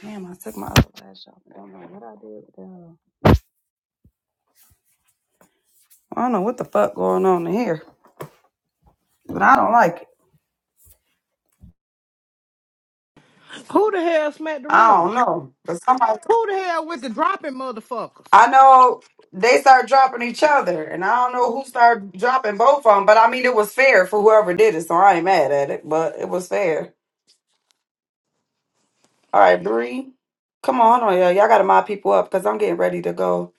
Damn, I took my other lash off. I don't know what I did with that. I don't know what the fuck going on in here, but I don't like it. Who the hell smacked the I room? don't know. But somebody, Who the hell with the dropping motherfuckers? I know they start dropping each other, and I don't know who started dropping both of them. But I mean, it was fair for whoever did it, so I ain't mad at it. But it was fair. All right, Bree, come on, hold on, y'all. Y'all gotta mob people up because I'm getting ready to go.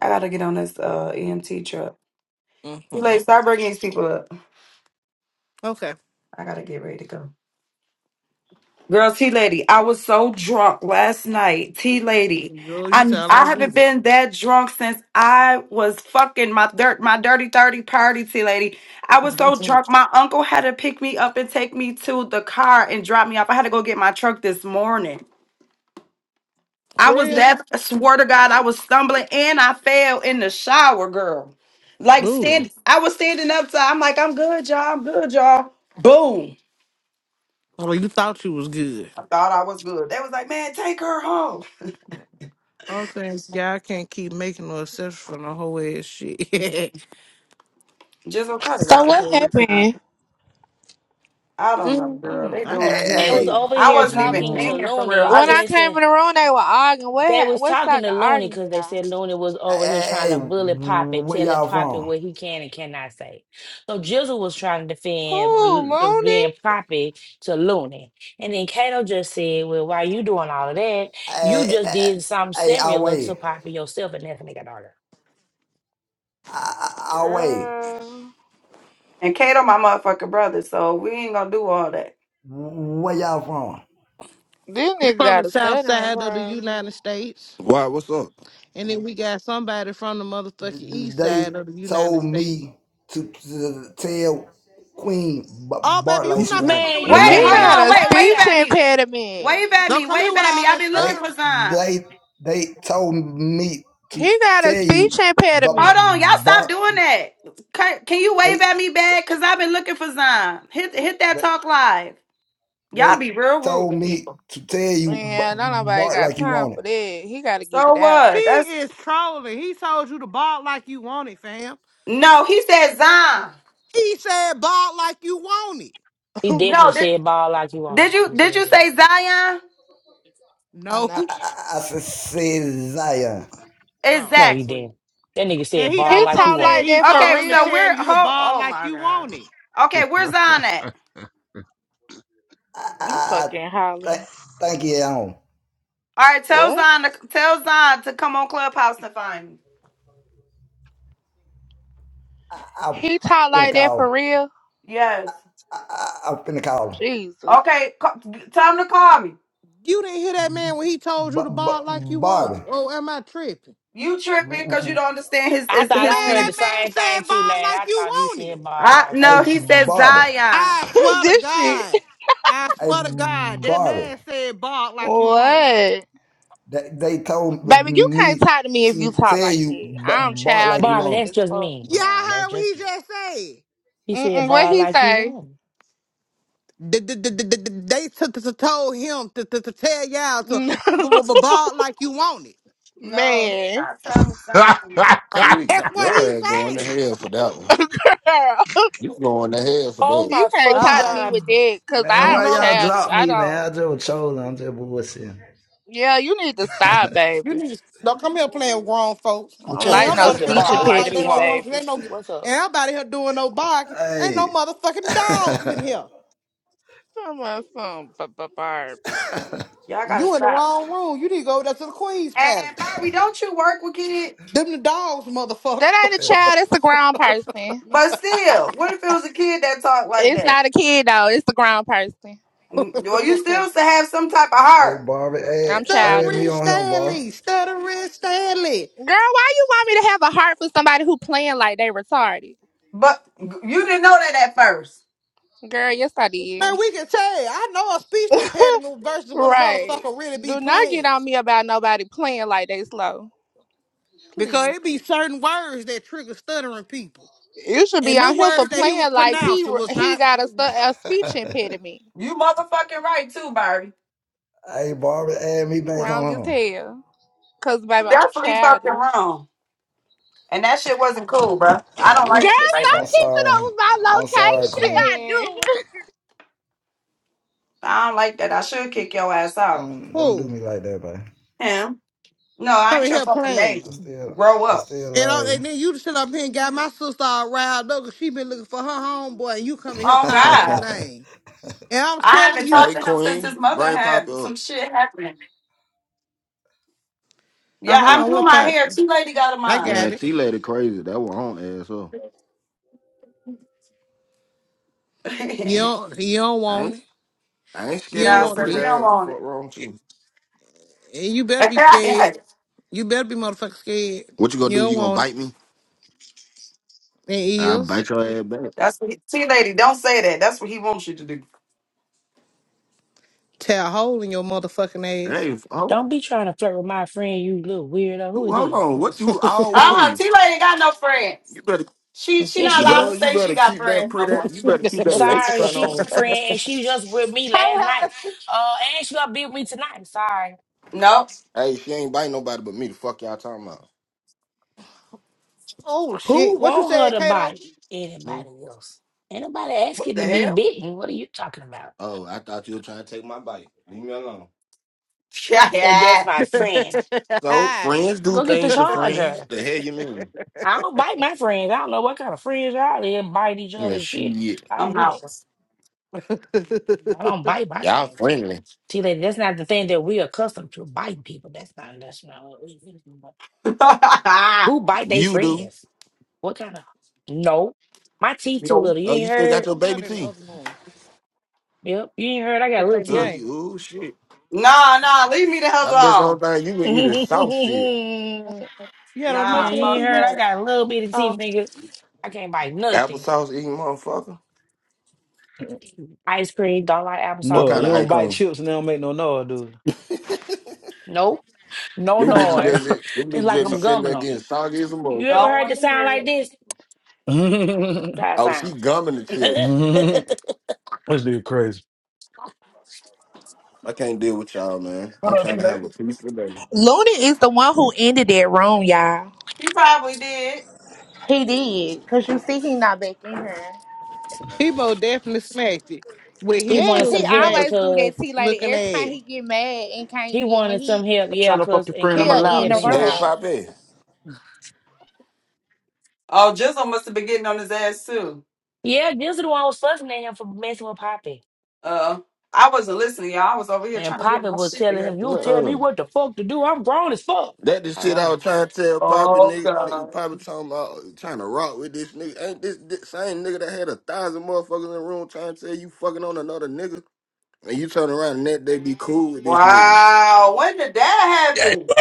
I gotta get on this uh EMT truck. Too hmm late. Start bringing these people up. Okay. I gotta get ready to go. Girl, T Lady, I was so drunk last night. T Lady, Girl, you I sound I like haven't Judy. been that drunk since I was fucking my dirt my dirty thirty party. T Lady, I was so drunk. My uncle had to pick me up and take me to the car and drop me off. I had to go get my truck this morning. I For was real? that. I swear to God, I was stumbling and I fell in the shower, girl. Like Ooh. stand, I was standing up. To, I'm like, I'm good, y'all. I'm good, y'all. Boom. Well, you thought you was good. I thought I was good. They was like, man, take her home. Oh, thanks. Y'all can't keep making no exceptions for no whole ass shit. Jizzle, cut it So out, what please. happened? I don't know, girl. Mm-mm. They I doing Hey, got to here me. They was hey, late. over I here wasn't even talking to in w- here for real. Looney I When because I they just came said in the room, they were arguing. What they ha- was what talking started to the Looney because argument they off? said Looney was over here hey, trying hey, to bully Poppy, where telling y'all Poppy from? what he can and cannot say. So Jizzle was trying to Who, defend L- Looney? being Poppy to Looney, and then Kato just said, "Well, why you doing all of that? You Hey, just hey, did something hey, our similar to way, Poppy yourself, and that's when they got argued." our way. Girl, and Kato, my motherfucking brother. So we ain't gonna do all that. Where y'all from? this We nigga from the got a south stuttering side of the problem. United States. Why? What's up? And then we got somebody from the motherfucking Th- th- east They side of the United told States. me to, to tell Queen B- Oh, Bart baby, like you she not finna come wanted. here Man, with Oh you all He no, Wait, can't that even get man. got hold on. your a stuttering. Wait, words wave speech out. at me. impediment. Wave at me. Don't come here Wave with at me. all I've that been looking They, for stuttering. Zion. they, they told me to He got a tell speech you, but Hold impediment. on, y'all stop Bart, doing that. Can, can you they, wave at me t- back? Cause I've been looking for Zion. Hit hit that they, talk live. Y'all they be real rude told to me people. to tell you, Yeah, B- don't nobody Bart got like you time wanted. for that. He got to get So it out. He what? That's is trolling. He told you to ball like you want it, fam. no. He said Zion. He said ball like you want it. He I'm definitely No. fucking Did, said hot. ball like you want it. did you You said did you that. say Zion? No. no. I, I see Zion. Oh. No, he Exactly. didn't. That nigga And said he ball He like also you talk want said like it. he that for told Okay, him to so real. tell we're you to oh, ball oh like my you god. want it. Okay, where's Zion at? I'm All fucking hollering. thank you. um, right, tell What? Zion to tell Zion to come on Clubhouse to find me. I, I've He talk like that for real. Yes. Jesus, Okay, ca- tell him to call me. You didn't hear that man when he told you to ball like you want Barbie. it. Oh, am I tripping? You tripping because you don't understand his I his Man, thought his I heard that the speed. man same thing said T ball lad. like I you thought he want said it. ball I like you a no, he want it. said Barbie. Zion. I swear to this shit. God. I a swear to God, that Barbie. man said ball like you want it. What? They, they told Baby, you can't me talk to me if you to talk tell like you that. bark I'm like you Barbie, childish want it. that's as just fuck. me. Y'all Now that's heard what just he me. just said. He said Mm-mm, what ball he like you say? want Th- th- th- th- th- th- They took t- t- told him to, to, to tell y'all to b- b- b- ball like you want it. No, Man. I tell me Zion. it. See, That's what your he ass going to saying. hell for that one. Girl, You going to hell for Oh that. he my can't All fucking talk to right, me god. with that because Man, you I am why know, y'all childish. drop I me, man? don't. I just was trolling. I'm just bullshitting. Yeah, you need to stop, you baby. need to don't come here playing with grown folks. I I'm don't telling And like some no everybody fucking finna speech ball ball like like they you impediment, don't want want it. to. baby. Ain't no, What's up? everybody here doing no barking. Ain't no motherfucking dogs in here. hey. Come on, some b- b- Barbie. Y'all gotta You in the stop. wrong room. You need to go over there to the Queen's And, and Palace. Bobby, don't you work with kids? Them the dogs, That motherfucker. ain't a child. It's a grown person. But still, what if it was a kid that talked like It's that? not a kid, though. It's a grown person. Mm, Well, you still should have some type of Hey, heart. Barbie, add, I'm add me stuttering childish. on him, Barbie. Stanley, stuttering Stanley. Girl, why you want me to have a heart for somebody who playing like they retarded? But you didn't know that at first. Girl, yes I did. Man, we can tell. I know a speech impediment versus when a right. motherfucker really be Do not get playing. on me about nobody playing like they slow. Because Please. it be certain words that trigger stuttering people. You should be And the on him for words that he was playing like he pronouncing was he not got a, stu- a speech impediment. You motherfucking right too, Barbie. hey, Barbie, add me He back wrong as on him. hell. Cause You baby, I'm definitely fucking childish. wrong. And that shit wasn't cool, bro. I Girl, don't like shit like I'm stop that. keeping up sorry. with my I'm sorry, Queen. location. I don't like that. I should kick your ass out. Don't don't do cool. me like that, baby. Him? No, I ain't Coming your here fucking playing. I baby. still Grow I up. still And, all, love and then you just sit up here and got my sister all riled up 'cause she been looking for her homeboy and you coming here Oh calling his God. you. name. And I'm I telling haven't you, talked Hey, to him since Queen, his mother brain pop had some up. shit happen. oh, Yeah, hold I'm on, doing what's my hair. happening? Two lady got a I mine. got Man, it. T lady crazy. That one on ass up. You don't, you don't I want ain't, it. I ain't You scared of don't no, your want sir, pretty he this. don't ass. The want fuck wrong with you? And you better be scared. it. You better be motherfucking scared. What you gonna You do? don't You gonna want it. bite me? And I eels, bite your ass back. That's what he, T lady, don't say that. That's what he wants you to do. tear a hole in your motherfucking ass. Hey, hold, Don't be trying to flirt with my friend, you little weirdo. Who who- is hold that? on. What you Uh-huh. always? T Lady ain't got no friends. You better, She she Yes, not you allowed do. to girl. You say she better got keep that friends. I'm like, pretty. You better keep I'm that lady sorry, front she on. my friend, and she just with me last night. Uh, and she gonna be with me tonight. I'm Sorry. nope. Hey, she ain't bite nobody but me. The fuck y'all talking about? oh Who shit! What you want said, her to Kato? bite Hmm? anybody else? Ain't nobody What asking the to be hell? bitten. What are you talking about? Oh, I thought you were trying to take my bite. Leave me alone. I said that's Yeah, my friend. So friends do Go get the things to friends. charger. The hell you mean? I don't bite my friends. I don't know what kind of friends y'all there bite each other Yeah, and shit. shit. I don't I'm do that. house. Put I don't bite my Y'all friends. friendly. See, lady, that's not the thing that we're accustomed to biting people. That's not. That's not. what we- no. Who bite their You do. friends? What kind of? No, my teeth too little. You Oh, you ain't still got heard? your baby down in the teeth. other room. Yep, you ain't heard. I To got little play The Girl, teeth. you game. ooh shit. Nah, nah, leave me the hell I bet the whole alone. thing you can eat is soft shit. You had a remote Yeah, Nah, for you that ain't fuck heard. TV? I that. got a little bitty teeth, Oh. nigga. I can't bite nothing. Applesauce eating motherfucker. Ice cream, don't like What applesauce No, kind you of ice don't much. bite cream? chips and they don't make no noise, Nope, no Them bitches that noise. just, them It's bitches like that be I'm sitting gumming there them. getting soggy as a You ever Don't motherfucker. heard the want to sound hear like it. this? dude. That's Oh, she how gumming the it chips. sound. This us crazy. I can't deal with y'all, man. What I'm up, trying you to have a ladies? piece of them. Looney is the one who ended that room, y'all. He probably did. He did. Cause you see he not back in here. Hebo definitely smacked it with he his wanted Yes, sugar some he help smack always do that. because See, lady, looking every time ass. he get mad and he can't get in the wanted some heat, help. I'm trying Yeah, to fuck cause your and friend. I'm he'll Kato was allowed in to the helping him Hey, out. switch. room. Poppy. Oh, Jizzle must have been getting on his ass too. Yeah, this is the one who was fussing at him for messing with Poppy. Uh I wasn't listening, y'all. I was over here And trying to get Papa my was shit telling him, together. You don't tell me Uh-uh. what the fuck to do. I'm grown as fuck. That the Like, shit I oh was my trying lord. to tell Poppy Oh nigga. Nigga god. Poppy talking about uh, trying to rock with this nigga. Ain't this, this same nigga that had a thousand motherfuckers in the room trying to tell you fucking on another nigga? And you turn around and that they be cool with this nigga. Wow. When did that Just happen?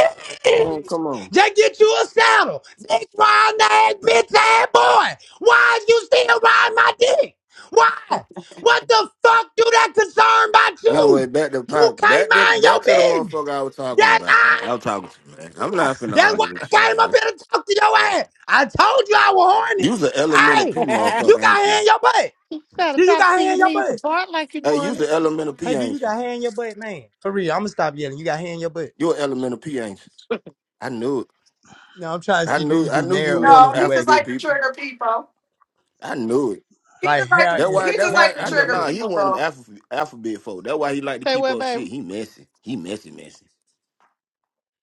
Man, come on. get you a saddle. Dick round ass bitch ass boy. Why is you still riding my dick? Why? What the fuck do that concern about Anyway, you? back to You Pop, can't back to mind your back to the business. motherfucker I was talking That's about, man. I. I was talking to man. I'm not finna That's argue why I with you, came up man. here to talk to your ass. I told you I was horny. You's an elemental Hey, P you motherfucker, got ain't hair you? in your butt. Gotta Do you drop got to hair your in your knees butt? and bark like you Hey, you's want. an elemental Hey, P, do you ain't you? got hair in your butt, man? For real, I'm gonna stop yelling. You got hair in your butt. You an elemental P, ain't you? I knew it. No, I'm trying to I see do knew you I do knew you nair or one you No, of do he just waxing. alphabet like to people. trigger people. I knew it. He like just like hair to That in he why that just like hair why to I in your know trigger nah butt. he people, one of them bro. alphabet alphabet folk. That why he like to Say keep what, up shit. baby? He messy. He messy messy.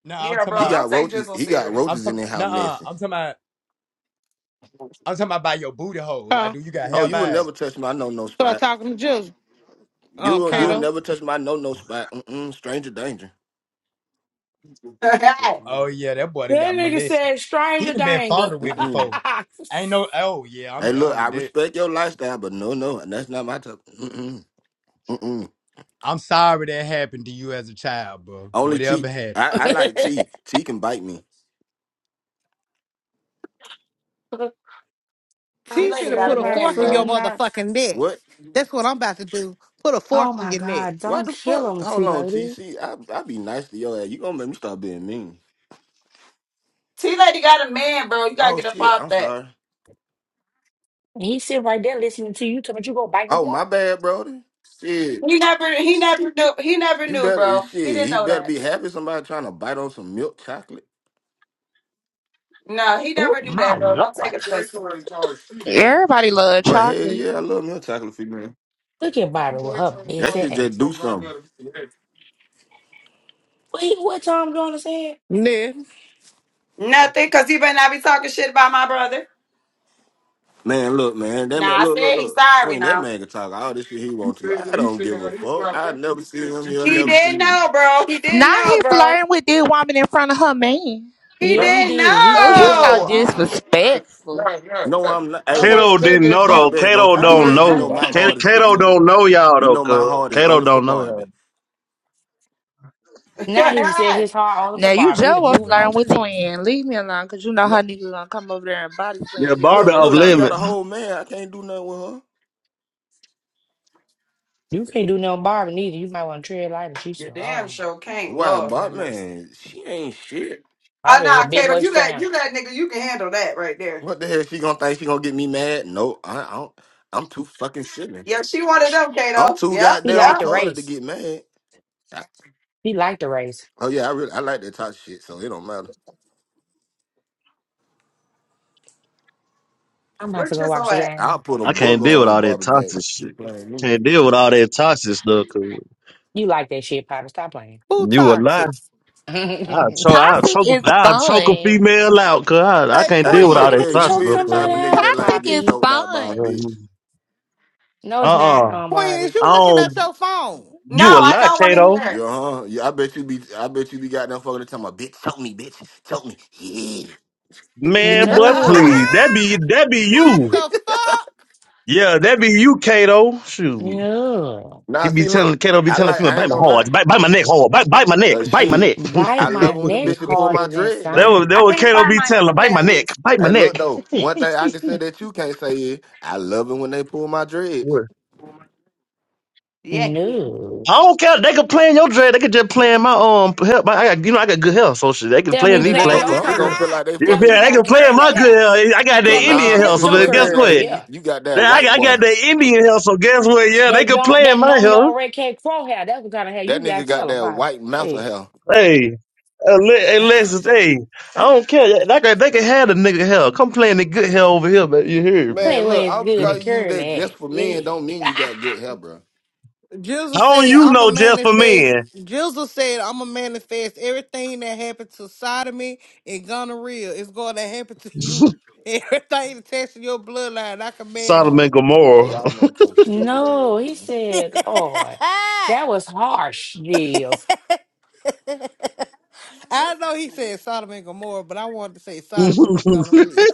No, I'm Yeah, talking He bro. about Don't got take roaches Jizzle he got serious. I'm roaches in talking there how nah, messy. I'm talking about I'm talking about by your booty hole. Like, Huh? do you got Oh hair you will by it? never touch my no no Start spot. talking to Jill. You Um, will you will Huh? Kato. never touch my no no spot. Mm-mm, stranger danger. T Oh yeah, that boy done That got nigga molested. said He stranger done been danger. fondled with Mm-mm. before. Ain't no oh yeah, I'm Hey look, done I with that. respect your lifestyle, but no no, that's not my top. Mm-mm. Mm-mm. I'm sorry that happened to you as a child, bro. Only Whatever T happened. I, I like T. T can bite me. I'm She Lady finna got sure a put a my man, fork in your bro. friend not motherfucking neck. What? That's what I'm about to do. Put a fork oh in my your neck. god, What don't the kill fuck? him, Hold T on, T lady. C. I I be nice to your ass. You gonna make me start being mean. T Lady got a man, bro. You gotta Oh get up shit, off I'm that. sorry. And he sit right there listening to you talking about you gonna bite his Oh, my law. bad, Brody. Shit. He never he never knew he never You knew, better bro. He shit. didn't He know better that. be happy somebody trying to bite on some milk chocolate. No, he Oh never knew my that, bro. Don't take lord. offense to Everybody love But hell chocolate. yeah, I love milk chocolate for you, man. Look at Bobby with her That messy shit ass. just do something. Wait, what Tom Jones said? Nick. nothing, cause he better not be talking shit about my brother. Man, look, man. That man Nah, I look, look, said he's look. sorry Queen, that now. man can talk all this shit he wants to. I don't give a fuck. I never see him, he'll He never see didn't me. know, bro. He didn't Now know, he bro. flirting with this woman in front of her man. He Yeah, he didn't did. He Oh, said he he's so wanted to know. buy it. disrespectful. No, I'm not hey, Kato didn't know though. Barbie, don't Kato you do don't that. You know. know my Kato, heart is for Kato you. don't know y'all You though, know my cuz. heart is Kato only for don't know y'all. Barbie. Now he done said his heart only for Now you Barbie. He just done was moved on flirting to the with next. twin. Leave me alone, cause you know No, her nigga gonna come over there and body slam Yeah, your Barbie look, ass off look, she down. got limit. a whole man. I can't do nothing with her. You can't do no Barbie neither. You might want to tread lighter. She's Your so damn hard. show can't Why, love but him man, she ain't shit. Oh Barbie is a nah, bit Kato, much you to that him. you that nigga, you can handle that right there. What the hell? She gonna think she gonna get me mad? No, I, I don't. I'm too fucking silly. Yep, she wanted them, I'm Kato. too Yep, He goddamn yep. liked the retarded to race. get mad. I, He liked the race. oh yeah, I really I like that type of shit, so it don't matter. I'm about Where to go watch Jizzle the at? I'll game. put a I booger can't deal with on all that Barbie back. toxic She shit. keep playing me. Can't deal with all that toxic stuff, cuz. You like that shit, Poppy. Stop playing. Who You a lie. toxic? I'll you choke, I'll Toxic choke, is I'll choke a fun. female out, cuz. I, I Hey, can't Hey, deal with all Queen. that got Poppy, to you toxic choke is stuff, the type somebody of nigga out, that like to Toxic get is Poppy. choked out by a fun. cuz. bitch. No, it's not Uh-uh. um Queen, is Barbie. I you looking at don't, your phone? No, you a I lie, don't want to Kato. hear Yeah, it. huh? Yeah, I bet you be. I bet you be goddamn fucking talking about bitch. Choke me, bitch. Choke me. Man, but Yeah. please. No. That be, that be what you. the Yeah, that be you, Kato. Shoot. No. He now be see, telling look, Kato be I telling like. female, I ain't bite my gonna lie. hard, bite, bite my neck hard, bite, bite my neck, Uh, bite my shit. neck. Bite I my love when the neck bitches pull my harder than dread That though. was that I sign. was can't Kato find be my telling, her, bite my neck, earrings. bite my Hey, look neck. though. One thing I can say that you can't say is I love it when they pull my dreads. What? Yeah, yeah. No. I don't care. They could play in your dread. They could just play in my um help. I got you know I got good health, so shit. They can Tell play me in you Nigga, these they playing plants. gonna So your I be, they don't care. gonna fuck? feel curls. like they Tell me fucking. you Yeah, they got can play in curly my good hair. health. I got that Tell Look, me they can Nah, Indian play health, with nigga, so your you then ain't guess got no curl. what? energy. yeah. You, you got that Then I, white I boy. got that Indian health, so guess what? Yeah, they That can young, play in that my numb health. your red cat crow hair. That's what kind of hair That you got. nigga got Tell the that Bible. white mouth of Hell, hair. Hey, uh, Le- hey, Lexus, hey, I don't care. Like they can have the nigga hell. Come play in the good hell over here, but you hear? that me? Man, ain't look, where all it's good and because you use curing that just that. for men Yeah. don't mean you got good hair, bro. Jizzle How don't said, you I'm a know just for manifest. men? Jizzle said, I'm a manifest. Everything that happened to sodomy and gonorrhea is going to happen to you. Everything attached to your bloodline, I command the Sodom most." and So Gomorrah. y'all motherfuckers stupid as hell, no, he man. said, Lord, that was harsh, Gills. I What's know he said Sodom and Gomorrah, but I wanted to say Wait Sodom and gonorrhea.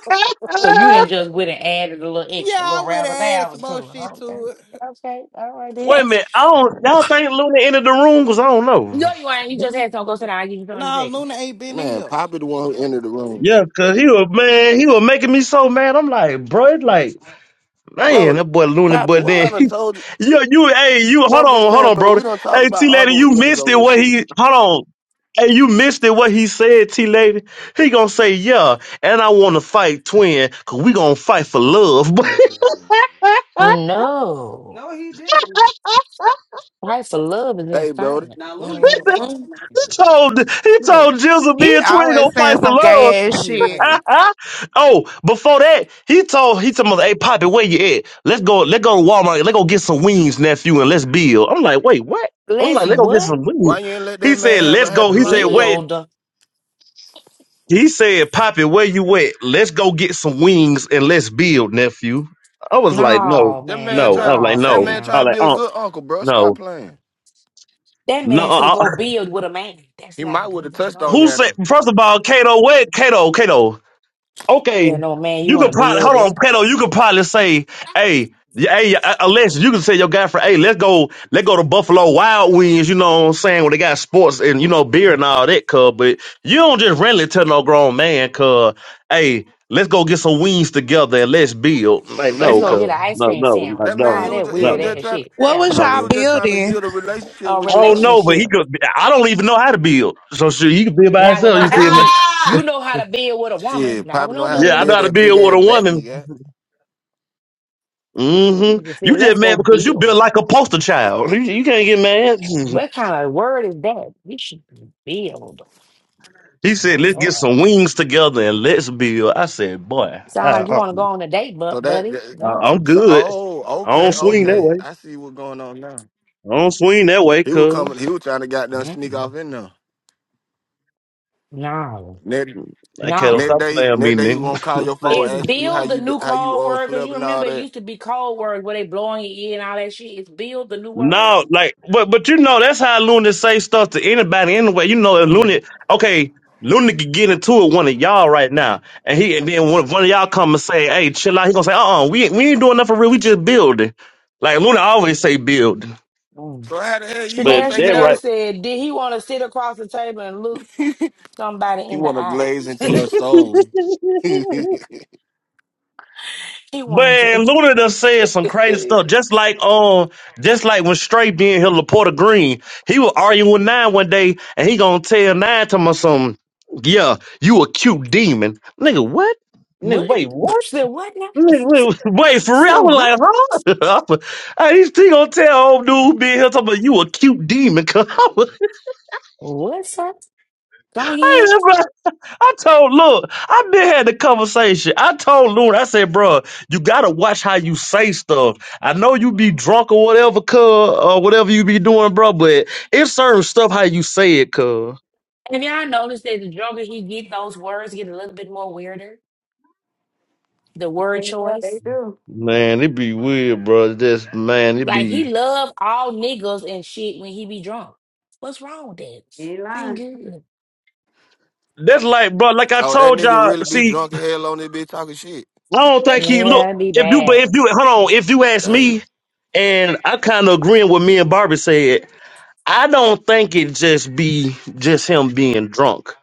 So you didn't just went and added a little yeah, extra, little I would razzle have added some dazzle more to it. shit Okay, to it. okay, all right then. a minute. I don't. Y'all think Luna entered the room? Cause I don't No, know. you ain't. You just had some. Go sit down. I'll give you something in No, a second. Luna ain't been in Man, here. Poppy the one who entered the room, Yeah, cause he was man. He was making me so mad. I'm like, bro, it's like, man, bro. that boy Looney. Poppy, But what then, I done told you? yeah, you, hey, you, hold Bro, I'm just on, hold saying, on, bro. bro. We done talked Hey, about T lady, arguing with you niggas missed it. on this What shit. he? Hold on. Hey, you missed it. What he said, T lady. He gonna say, yeah, and I want to fight twin, cause we gonna fight for love. No, no, he didn't. price for love is in Hey, Brody, silence. Now Looney Uh, did. told he you know, told Jizzle me He and Twin always gonna fight saying for some love. gay I ass hear her. shit. oh, before that, he told he told me, hey Poppy, where you at? Let's go, let's go to Walmart, let's go get some wings, nephew, and let's build. I'm like, wait, what? I'm Let's like, let's go get what some why wings. you ain't let that He man said, have a let's go. happy He life said, wait. then? build. He said, Poppy, where you at? Let's go get some wings and let's build, nephew. I was like, no, No, That man man, no. I trying was no, like, that no. man I fam. trying was to like, be a oh, good uncle, bro. Stop no. playing. That No, man said uh, uh." go build with a man. That's He not a might would good have thing. touched No. on you who said? after. First of all, Kato, where Kato, Kato? okay, Yeah, no, man, you you want could to probably build with hold on, them? pedo. You could probably say, hey, y- hey, uh, Alexis, you could say your guy for, hey, let's go, let's go to Buffalo Wild Wings. You know what I'm saying? Where they got sports and you know beer and all that, cuz. But you don't just randomly tell no grown man, cuz, hey, let's go get some wings together and let's build. Like Let's Baby, no, go no. get cuz, an ice no, cream no, no, sandwich. That man, he All no, was that ju- he weird was no. just ass trying shit. What Yeah, was no. he y'all no. was just trying to building? build a relationship A I with you, don't bro. know, but he relationship. could. I don't even know how to build. So shit, he could build by Not with himself. no You see him? dude. You Ah, know how to build with a woman. Shit, Not with probably know no how to Yeah, I dude. know build how to that big build with ass a back woman. he got. That hmm nigga said, You let's just go mad because you built build. like a poster child. You, you can't get mad. What kind of word is that? We should build. He said, My "Let's get Lord. some wings together and let's build." I said, "Boy, I, Sound like you I, want to go on a date, bu- So that, buddy. that No. I'm so good. oh I don't okay swing that Mm-mm. okay way. I see what's going on now. I don't swing that way, He was cuz coming. He was trying to goddamn sneak Mm-mm. off in there. No. Next, I can't No. next stop day, playing me, next day he gonna call your nigga. phone, Is ask you how build the you do- new how you code all word? Because slept you and all remember it that. used to be code words where they blowing your ear and all that shit. It's build the new word? No, like, but but you know that's how Luna say stuff to anybody anyway. You know, Mm, Luna. Okay, Luna could get into it with one of y'all right now, and he and then one, one of y'all come and say, "Hey, chill out." He gonna say, "Uh, uh we ain't- we ain't doing nothing real. We just building." Like Luna always say, "Building," mm. So how the hell you gonna but Chanel take it that out? Chanel right. said, Did he want to sit across the table and look He somebody in the wanna glaze eyes? into your soul. oh, he wanted But to. Luna done said some crazy stuff. Just like um, just like when Straight being here, Laporta Green, he was arguing with Nine one day, and he gonna tell Nine to him or something. Yeah, you a cute demon, nigga. What? Nigga, what? wait, what? Said what now? Nigga, wait, wait, for real? I Said what? was like, huh? I, he, he gonna tell old dude being here talking about you a cute demon. What's up? Come again? I, I told, look, I been had the conversation. I told Loon, I said, bro, you gotta watch how you say stuff. I know you be drunk or whatever, cuz, or whatever you be doing, bro, but it's certain stuff how you say it, cuz. Have y'all noticed that the drunker he get, those words get a little bit more weirder? The word yeah, they choice? do. Man, it be weird, bro. That's man, it Like he be love all niggas and shit when he be drunk. What's wrong with that? He Ain't lying. good. That's like, bro, like I that told nigga y'all, really be see, drunk as hell on this bitch talking shit. I don't think he, Yeah, look, it'd be if you, but bad. if you, hold on, if you ask me, Damn. and I kind of agreeing with me and Barbie said. I don't think it just be just him being drunk.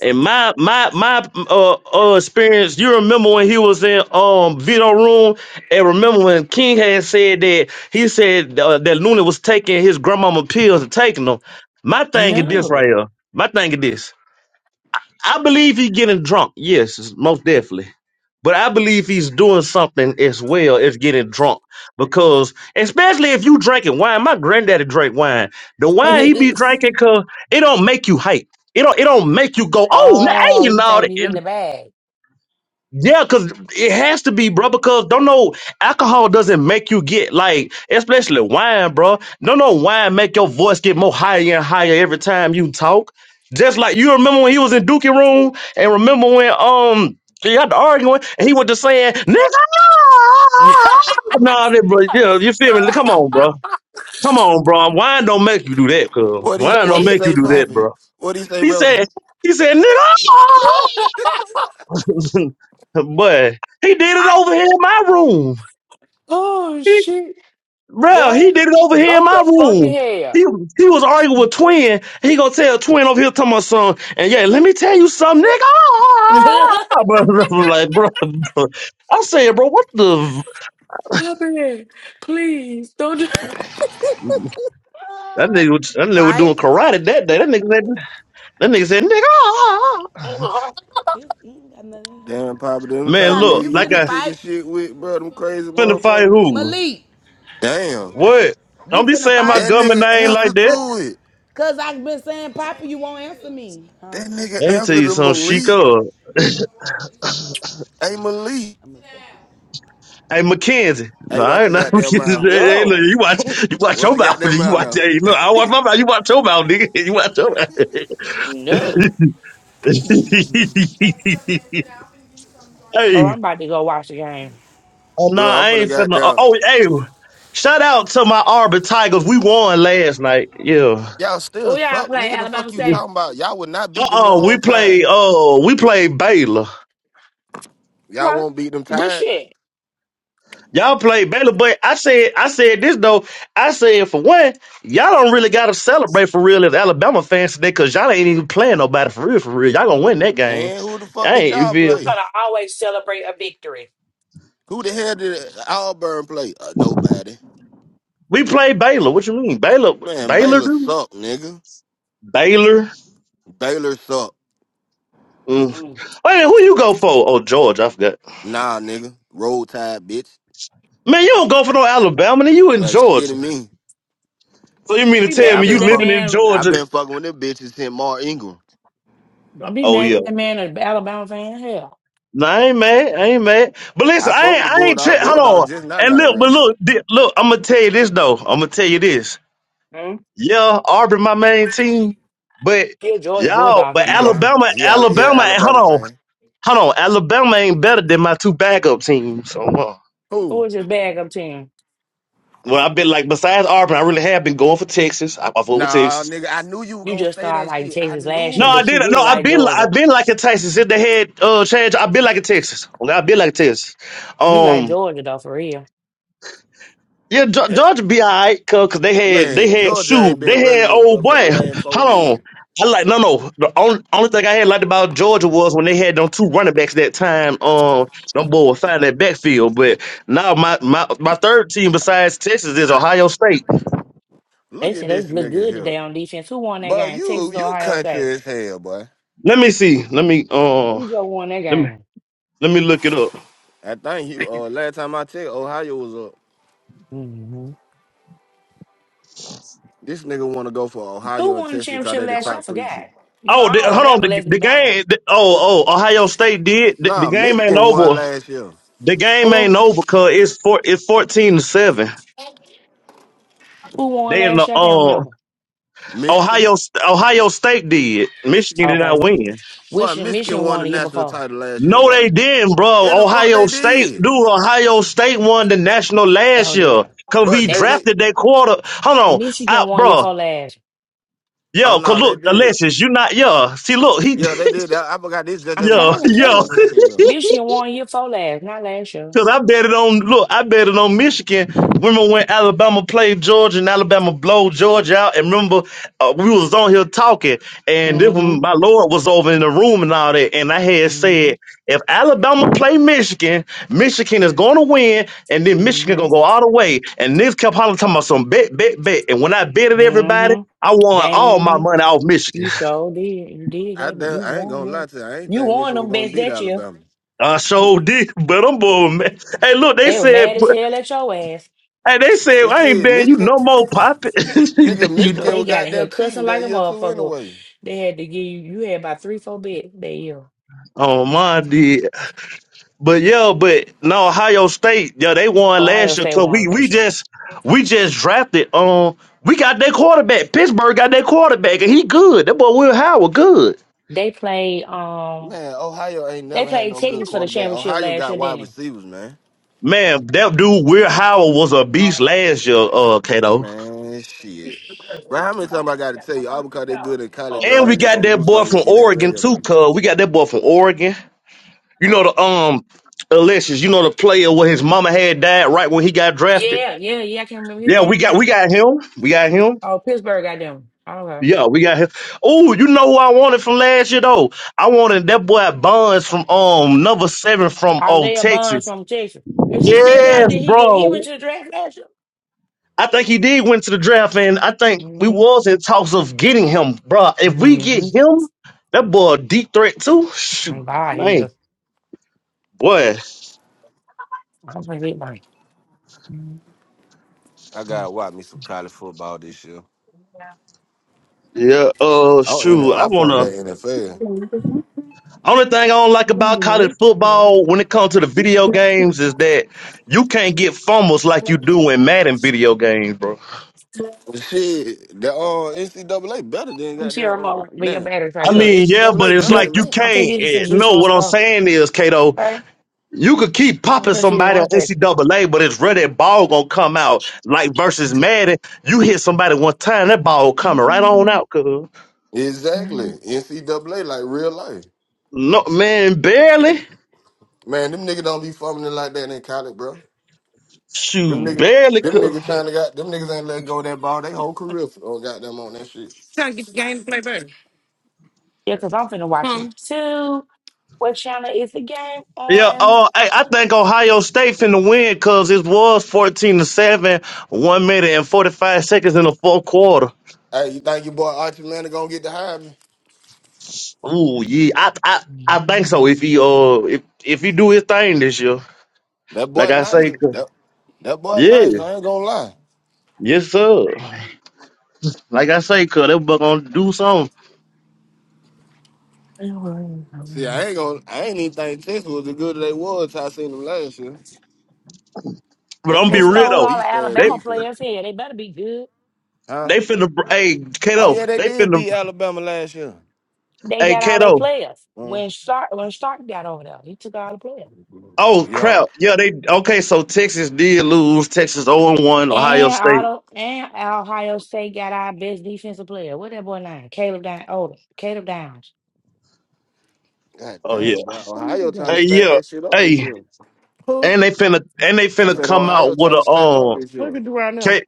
And my my my uh, uh experience, you remember when he was in um Vito room, and remember when King had said that he said uh, that Luna was taking his grandmama pills and taking them. My thing is this right No. here. My thing is this. I believe he getting drunk. Yes, most definitely. But I believe he's doing something as well as getting drunk. Because especially if you drinking wine, my granddaddy drank wine. The wine he be drinking cause it don't make you hype. It don't it don't make you go, oh now hey, Oh, you you think you know hitting the bag? yeah, cause it has to be, bro. Because don't know alcohol doesn't make you get like, especially wine, bro. Don't know wine make your voice get more higher and higher every time you talk. Just like you remember when he was in Dookie room, and remember when um he got to arguing, and he was just saying, "Nigga, no, nah, that- bro. Yeah, you feel me? Come on, bro. Come on, bro. Wine don't make you do that, cuz. What he Wine what don't he make you say, do that, Poppy? bro." What he say, He brother? said, he said, "Nigga." no." but he did it over here in my room. oh He, shit, bro, boy, he did it over here in go my to fucking room. He, hell, he was arguing with Twin. He gonna tell Twin over here to my son. And yeah, let me tell you something, nigga. Ah, Bro, I'm like, bro, bro. I said, bro, what the? Papa. Please don't. do- That nigga, was- that nigga was doing Fight? karate that day. That nigga said, that nigga said, nigga. ah. It's, ain't got nothing in here. Damn, Poppy, them Man, type of Papa, look, you nigga you like be finna I kicking fight? shit with, bro, them crazy finna fight motherfuckers. who? Malik, Damn. What? you Don't be finna saying my fight? That government nigga name answer like that. to it. Cause I've been saying, Papa, you won't answer me. Huh? That nigga Let me tell answer you to something, Malik. Chico. Hey Malik. I'm gonna say Hey Mackenzie, no, Hey, I watch ain't your not goddamn mouth. Hey, hey, no, look, you watch, you watch Watch your your mouth. goddamn You mouth watch, now. hey, look, I watch my mouth. You watch your mouth, nigga. You watch your mouth. no. Oh, hey, I'm about to go watch the game. oh, nah, Bro, I'm I finna ain't finna. Uh, goddamn. oh, hey, shout out to my Arbor Tigers. We won last night. Yeah. Y'all Oh still yeah, I suck, play nigga. The Alabama fuck you State. Uh, talking about? Y'all would not beat them uh we on time. played. Uh, we played Baylor. Y'all Okay. won't beat them Good Tigers. shit. Y'all play Baylor, but I said I said this though. I said for one, y'all don't really gotta celebrate for real as Alabama fans today, cause y'all ain't even playing nobody for real, for real. Y'all gonna win that game. And who the fuck I did ain't you y'all feel We're me? play? gonna always celebrate a victory. Who the hell did Auburn play? Uh, nobody. We play Baylor. What you mean? Baylor Man, Baylor Baylor dude? suck, nigga. Baylor. Baylor suck. Mm. Mm. Wait a minute, who you go for? Oh, Georgia, I forgot. Nah, nigga. Roll Tide, bitch. Man, you don't go for no Alabama, then you in Like shit to Georgia. me, So you mean Don't to be nigga. tell I mad me because you been that living fucking. in man. I Georgia? been fucking with them bitches since Mark Ingram. Don't be Oh mad yeah. because that man is an Alabama fan. Hell, No, I ain't mad. I ain't mad. But I listen, I fuck ain't, with the I ain't tri- Bulldog. Hold Bulldog on. just now And got look, but irrelevant. look, di- look. I'm gonna tell you this though. I'm gonna tell you this. mm. Yeah, Auburn, my main team, but you're a Georgia y'all, Bulldog but He fan go for now. Alabama, he Al- he a Alabama. ain't- Hold Alabama on, fan. hold on. Alabama ain't better than my two backup teams. So, uh, Who Who? is this bag up team? well, I've been like besides Auburn, I really have been going for Texas. I, I vote with Nah, Texas. nigga. I knew you were You gonna just say started that like shit. I Texas last knew No, year, I it. but you did. No, really I've like been, I've Georgia. been like a Texas. If they had uh, change, I've been like a Texas. Okay, I've been like a Texas. You like Um, Georgia though, for real. Yeah, Ge- That, Georgia be alright, cause 'cause they had they man, had Georgia shoot ain't been they had relevant old but for the boy. last Hold four years. on, I like no no. The only, only thing I had liked about Georgia was when they had them two running backs that time. Um, them boy was finding that backfield. But now my my my third team besides Texas is Ohio State. They Look at said they this look nigga good today here. on defense. Who won that But game? you Texas or you Ohio State? country as hell, boy. Let me see. Let me uh Who just won that let me game? let me look it up. I think you uh last time I checked, Ohio was up. hmm This nigga wanna go for Who Ohio and won the Texas cause championship they the last year? I top three forgot. team. You know, Oh, the, I don't hold on. remember The, Les the Alabama. game. The, oh, oh, Ohio State did. The, the Nah, game ain't Michigan Oh. won over. last year. The game ain't Who over. Cause it's four. It's fourteen to seven. who won They in last the year? I can't uh remember. Michigan? Ohio Ohio State did. Michigan did not Okay. win. But Michigan, Michigan Michigan won won the the year national before. title last year, No, boy. they didn't, bro. Yeah, the fuck Ohio they State, did. dude. Ohio State won the national last Oh year dear. because But we They JJ drafted that quarter. Hold on, Michigan out, won year bro. for last. oh Yo, no, cause they look, did. Alexis, you not yo. See, look, he, Yeah, they did. I, I forgot this I'm JJ yo, trying to McCarthy's tell yo. uh him. second year. Michigan won year for last, not last year. Cause I bet it on look, I bet it on Michigan. Remember when Alabama played Georgia and Alabama blow Georgia out? And remember uh, we was on here talking, and this when Mm-hmm. my Lord was over in the room and all that, and I had Mm-hmm. said if Alabama play Michigan, Michigan is going to win, and then Michigan gonna Mm-hmm. go all the way. And niggas kept hollering talking about some bet, bet, bet. And when I betted everybody, Mm-hmm. I won all my Dang. money off Michigan. You so did. You did I, that. but done- You I ain't won gonna that. lie to you, I ain't You think won Michigan was them gonna best beat that year. Alabama. I sure did, but I'm bored, man. Hey, look, they They were said mad as hell at your ass. Hey, they said But I ain't shit, been you Michigan no more, poppin'. Nigga, you Boy, know, Michigan they was got in here goddamn cussing cheating like that a year too motherfucker. anyway. They had to give you you had about three, four bits that year. oh my did, but yeah, but no, Ohio State, yeah, they won Ohio last year. State So won we we last year. just we just drafted. Um, we got their quarterback. Pittsburgh got their quarterback, and he good. That boy Will Howard good. They played. Um, Man, Ohio ain't They never had played no good Texas for the quarterback. championship Ohio last got year, didn't wide they? receivers, man. Man, that dude Will Howard was a beast last year. Uh, Kato, Man, shit. Bro, how many times I gotta tell you, all because they good in college All don't and mean we right. they got gonna that do boy from something in Oregon NFL, too. bro. Cause we got that boy from Oregon. You know the um. Alexis, you know the player where his mama had died right when he got drafted. Yeah, yeah, yeah. I can't remember his Yeah, we damn got we name. got him. We got him. Oh, Pittsburgh got them. Okay. Yeah, we got him. Oh, you know who I wanted from last year though? I wanted that boy Bonds from um number seven from old Isaiah Bond Texas. from Texas. If she still there, Yes, then he go- he went bro. to the draft last year. I think he did went to the draft, and I think we Mm-hmm. was in talks of getting him, bro. If we get Mm-hmm. him, that boy a deep threat too. Shoot, I'm glad he man, is. boy. I'm gonna get mine. Mhm. I gotta watch me some college football this year. Yeah. Uh, Oh, in shoot. I I fuck with wanna. that NFL. Only thing I don't like about college football when it comes to the video games is that you can't get fumbles like you do in Madden video games, bro. Shit, the uh, NCAA better than Let me see her goddamn uh, remote with your damn. batteries right I Yeah, quick. mean, yeah, but NCAA it's better than like you man. I'm gonna can't. get you some eh, juice no, on what I'm stuff. saying is, Kato, Okay? you could keep I'm popping gonna see you in somebody on one NCAA, but it's rare that ball gonna come out. Like versus second. Madden, you hit somebody one time, that ball coming right on out. Cause Exactly. NCAA like real life. no, man, barely. Man, them niggas don't be fumbling like that in college, bro. Them Shoot, niggas, barely. them niggas trying to got them niggas ain't let go of that ball. They whole career for oh, goddamn on that shit. Trying to get the game to play better. Yeah, because I'm finna watch it Huh? too. What channel is the game Yeah, on? oh, I, I think Ohio State finna win because it was fourteen to seven, one minute and forty five seconds in the fourth quarter. Hey, you think your boy Archie Manning gonna get the Heisman? Ooh, yeah, I, I, I think so. If he, uh, if if he do his thing this year, That like boy I nice. say, 'cause- That, that boy yeah, nice. I ain't gonna lie. yes sir. Like I say, cause they buck gonna do something. See, I ain't gonna. I ain't even think Texas was as good as they was. till I seen them last year. But Them I'm They be folk got real a stole though, all the beast ass they Alabama defense, players here. They better be good. huh? they finna, br- hey Oh Kato, yeah, they they did finna, beat Alabama last year. They hey got all their Kato. players. Huh? When Stark when Stark got over there, he took all the players. What you do Oh yeah. crap, yeah, they okay. So Texas did lose. Texas zero and one. Ohio And State. Otto and Ohio State got our best defensive player. What that boy name? Caleb Down Odom. Caleb Downs. God Oh yeah. damn, bro. Ohio now? trying to Hey, stack yeah. that shit up this Hey, year. and Who? they finna and they I finna said come Ohio out with trying to a stack up um this What year. you can do right now? K-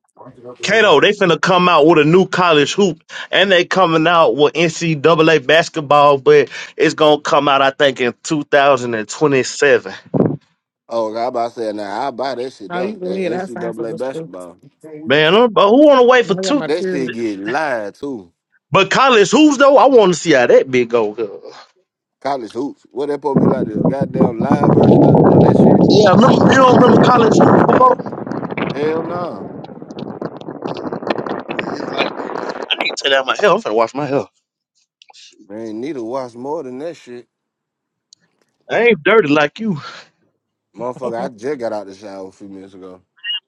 Kato, they finna come out with a new college hoop and they coming out with NCAA basketball, but it's gonna come out I think in 2027. Oh, I about to say now I buy that shit Now though. you go That ahead. I signed for NCAA this too. basketball. I Man, i but who wanna wait for got two my That shit period. get live too. but college hoops though? I wanna see how that big go. Yeah, College hoops. What that supposed to be like the goddamn live version of, of that shit? remember, you don't remember college hoops before? Hell no. I need to take out my hair. I'm finna wash my Man, need to watch more than that shit. I ain't dirty like you. Motherfucker, I just got out the shower a few minutes ago.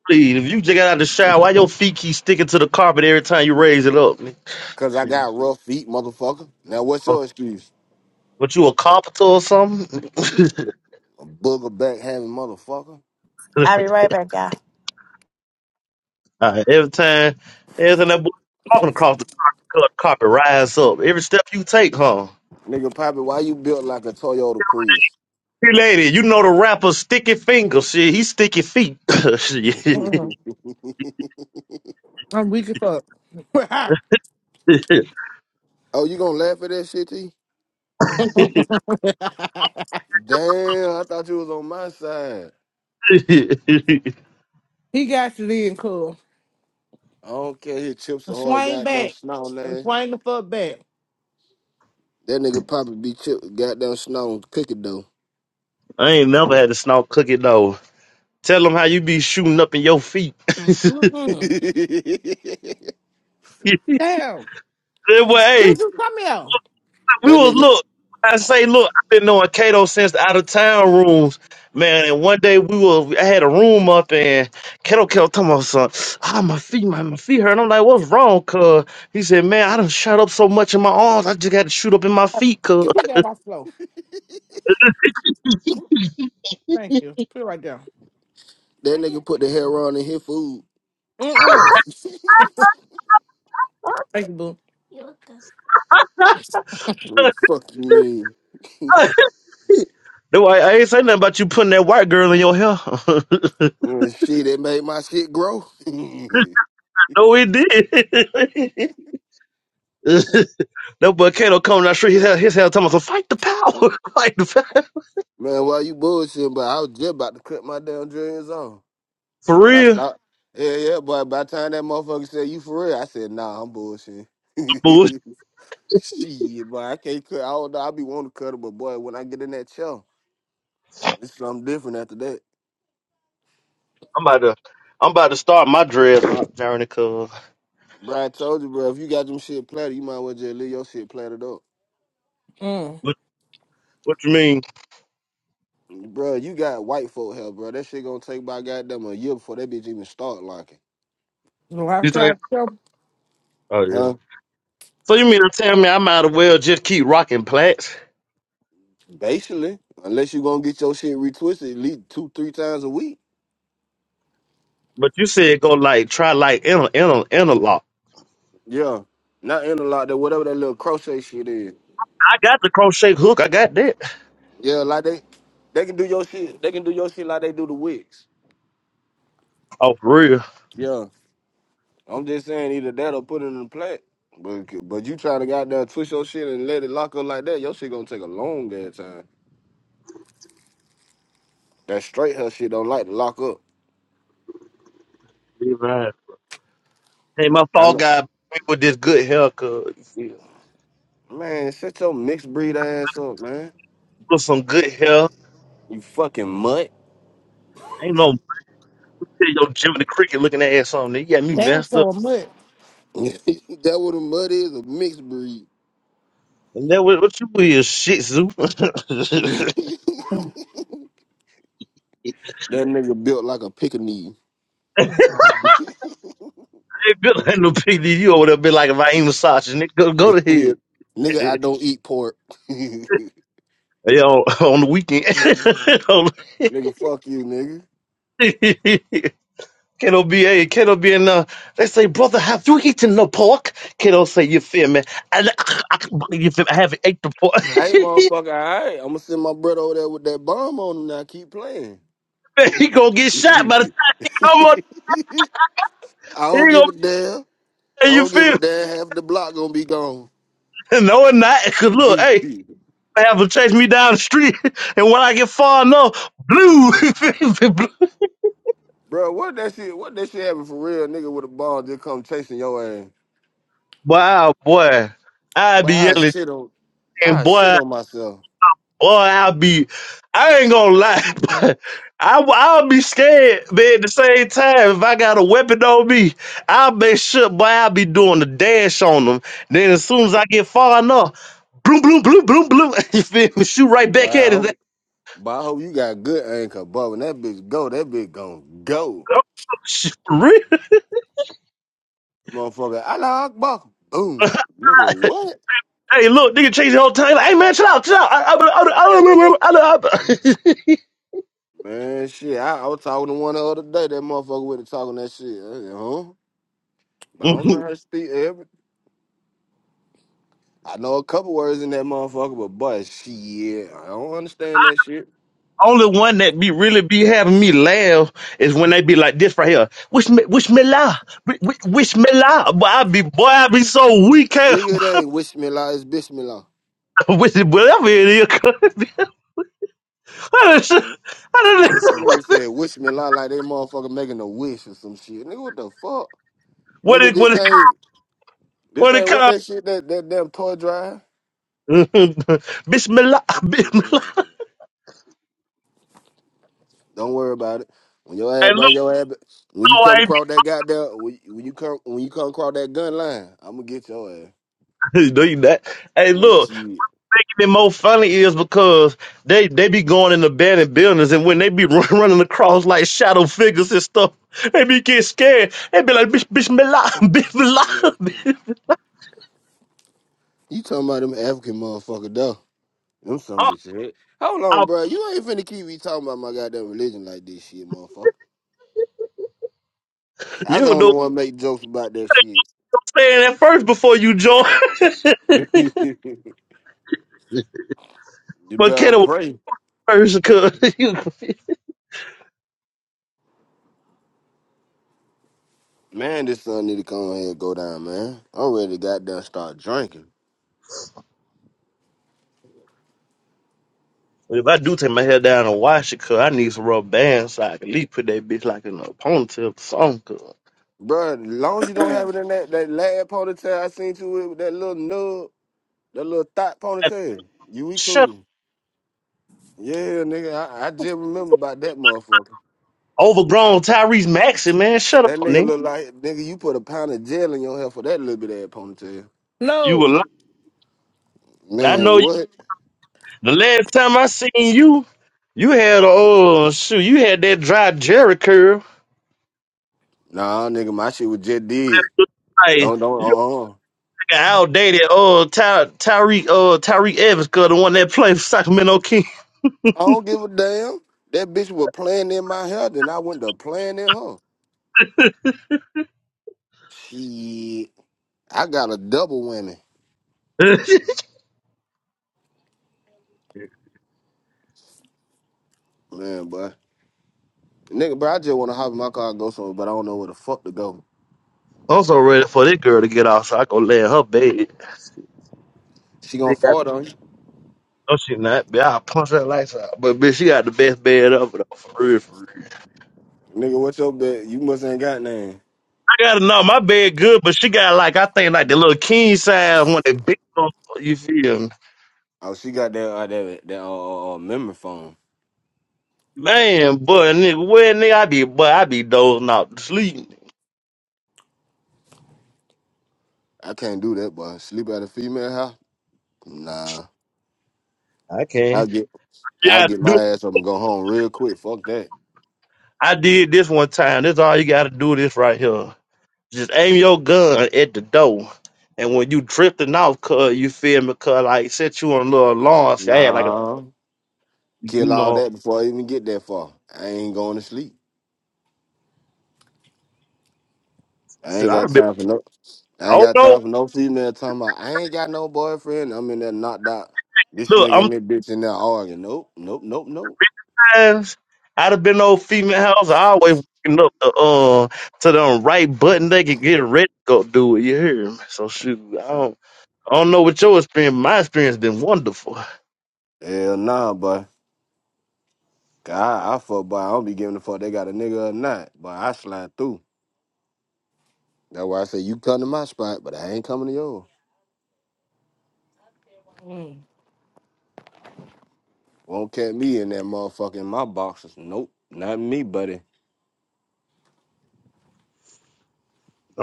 Please, if you just got out of the shower, why your feet keep sticking to the carpet every time you raise it up? Cause I got rough feet, motherfucker. Now what's your excuse? What you a carpenter or something? Mm, A booger back having motherfucker. I'll be right back, y'all. Alright, every time, every time that boy walking across the carpet, carpet rise up. Every step you take, huh? Nigga Poppy, why you built like a Toyota Prius? Hey, lady, you know the rapper Sticky Fingers. Shit, he sticky feet. Shit. oh, Uh-uh. I'm weak as fuck. you gonna laugh at that shit, T? Damn, I thought you was on my side. he got you then, cool. I don't care. His chips are hard, Swing goddamn back. snow, lad. Swing the fuck back. That nigga probably be chip, goddamn snow cookie dough. I ain't never had to snout cookie though. Tell him how you be shooting up in your feet. that Mm-mm. Say, Damn. way. Girl, Just come here. we was nigga, look. I say, look, I've been knowing Cato since the out of town rooms, man. And one day we were, I had a room up, and Cato kept talking about son, ah, my feet, my, my feet hurt. And I'm like, what's wrong, cuz? He said, man, I done shot up so much in my arms, I just got to shoot up in my feet, cuz. Get put down by flow. Thank you. Put it right there. that nigga put the hair on in his food. Mm-mm. Thank you, boo. Oh, fuck you mean? No, were like, I ain't say nothing about you putting that white girl in your hair. Well, shit, it made my shit grow. Man, no, it did. no, but Kato coming down the street, his hair, his hair talking about, so fight the power, fight the power. why you bullshitting? But I was just about to cut my damn dreads off. For But I real. stopped. Yeah, yeah, but by the time that motherfucker said, you for real? I said, nah, I'm bullshitting. Shit, boy, I can't cut. I don't know. I be wanting to cut it, but boy, when I get in that show, it's something different after that. I'm about to I'm about to start my dreadlock journey, cuz. Bro, I told you, bro, if you got them shit platted, you might as well just leave your shit platted up. Mm. What what you mean? Bro, you got white folk hair, bro. That shit gonna take about goddamn a year before that bitch even start locking. You know, i You think tried to tell Oh yeah. Huh? So you mean to tell me I might as well just keep rocking plaits? Basically, unless you gonna get your shit retwisted at least two, three times a week. But you said go like try like inner inner interlock. Yeah. Not interlock that whatever that little crochet shit is. I got the crochet hook, I got that. Yeah, like they they can do your shit. They can do your shit like they do the wigs. Oh for real. Yeah. I'm just saying either that or put it in the plat. But but you try to goddamn twist your shit and let it lock up like that, your shit gonna take a long ass time. That straight her shit don't like to lock up. Yeah, Right. Hey my I fall know. guy me with this good hair, cuz you feel. Man, shut your mixed breed ass up, man. With some good hair. You fucking mutt. Ain't no tell your Jimmy the Cricket looking ass on there. You got me that damn messed up. so much. what a mud is, a mixed breed. And that what, what you is shit zoo. that Nigga built like a pickaninny. Hey, Bill ain't no PD. You over there be like if I ain't massaging it, go go to hell. nigga. I don't eat pork. nigga, yeah, on, on the weekend. fuck you, nigga. Kato be a Kato be in uh they say, brother, have you eaten the pork? Kato say, you feel me? And you feel me? I haven't ate the pork. Hey, motherfucker, all right. I'm gonna send my brother over there with that bomb on him now. Keep playing. Man, he gonna get I shot by the time he come up. He don't gonna give a damn. be I you don't give a feel me? damn. Half the block gonna be gone. No and not. Cause look, hey, Shit. I have to chase me down the street and when I get far enough, blue blue. Bro, what that shit? What that shit happen for real? Nigga with a ball just come chasing your ass. Wow boy. I But be I yelling. shit on and I shit boy, on myself. boy, I'll be. I ain't gonna lie, but I, I'll be scared, but at the same time, if I got a weapon on me, I'll make sure, boy, I'll be doing the dash on them. Then as soon as I get far enough, bloom, bloom, bloom, bloom, bloom, you feel me? Shoot right But back I at it. hope, but I hope you got good anchor, bro. When that bitch go, that bitch gon' go, Shit, for real? motherfucker. Allah Akbar, boom, nigga. What? Hey, look, nigga, change the whole time. Like, hey, man, chill out, chill out. I, I, I, I, I, I, I, I, I, Man, shit. I, I was talking to one the other day. That motherfucker with it talking that shit. I, said, huh? But I I. don't know how to speak. Every I know a couple words in that motherfucker, but boy, shit, I don't understand that shit. Only one that be really be having me laugh is when they be like this right here. Wish me, wish me la, Wi- wi- wish me la. But I be, boy, I be so weak. eh, Nigga, it ain't wish me la, it's bitch me la. wish it- whatever it is. I don't, know. I That don't nigga said wish me la like they motherfucker making a wish or some shit. Nigga, what the fuck? what Nigga, it, what this it, ain't this what it ain't what called. that shit that that damn toy drive. Bismillah, Bismillah. Don't worry about it. When your ass Hey, look, bring your ass, when you no, I come ain't. across that goddamn, when you when you come when you come across that gun line, I'm gonna get your ass. No, you not. Hey, Like look. shit, even more funny is because they they be going in the abandoned buildings and when they be run, running across like shadow figures and stuff, they be get scared. They be like, bitch, bitch, me lie, bitch, me lie. you talking about them African motherfucker though? Them some Oh, bitch shit. Hold on, oh, bro. You ain't finna keep me talking about my goddamn religion like this shit, motherfucker. I you don't don't know what want to make jokes about that shit. I'm saying at first before you join. you but better Kenna was pray. first because you confused. Man, this son need to come here and go down, man. I'm ready to goddamn start drinking. If I do take my hair down and wash it, cause I need some rubber bands so I can at least put that bitch like in a ponytail or something. Cause Bro, as long as you don't have it in that, that lad ponytail I seen you with, with that little nub, that little thought ponytail, you we shut up. cool. Yeah, nigga, I, I just remember about that motherfucker. Overgrown Tyrese Maxey, man. Shut up, That nigga nigga. look like, nigga, you put a pound of gel in your hair for that little bit of that ponytail. You a No. lie. I Man, know what? The last time I seen you, you had a oh shoot, you had that dry Jerry curl. Nah, nigga, my shit was just did. Like No, no, you uh, uh like an outdated oh Ty, Tyreek oh Tyreek Evans girl, the one that played for Sacramento King. I don't give a damn. That bitch was playing in my hair, then I went to playing in her. Shit, I got a double whammy, I'm man, boy. Nigga, bro, I just want to hop in my car and go somewhere, but I don't know where the fuck to go. so ready for this girl to get off so I go lay in her bed. She gonna She got fart on you, no she not, but I'll punch her lights out. But bitch, she got the best bed ever though, for real, for real. nigga. What's your bet? You must ain't got none. I gotta know my bed good, but she got like I think like the little king size one that big on you feel me? Oh, she got that uh, that that uh, uh, memory phone. Man, but nigga, well, nigga, I be, but I be dozing out to sleep. I can't do that, boy. Sleep at a female house? Nah. I I'll can't. get I'll Yeah, I get do. my ass up and go home real quick. Fuck that. I did this one time. This all you gotta do. This right here. Just aim your gun at the door, and when you drifting off, cause you feel me, cause like set you on a little alarm. See, I had like a, Nah, you kill all know, that before I even get that far. I ain't going to sleep. I shit, ain't I'd got have been. time for no. I I ain't don't got know. time for no female talking about. I ain't got no boyfriend. I'm in there knocked out. This Look, nigga I'm and that bitch in there arguing. Nope, nope, nope, nope. times I'd have been old female house. I always waking up the uh to the right button. They could get ready to go do it. You hear me? So shoot, I don't. I don't know what your experience. My experience been wonderful. I Hell nah, boy. God, I fuck, boy. I don't be giving a fuck. They got a nigga or not, but I slide through. That's why I say you come to my spot, but I ain't coming to yours. Mm. Won't catch me in that motherfucking my boxes. Nope, not me, buddy.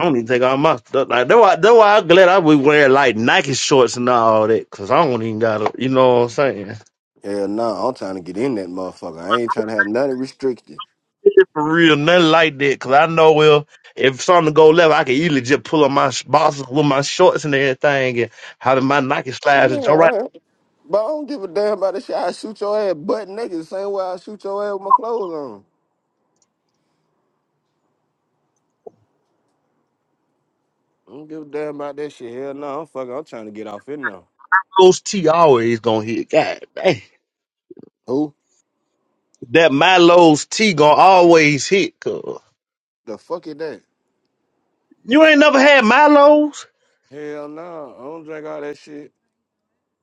don't even think all my stuff like that. Why, that why I'm glad I be wearing like Nike shorts and all that, cause I don't even gotta. You know what I'm saying? Hell no, I'm trying to get in that motherfucker. I ain't trying to have nothing restricted. Shit For real, nothing like that. Cause I know well, if something go left, I can easily just pull up my sh- boxes with my shorts and everything, and how did my Nike slides Yeah, and all right, all right. but I don't give a damn about that shit. I shoot your ass butt naked the same way I shoot your ass with my clothes on. I don't give a damn about that shit. Hell no, I'm fucking. I'm trying to get off in now. those T always gonna hit. God dang, Who that Milo's T gonna always hit. Cause the fuck is that? you ain't never had Milo's. Hell no, I don't drink all that shit.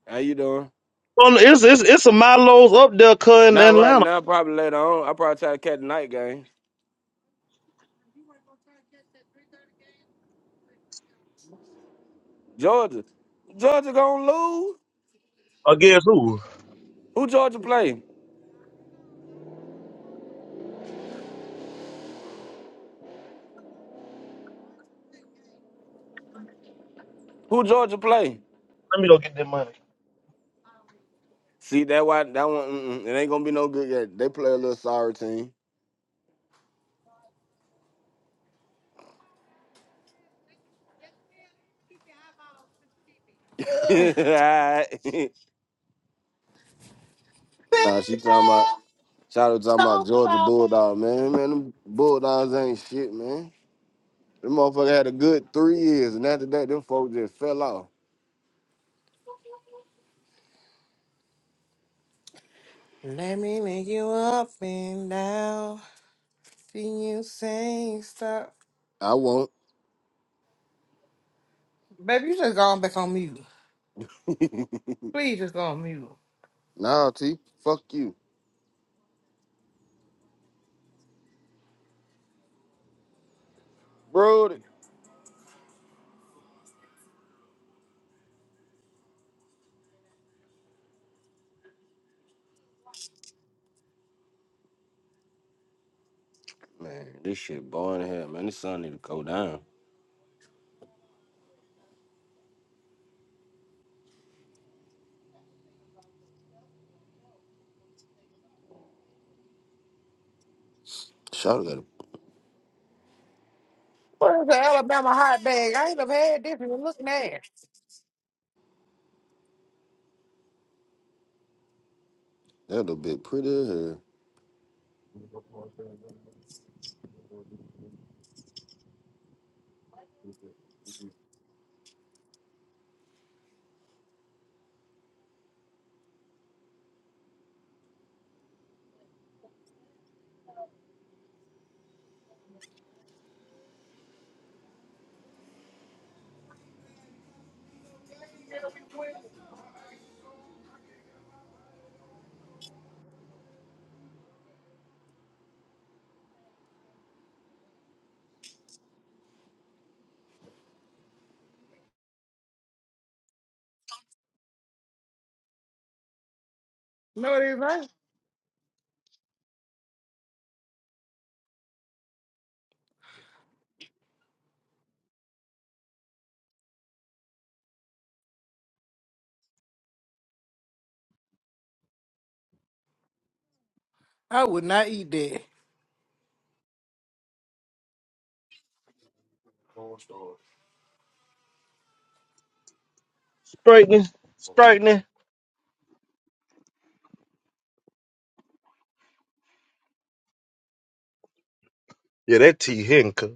How you doing? Well, it's it's it's a Milo's up there, cuz in Not right Atlanta. now. Probably later on. I probably try to catch the night game. Georgia, Georgia gonna lose. Against who? Who Georgia play? Who Georgia play? Let me go get that money. See that why that one mm-mm, it ain't gonna be no good yet. They play a little sorry team. Baby, Alright. nah, she talking about shout out talking about don't Georgia stop. Bulldog, man. Man, them Bulldogs ain't shit, man. Them motherfucker had a good three years, and after that, them folks just fell off. Let me make you up and down. See you say stop. I won't. Baby, you just gone back on mute. Please just go on mute. Nah, T. Fuck you, Brody. Man, this shit boring as hell, man. This sun need to go down. Shout out a that What is the Alabama hot bag? I ain't have had this and it look nasty. little bit pretty as hell. No, it is not. I would not eat that. Straightening, straightening. Yeah, that T Hinka.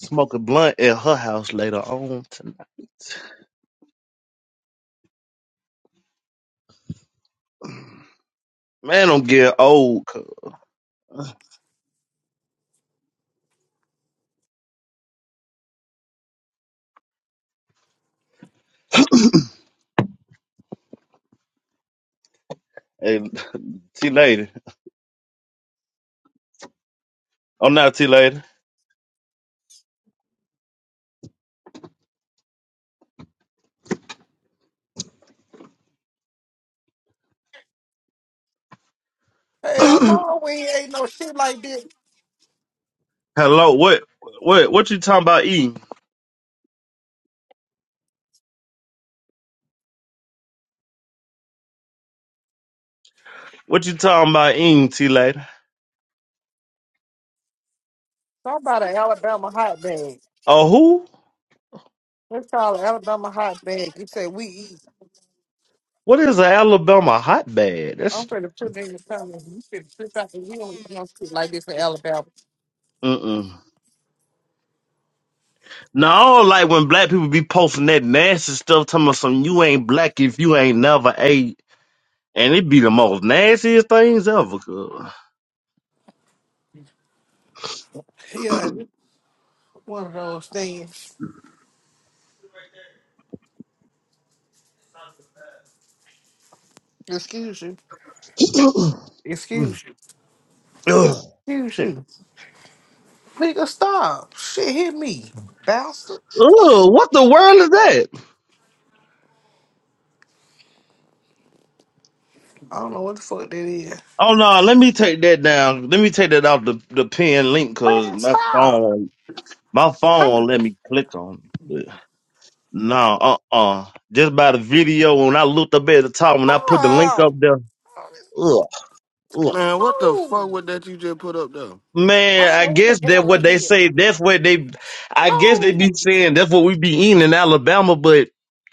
Smoke a blunt at her house later on tonight. Man, I'm getting old. cuz. Hey, T lady. I'm not T lady. Hell no, we ain't ate no shit like this. Hello, what, what, what you talking about eating? What you talking about eating, T lady? Talk about an Alabama hot bag. Oh, who? Let's call it Alabama hot bag. You say we eat What is an Alabama hotbed? I'm That's finna put that in the comments. You finna flip out the wheel when you don't speak like this in Alabama. mm-mm. No, I don't like when black people be posting that nasty stuff, talking about some you ain't black if you ain't never ate. And it be the most nastiest things ever. cuz. Yeah, and one of those things. Excuse you. Excuse you. Excuse Shit. you. Nigga, stop. Shit hit me. Bastard. Ugh, what the world is that? I don't know what the fuck that is. Oh no, let me take that down. Let me take that off the, the pin link because Man, my stop. phone, my Hey, phone won't let me click on it. No, uh, uh Just by the video, when I looked up at the top, when I put the link up stop. there, ugh, ugh. Man, what the fuck Move. was that you just put up though? I Man, don't I know what the guess that hell what that they is. say. That's what they. I guess they be Move. saying that's what we be eating in Alabama, but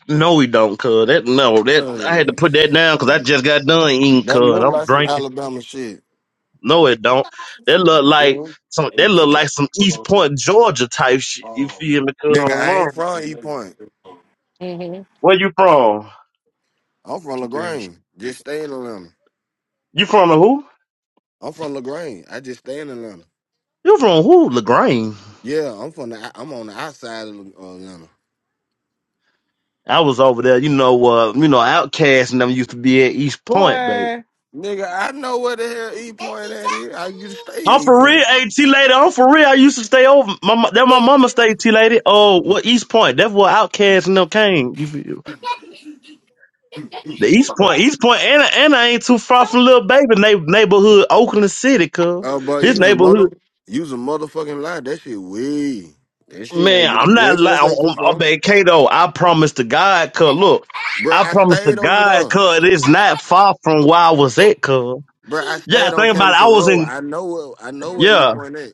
no, we don't. Cause that no, that I had to Oh put that down because I shit. just got done eating. That Cause look I'm like some drinking. Alabama shit. No, it don't. That look like Mhm. some. That look like some East Point, Georgia type shit. You feel me? Cause Nigga, I'm I ain't on- from E Point. where you from? I'm from LaGrange. Just stay in Atlanta. You from a who? I'm from LaGrange. I just stay in Atlanta. You from who? Lagrange. Yeah, I'm from the. I'm on the outside of uh, Atlanta. I was over there. You know, uh, you know, Outcast and them used to be at East Point, Boy. Nigga, I know where the hell E Point at is. I used to I'm stay in E for real, Point. hey T lady. I'm for real. I used to stay over. My mo- that my mama stayed T lady. Oh, what East Point? That's where Outcast and them came. You feel? The East Point, East Point, and and I ain't too far from little baby neigh- neighborhood, Oakland City, cuz Uh, but his use a mother, neighborhood. use a motherfucking lie. That shit way. That shit Man, ain't. I'm You not ain't finna say lying. too I'm, I'm far, back, Kato. I promise to God, cuz look, Bruh, I I promise to stayed over God, there. cuz it's not far from where I was at, cuz Bruh, I yeah. stayed on Think about it. I Camerton was Road. in I know what I know where yeah. E Point at.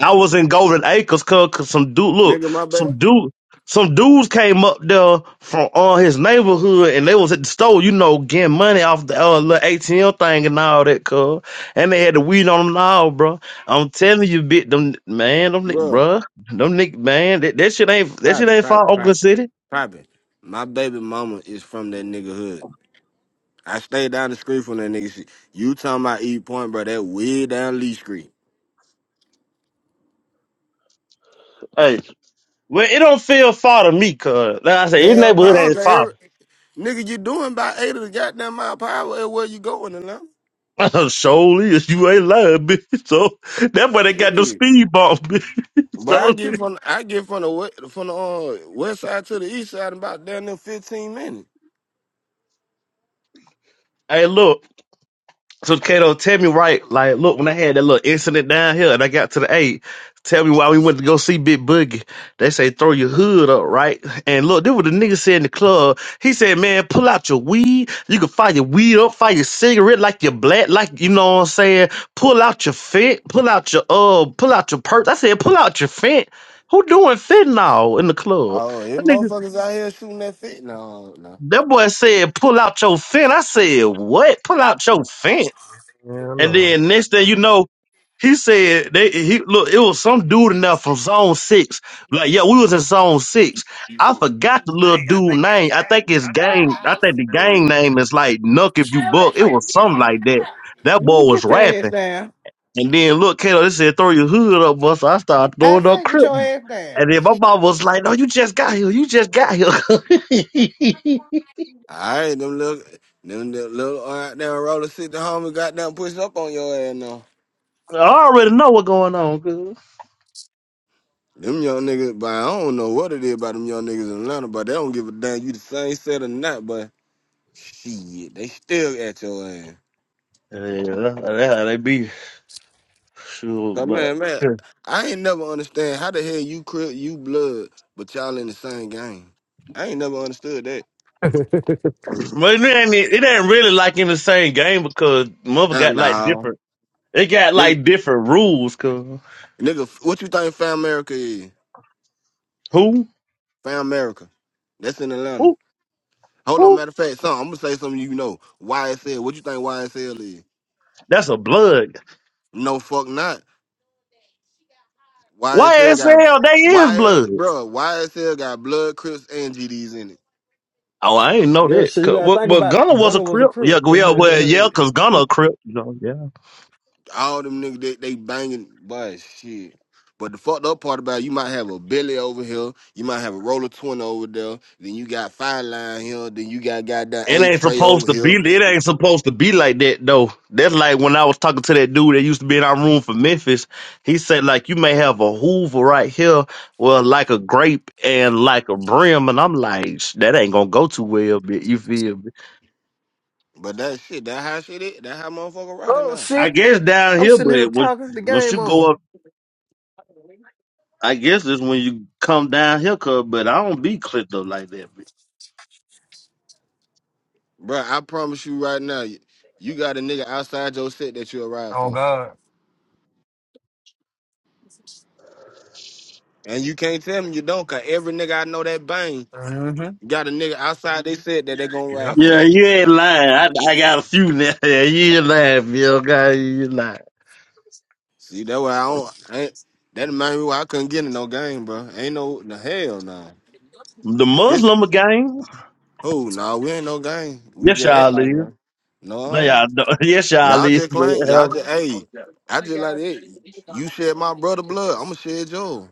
I was in Golden Acres, cause, 'cause some dude, look, Nigga, my back, some dude, some dudes came up there from uh, his neighborhood, and they was at the store, you know, getting money off the uh, little ATM thing and all that, cuz. And they had the weed on them and all, bro. I'm telling you, bit them man, them ni- bruh. bruh, them nick man, that, that shit ain't that shit private, ain't far private, Oakland private, City. private. My baby mama is from that nigga hood. I stay down the street from that nigga. Shit. You talking about East Point, bro? That way down Lee Street. Hey, well, it don't feel far to me, cuz. Like I said, his Hell neighborhood no, cause ain't far. every, nigga, you doing about eight of the goddamn mile per hour everywhere you going and now. Surely, you ain't lying, bitch. So that's why they got the Shit. speed bump, bitch. But I So. get from I get from the we- from the uh, west side to the east side in about damn near fifteen minutes. Hey, look. So Kato, tell me right, like, look, when I had that little incident down here and I got to the eight, tell me why we went to go see Big Boogie. They say throw your hood up, right? And look, this what the nigga said in the club. He said, man, pull out your weed. You can fire your weed up, fire your cigarette like your black, like you know what I'm saying. Pull out your fit, pull out your uh, pull out your purse. I said, pull out your fent. Who doing fentanyl in the club? Oh, it That nigga, motherfuckers out here shooting that fit. No, no. that boy said, pull out your fent. I said, what? Pull out your fent. Yeah, And no. then next thing you know, he said they he look, it was some dude in there from zone six. Like, yeah, we was in zone six. You I forgot the little dude name. I think his gang, I think the gang name is like Nuck if you buck. It was something like that. That boy can was get your ass rapping. down. And then look, Kato, they said throw your hood up, boy. So I started I throwing up say get crip. your ass down. And then my mom was like, No, you just got here. You just got here. All right, them little, them the little uh, down roller seat, the homie got down pushed up on your ass now. I already know what's going on, cuz. Them young niggas, but I don't know what it is about them young niggas in Atlanta, but they don't give a damn you the same set or not, but shit, they still at your ass. Yeah, that's how they be. Sure, Cause but man, man, I ain't never understand how the hell you crip, you blood, but y'all in the same game. I ain't never understood that. But it ain't it ain't really like in the same game because mother Ah, got like no. different. It got Nigga, like different rules. Cause nigga, what you think Fam America is? who Fam America. That's in Atlanta. who Hold on, who? matter of fact, son, I'm gonna say something you know. YSL, what you think YSL is? That's a blood. No fuck not. Why YSL got hell they is YS blood? bro, YSL got blood, crips, and GDs in it. Oh, I ain't know yeah, that. shit, you 'Cause- gotta well, think well, about Gunner it. was Gunner a was a crip. Yeah, crook. yeah, well, yeah, cause Gunner a crip. You know, yeah. All them niggas they, they banging boy shit. But the fucked up part about it, you might have a Billy over here, you might have a roller twin over there, then you got five line here, then you got goddamn It eight ain't tray over supposed to here. be. It ain't supposed to be like that though. That's like when I was talking to that dude that used to be in our room for Memphis. He said like you may have a Hoover right here, well like a grape and like a brim, and I'm like "Sh- that ain't gonna go too well. Bit you feel me? But that shit, that how shit is, that how motherfucker rocking oh now. I shit, guess down I'm here, sitting here but when talking. The once you game go on. up, I guess is when you come down here, cuz. But I don't be clipped up like that. Bit. Bruh, I promise you right now, you you got a nigga outside your set that you'll ride Oh for. God. And you can't tell me you don't, cause every nigga I know that bang hmm got a nigga outside they said that they gonna ride Yeah, for. you ain't lying. I, I got a few now. Yeah, you ain't lying, Bill. God, you ain't lying. See, that why I don't I ain't that might be why I couldn't get in no game, bro. Ain't no the hell no. The This Muslim gang. oh Nah, we ain't no game. We Yes, just act y'all like leave. one. No, No. y'all don't. Yes, y'all Y'all leave. just Man, claim y'all hell, just hey, I just like it. You shed my brother blood, I'ma shed yours.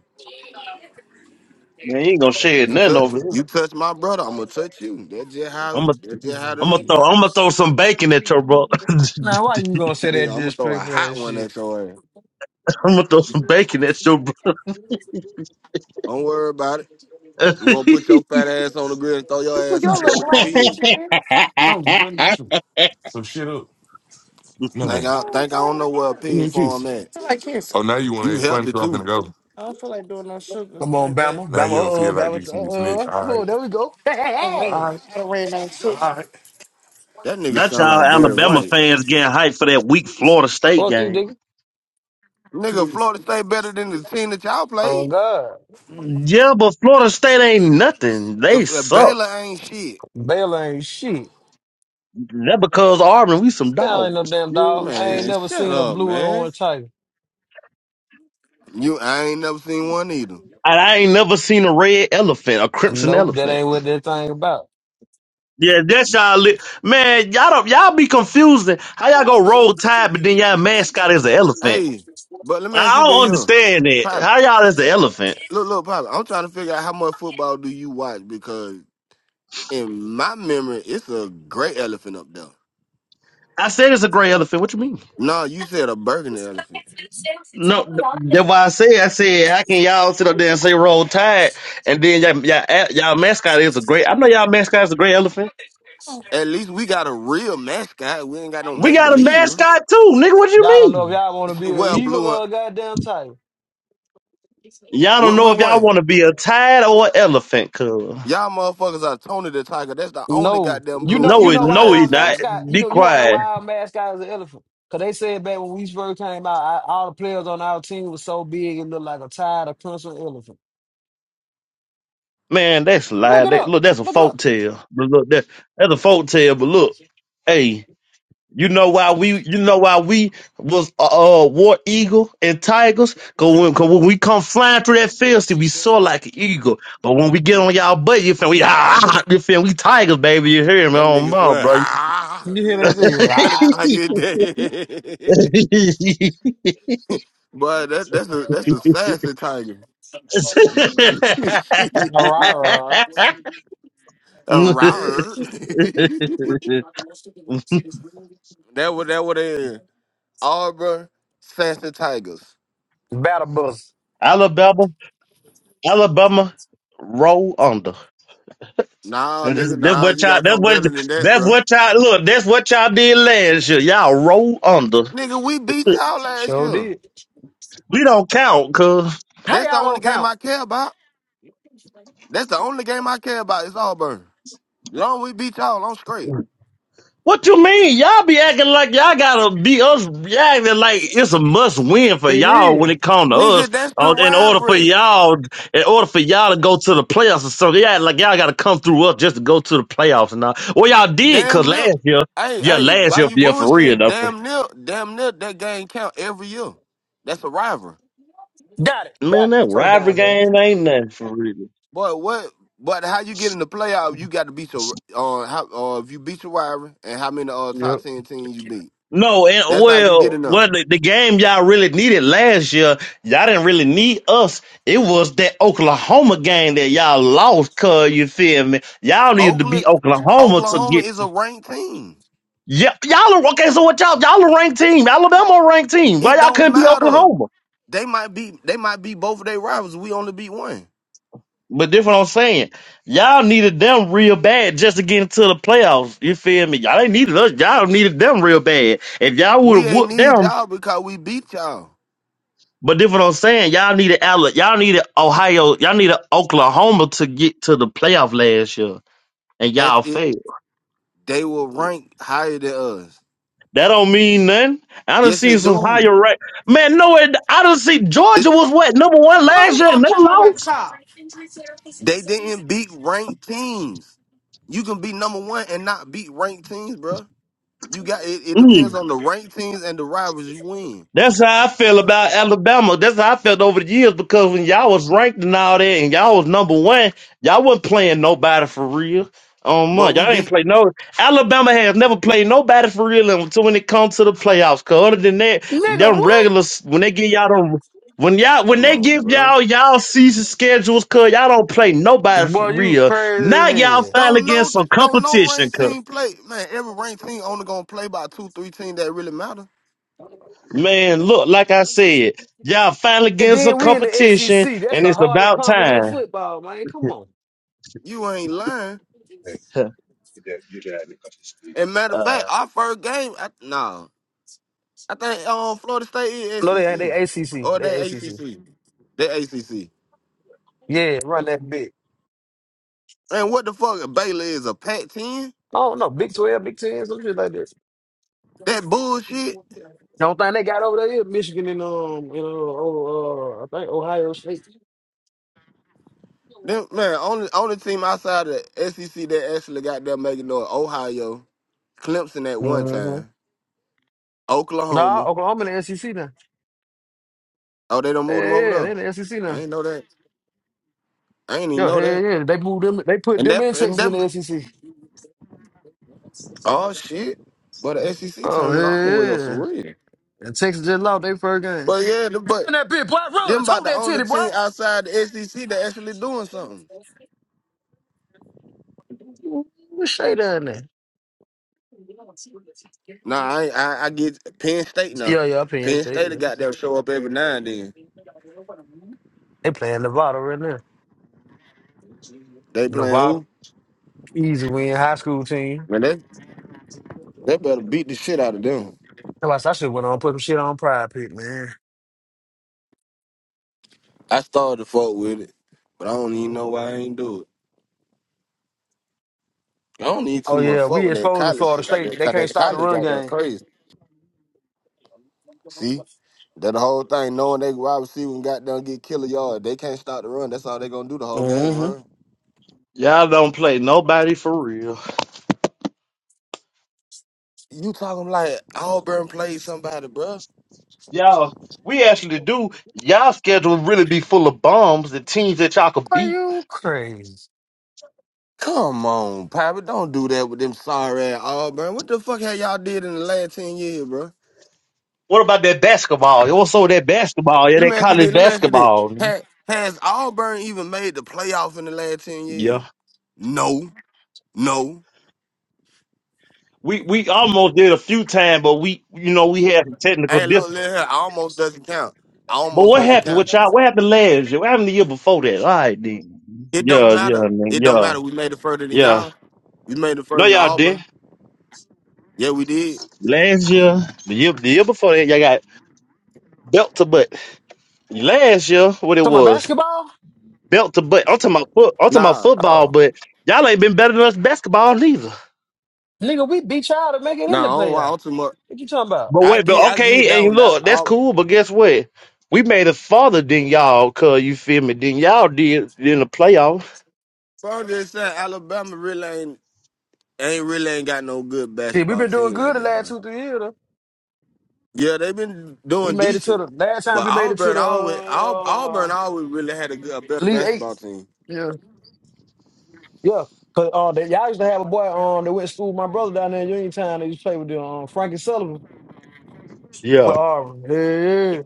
man, you ain't gonna share You will. nothing touch over here. you touch my brother, I'ma touch you. That's just how I'm gonna, that's just how it You I'm gonna is. throw, I'm gonna throw some bacon at your brother. Now, why you I'm gonna say that Nigga, I'ma throw a disrespectful hot ass one shit? at your ass. gonna throw some bacon at your brother. Don't worry about it. You gonna put your fat ass on the grill and throw your put ass your out there little with the black witch pig. again. No, blood natural. So shit up. No, Think hey. Move, I go think I don't ahead know and where a go. give me pig a kiss. farm I at. don't feel like kissing. Oh, now you want to You have fun? healthy So I'm too. finna go. I don't feel like doing no sugar Come on, right there. Bama, Now Bama, you don't uh, feel uh, like Bama, this uh, nigga uh. snitch. uh. All Oh, right. there we go. Hey, hey, I done ran, hey. All right. I done ran out of All sugar. right. That nigga Not sound y'all like Barry Alabama White. fans getting hyped for that weak Florida State Fuck you, game. nigga. Nigga, Cool. Florida State better than the team that y'all Oh played. God, Yeah, but Florida State ain't nothing. They If, if suck. Baylor ain't shit. Baylor ain't shit. That because Auburn, we some That ain't no dogs. damn Yeah, dog. I ain't Man, and never shut seen a up, blue and man. orange tiger. You I ain't never seen one either. I ain't never seen a red elephant, a crimson Nope, that elephant. ain't what that thing about. Yeah, that's y'all. Li- Man, y'all don't y'all be confusing. How y'all go roll tide, but then y'all mascot is an elephant? Hey, but let me ask I you this don't here. understand that. Pop, How y'all is the elephant? look, look, Pop, I'm trying to figure out how much football do you watch because in my memory, it's a great elephant up there. I said it's a gray elephant. What you mean? No, you said a burgundy elephant. No, th- that's why I said. I said how can y'all sit up there and say roll tide, and then y'all y'all, a- y'all mascot is a gray. I know y'all mascot is a gray elephant. Oh. At least we got a real mascot. We ain't got no We make got a believe one. mascot too, nigga. What you Y'all don't know if mean? y'all want to be an Well, eagle blue and or a goddamn tiger. Y'all don't what know what if y'all want one? to be a tide or an elephant, cuz. Y'all motherfuckers are Tony the Tiger. That's the only No, goddamn you blue and know, you No, orange it know tiger why I no, our ever it not. seen. mascot. You Be know, you want to know quiet. why our mascot is an elephant? Cause they said back when we first came out, I, all the players on our team was so big it looked like a tired of crimson elephant. Man, that's Look lie. it That, up. look, that's a Look it up. folk tale. But look, that, that's a folk tale. But look, hey, you know why we, you know why we was uh, uh war eagle and tigers? Cause when, cause when we come flying through that field, see, we soar like an eagle. But when we get on y'all butt, you feel we ah, ah, you feel we tigers, baby. You hear me? That Oh, nigga my, swear, bro. ah, You hear nigga, that what the thing? fuck kind of Rah, tiger is that? Boy, that that's a that's a sassy tiger. rah, rah, rah. a Eh, rar. that what that what it is. Arbor sassy tigers. Battle bus. Alabama, Alabama roll under. Nah, And That's, nigga, that's nah, what you y'all. gotta That's come what. better than that, That's bruh. what y'all. Look, that's what y'all did last year. Y'all roll under. Nigga, we beat y'all last Sure year. did. We don't count, cause How That's the y'all only don't game I count? care about. That's the only game I care about. It's Auburn. Long we beat y'all, I'm straight. what you mean? Y'all be acting like y'all gotta be us. Y'all acting like it's a must win for It y'all when is. it comes to us. Nigga, that's the Uh, in order for rivalry. y'all, in order for y'all to go to the playoffs or something, yeah, like y'all gotta come through us just to go to the playoffs and all. Well, y'all did, cause Damn near. last year, Hey, yeah, hey, last why year, you yeah, for real bullshitting? though. Damn near, damn near that game count every year. That's a rivalry. Got it. Got Man, it. that First rivalry down, baby. game ain't nothing for real. But what? But how you get in the playoff? You got to beat your uh, how, uh if you beat your rival and how many uh Yep. top ten teams you beat. No, and That's how you get well, in there. well, the, the game y'all really needed last year, y'all didn't really need us. It was that Oklahoma game that y'all lost, cuz you feel me? Y'all needed to Oakland, beat Oklahoma to Oklahoma get. is a ranked team. Yeah, y'all are okay. So what y'all? Y'all a ranked team. Alabama a ranked team. Why It y'all don't couldn't beat matter. Oklahoma? They might be they might be both of their rivals. We only beat one. But that's what I'm saying. Y'all needed them real bad just to get into the playoffs. You feel me? Y'all ain't needed us. Y'all needed them real bad. If y'all would We have ain't whooped need them. y'all because we beat y'all. But that's what I'm saying. Y'all needed Alabama. Y'all needed Ohio. Y'all needed Oklahoma to get to the playoff last year, and That's y'all it. failed. They will rank higher than us. That don't mean nothing. I done Yes, seen it some do. higher right. Man, no, it, I done see Georgia It- was what number one I go last get year, my and they charge at the lost. car. They didn't beat ranked teams. You can be number one and not beat ranked teams, bro. You got it. It Mm. depends on the ranked teams and the rivals you win. That's how I feel about Alabama. That's how I felt over the years because when y'all was ranked and all that, and y'all was number one, y'all wasn't playing nobody for real. Um, But we y'all ain't beat. play no. Alabama has never played nobody for real until when it comes to the playoffs. Cause other than that, Nigga, them what? regulars when they give y'all them when y'all when Come they on, give bro. y'all y'all season schedules, cause y'all don't play nobody for Boy, you real. crazy as Now y'all hell. finally Don't getting know. some Don't know. competition, Ranked team play, man. Every ranked team only gonna play by two, three teams that really matter. Man, look, like I said, y'all finally And getting some then we in the competition, SEC. That's and the it's hardest about conference in time. football, man. Come on. You ain't lying. And matter of Uh, fact, our first game, I, no, I think um, Florida State is No, they ain't. SEC They ACC. or they They ACC. ACC. They ACC. Yeah, run that big. And what the fuck, Baylor is a Pac-10? Oh no, Big Twelve, Big Ten, some shit like this. That bullshit. The only thing they got over there is Michigan and um, you know, oh, uh, I think Ohio State. Them, man, only only team outside of the SEC that actually got there making noise, Ohio, Clemson at one Mm-hmm. time, Nah, Oklahoma. Oklahoma in the SEC now. Oh, they don't move them Yeah, over yeah, they there. in the SEC I now. ain't know that. I ain't even Yeah, know hell that. yeah. They moved them. They put And them that in and Texas that. in the SEC. Oh shit. But the SEC Oh turning all the way hell up yeah. for real. And Texas just lost their first game. But yeah, the- but Run that bitch, boy. Run. Them about Hold the that only titty, team boy. outside the SEC that actually doing something. What shade down there? Nah, I, ain't- I I get Penn State now. Yeah, yeah, Penn Penn State, State yeah. have got them show up every now and then. They playing Nevada right now. They playing Nevada. who? Easy win, high school team. Man, they they better beat the shit out of them. Somebody I should have went on and put some shit on pride pick, man. I started to fuck with it, but I don't even know why I ain't do it. I don't need too Oh much yeah, fuck we with that exposing college Florida shit like State. that. They 'cause can't that stop the college run got them game. crazy. See, that the whole thing. Knowing they wide receiver and got down get killer yard, they can't stop the run. That's all they gonna do the whole game Mm-hmm. run. y'all don't play nobody for real. You talking like Auburn played somebody, bruh. Y'all, we actually do. Y'all schedule really be full of bombs, the teams that y'all could Are beat. you crazy? Come on, Papa. Don't do that with them sorry ass Auburn. What the fuck have y'all did in the last 10 years, bro? What about that basketball? What's over that basketball? Yeah, Let that me ask you this. college Let me ask you this. basketball. Has, has Auburn even made the playoff in the last 10 years? Yeah. No. No. We we almost did a few times, but we you know we had some technical And look, difficulties. look here. Almost doesn't count. But Almost what doesn't happened count. with y'all? What happened last year? What happened the year before that? All right, then. It don't Yeah, yeah, matter. man. It don't Yeah, matter. We made it further than yeah. y'all. We made it further No, than y'all didn't. Auburn. Yeah, we did. Last year, the year, the year before that, y'all got belt to butt. Last year, what it Talking about was, basketball? belt to butt. I'm talking about, foot, I'm talking about Nah. football, Oh. but y'all ain't been better than us basketball neither. Nigga, we beat y'all to make it in Nah, the I don't playoff. want too much. What you talking about? But I wait, give but I give that okay, one and that look, that's Auburn. cool, but guess what? We made it farther than y'all, cause you feel me, than y'all did in the playoff. Bro, I'm just saying Alabama really ain't ain't really ain't got no good See, we basketball been doing team good like the that, last bro. two, three years though. Yeah, they've been We doing made it to decent, the last but time we made it to Auburn the always Aub- uh, Auburn always really had a, good, a better League Eight. basketball team. Yeah. Yeah, cause uh, they, y'all used to have a boy um that went to school with my brother down there in Uniontown. They used to play with them, um, Frankie Sullivan for Yeah, Auburn. Yeah, yeah,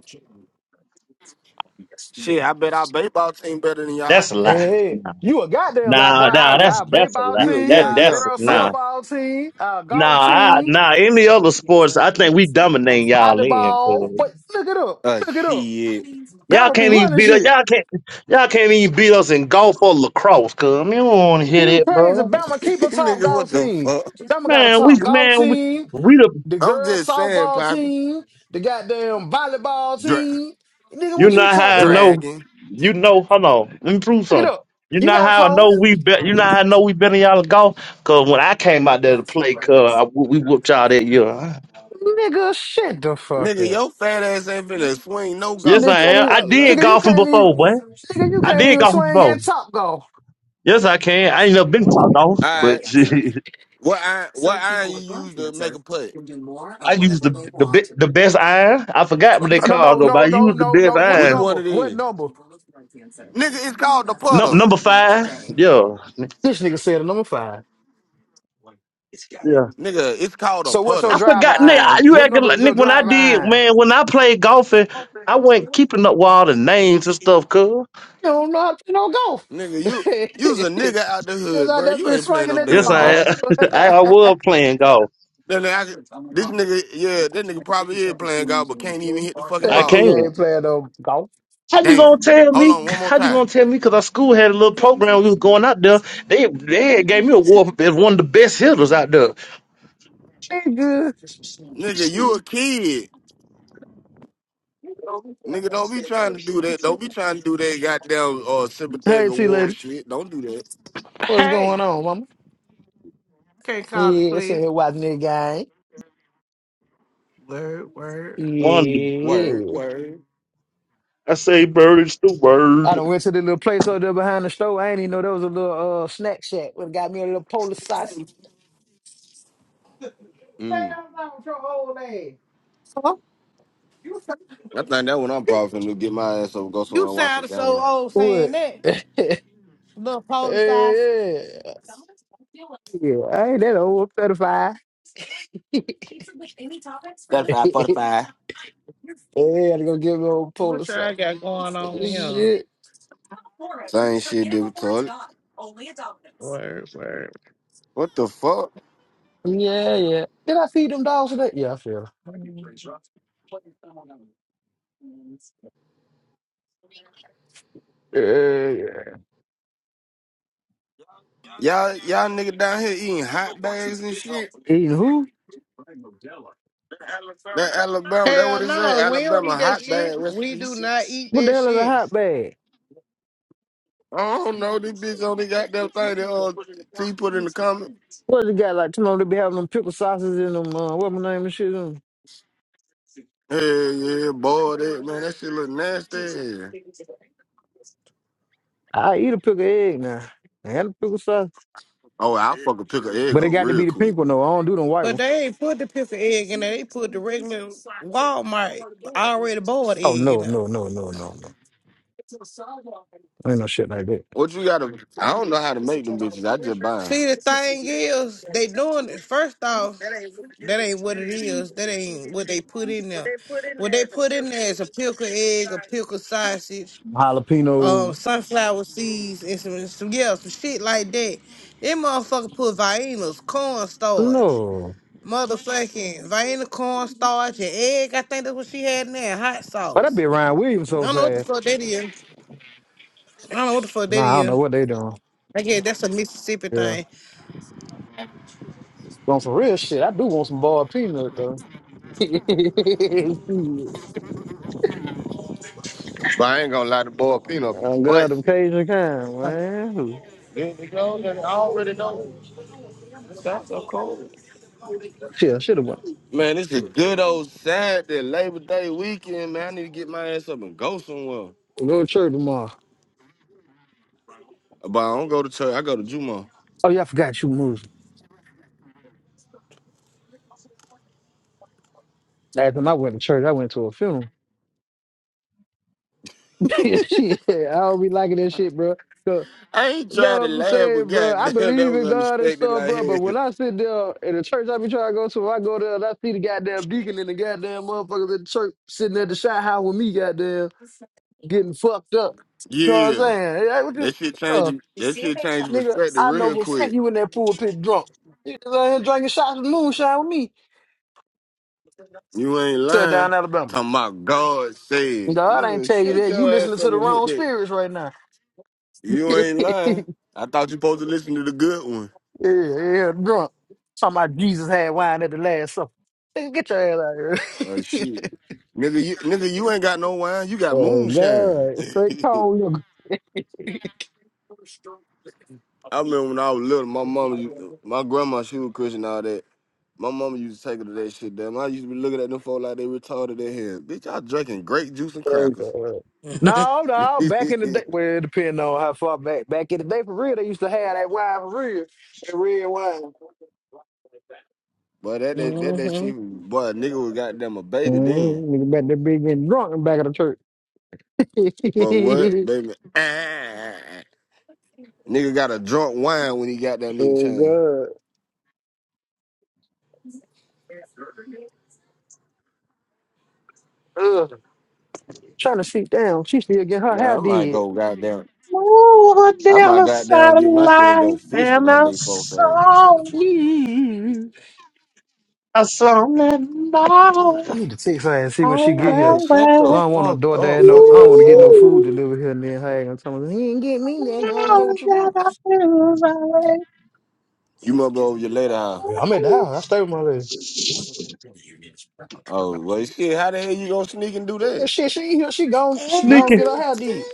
Shit, I bet our baseball team better than that's y'all. a yeah. lie. yeah. yeah. Nah, You a goddamn lie, boy. nah, nah Our, that's our that's a baseball lie. Yeah, team, That yeah, our yeah, that's girls yeah. nah, softball team, our nah, golf I, team, nah. Any other sports, I think we dominating y'all volleyball. in. But look it up, Uh, look it up. shit, Y'all Bama be can't even running beat us. shit. Y'all can't. Y'all can't even beat us in golf or lacrosse. Cause I mean, don't want to Boy, hear You that, crazy? bro. Bama keep a top nigga, what golf the team. fuck? Bama got a Man, we top golf man we team. we the. the I'm girls just saying, softball Poppy. team, the goddamn volleyball Dra- team. Nigga, You what know you how talking I about? know. dragon, You know. Hold on. Let me prove Look it something. up. You You know got a how I phone? know we bet. You know how I know we better y'all at golf. Cause when I came out there to play, cause I, we whooped y'all that year. Nigga, shut the fuck nigga, up. your fat ass ain't finna Nigga, swing no Yes, golf I club. can't am. even, I Stop did nigga, lying. you golfing can't even, before, boy. nigga, you I can't did even golfing swing at before. top golf. Yes, I can. I ain't never been to golf, All right, but what iron? What iron you use to make a putt? I used the the be- the best iron. I forgot what they No, no, called though, but no, I no, used the no, best no. What Which iron. one number? it What is? number? Nigga, it's called the Num- putter. number five, yeah, This nigga said a number five. yeah. Nigga, it's called a So what's your putter. I driver forgot, Nick. I, iron? you What acting number like is your Nick when I driver did, iron? man. When I played golfing, I wasn't keeping up with all the names and stuff, cuz. You don't know how to play Nigga, you you's a no golf. nigga out the Just hood, out bro. there You be ain't playing no swinging at the Yes, damn I ball. golf. am. I, that I was playing golf. Then I, this nigga, yeah, that nigga probably is playing golf, but can't even hit the fucking I ball. can't. nigga ain't playing no golf. How you gonna Damn. tell Hold me? on, one more How you time. gonna tell me? Cause our school had a little program. We was going out there. They they had gave me a award as one of the best hitters out there. Nigga. Nigga, you a kid. Nigga, don't be trying to do that. Don't be trying to do that goddamn uh, sympathetic Hey, T award lady. shit. Don't do that. What's going Hey, on, mama? can't call the Yeah, player. sitting here watching this game. Word, word. One. Of the, Word, Yeah. word. I say bird is the I word. done went to the little place over there behind the store. I ain't even know there was a little uh, snack shack. Would have got me a little Polish sauce. Hang Mm. on with your old ass. Huh? You I sound- think that one I'm probably finna get my ass up, and go you somewhere and watch a sound so game. old saying What? that. yeah. Little police size. Yeah, I ain't that old. I'm 35. 35, 45. Yeah, I had to go get me old What Pulitzer. y'all got going on here? Shit. Same shit, did with toilet. Word, word. What the fuck? Yeah, yeah. Did I feed them dogs today? Yeah, I fed 'em. Yeah, yeah. Y'all, y'all nigga down here eating hot bags and shit. Eating who? That Alabama, that what Hell it say, no, we don't Alabama eat that hot shit. bag We recipe. do not eat What the that hell is a shit. hot bag? I don't know, this bitch only got that thing that uh, T put in the comment. What it got like? You know, they be having them pickle sauces in them. Uh, what my name and shit. Them. Yeah, yeah, boy, that man, that shit look nasty. as hell. I eat a pickle egg now. I had a pickle sauce, Oh, I'll fucking pick an egg but it up got to real be the quick. pink one though. I don't do them white But one. they ain't put the piss of egg in there. They put the regular Walmart already boiled Oh egg in no, there. no, no, no, no, no. Ain't no shit like that. What you gotta? I don't know how to make them bitches. I just buy them. See, the thing is, they doing it. First off, that ain't what it is. That ain't what they put in there. What they put in there is a pickled egg, a pickled sausage, um Jalapeno. sunflower seeds and some, some yeah, some shit like that. That motherfucker put Vienna's cornstarch, No. Motherfucking Vienna cornstarch, and egg. I think that's what she had in there. Hot But I sauce. be Ryan Williams I so don't know what the fast. fuck that is. I don't know what the fuck that Nah, I don't know is. what they doing. I guess that's a Mississippi Yeah. thing. On some real shit, I do want some boiled peanut though. But I ain't gonna lie, the boy Peanut be I'm them busting. Cajun kind, man. Shit, I should have went. Man, this is good old Saturday, Labor Day weekend, man. I need to get my ass up and go somewhere. Go to church tomorrow. But I don't go to church. I go to Juma. Oh yeah, I forgot you Muslim. Last time I went to church, I went to a funeral. Shit, I don't be liking that shit, bro. So, I ain't trying no, to I'm laugh, but saying, bro, I goddamn, that believe was in God and unexpected. stuff, Like, bro. But hell. when I sit there in the church, I be trying to go to, I go there and I see the goddamn deacon and the goddamn motherfuckers at the church sitting at the shot house with me, goddamn, getting fucked up. You know what I'm yeah, saying? Yeah, what that the- shit yeah. changed. That shit changed Nigga, perspective I know real for a fact quick. you in that pool pit drunk. You just out here drinking shots of moonshine with me. You ain't Sit lying. down, Alabama. Talking about God said, God I ain't nigga, tell you shut that. You your listening ass to up the and hit wrong that. spirits right now. You yeah, ain't lying. I thought you supposed to listen to the good one. yeah, drunk. Talking about Jesus had wine at the last supper. Nigga, Get your ass out Oh of here. shit, nigga, you nigga, you ain't got no wine. You got oh, moonshine. God. Straight cold. I remember when I was little, my mama, my grandma, she was Christian and all that. My mama used to take her to that shit, damn. I used to be looking at them folk like they retarded their head. Bitch, I drinking grape juice and oh, crackers. God. No, but no, back in the day, well, it depends on how far back. Back in the day, for real, they used to have that wine for real, that red wine. that that that, that hmm shit, was- boy, a nigga was goddamn a baby then. Mm, nigga back there big and drunk in the back of the church. But what, baby? Ah, nigga got a drunk wine when he got down need a chain. oh god. Ugh. Trying to sit down. She still get her hair Man, I might did. go goddamn. Moving I down might the goddamn get my shit and go satellite, fishing and on I these folks ass. soul, Mm. a song that I'm not- I knows need to text her and see when she oh get Pop in, here. well, shut Cause the I well, don't want no fuck door up, dash no I fucking don't up want to get no song. food ooh, delivered here and then her ass gonna tell me he ain't get me then I don't now know what you that want. I feel right, You mother over your later. huh? Yeah, I'm at the house. I stay with my lady. Oh well, shit. How the hell you gonna sneak and do Yeah, that? Shit, she ain't here. She gone she gone sneaky, get her hair did.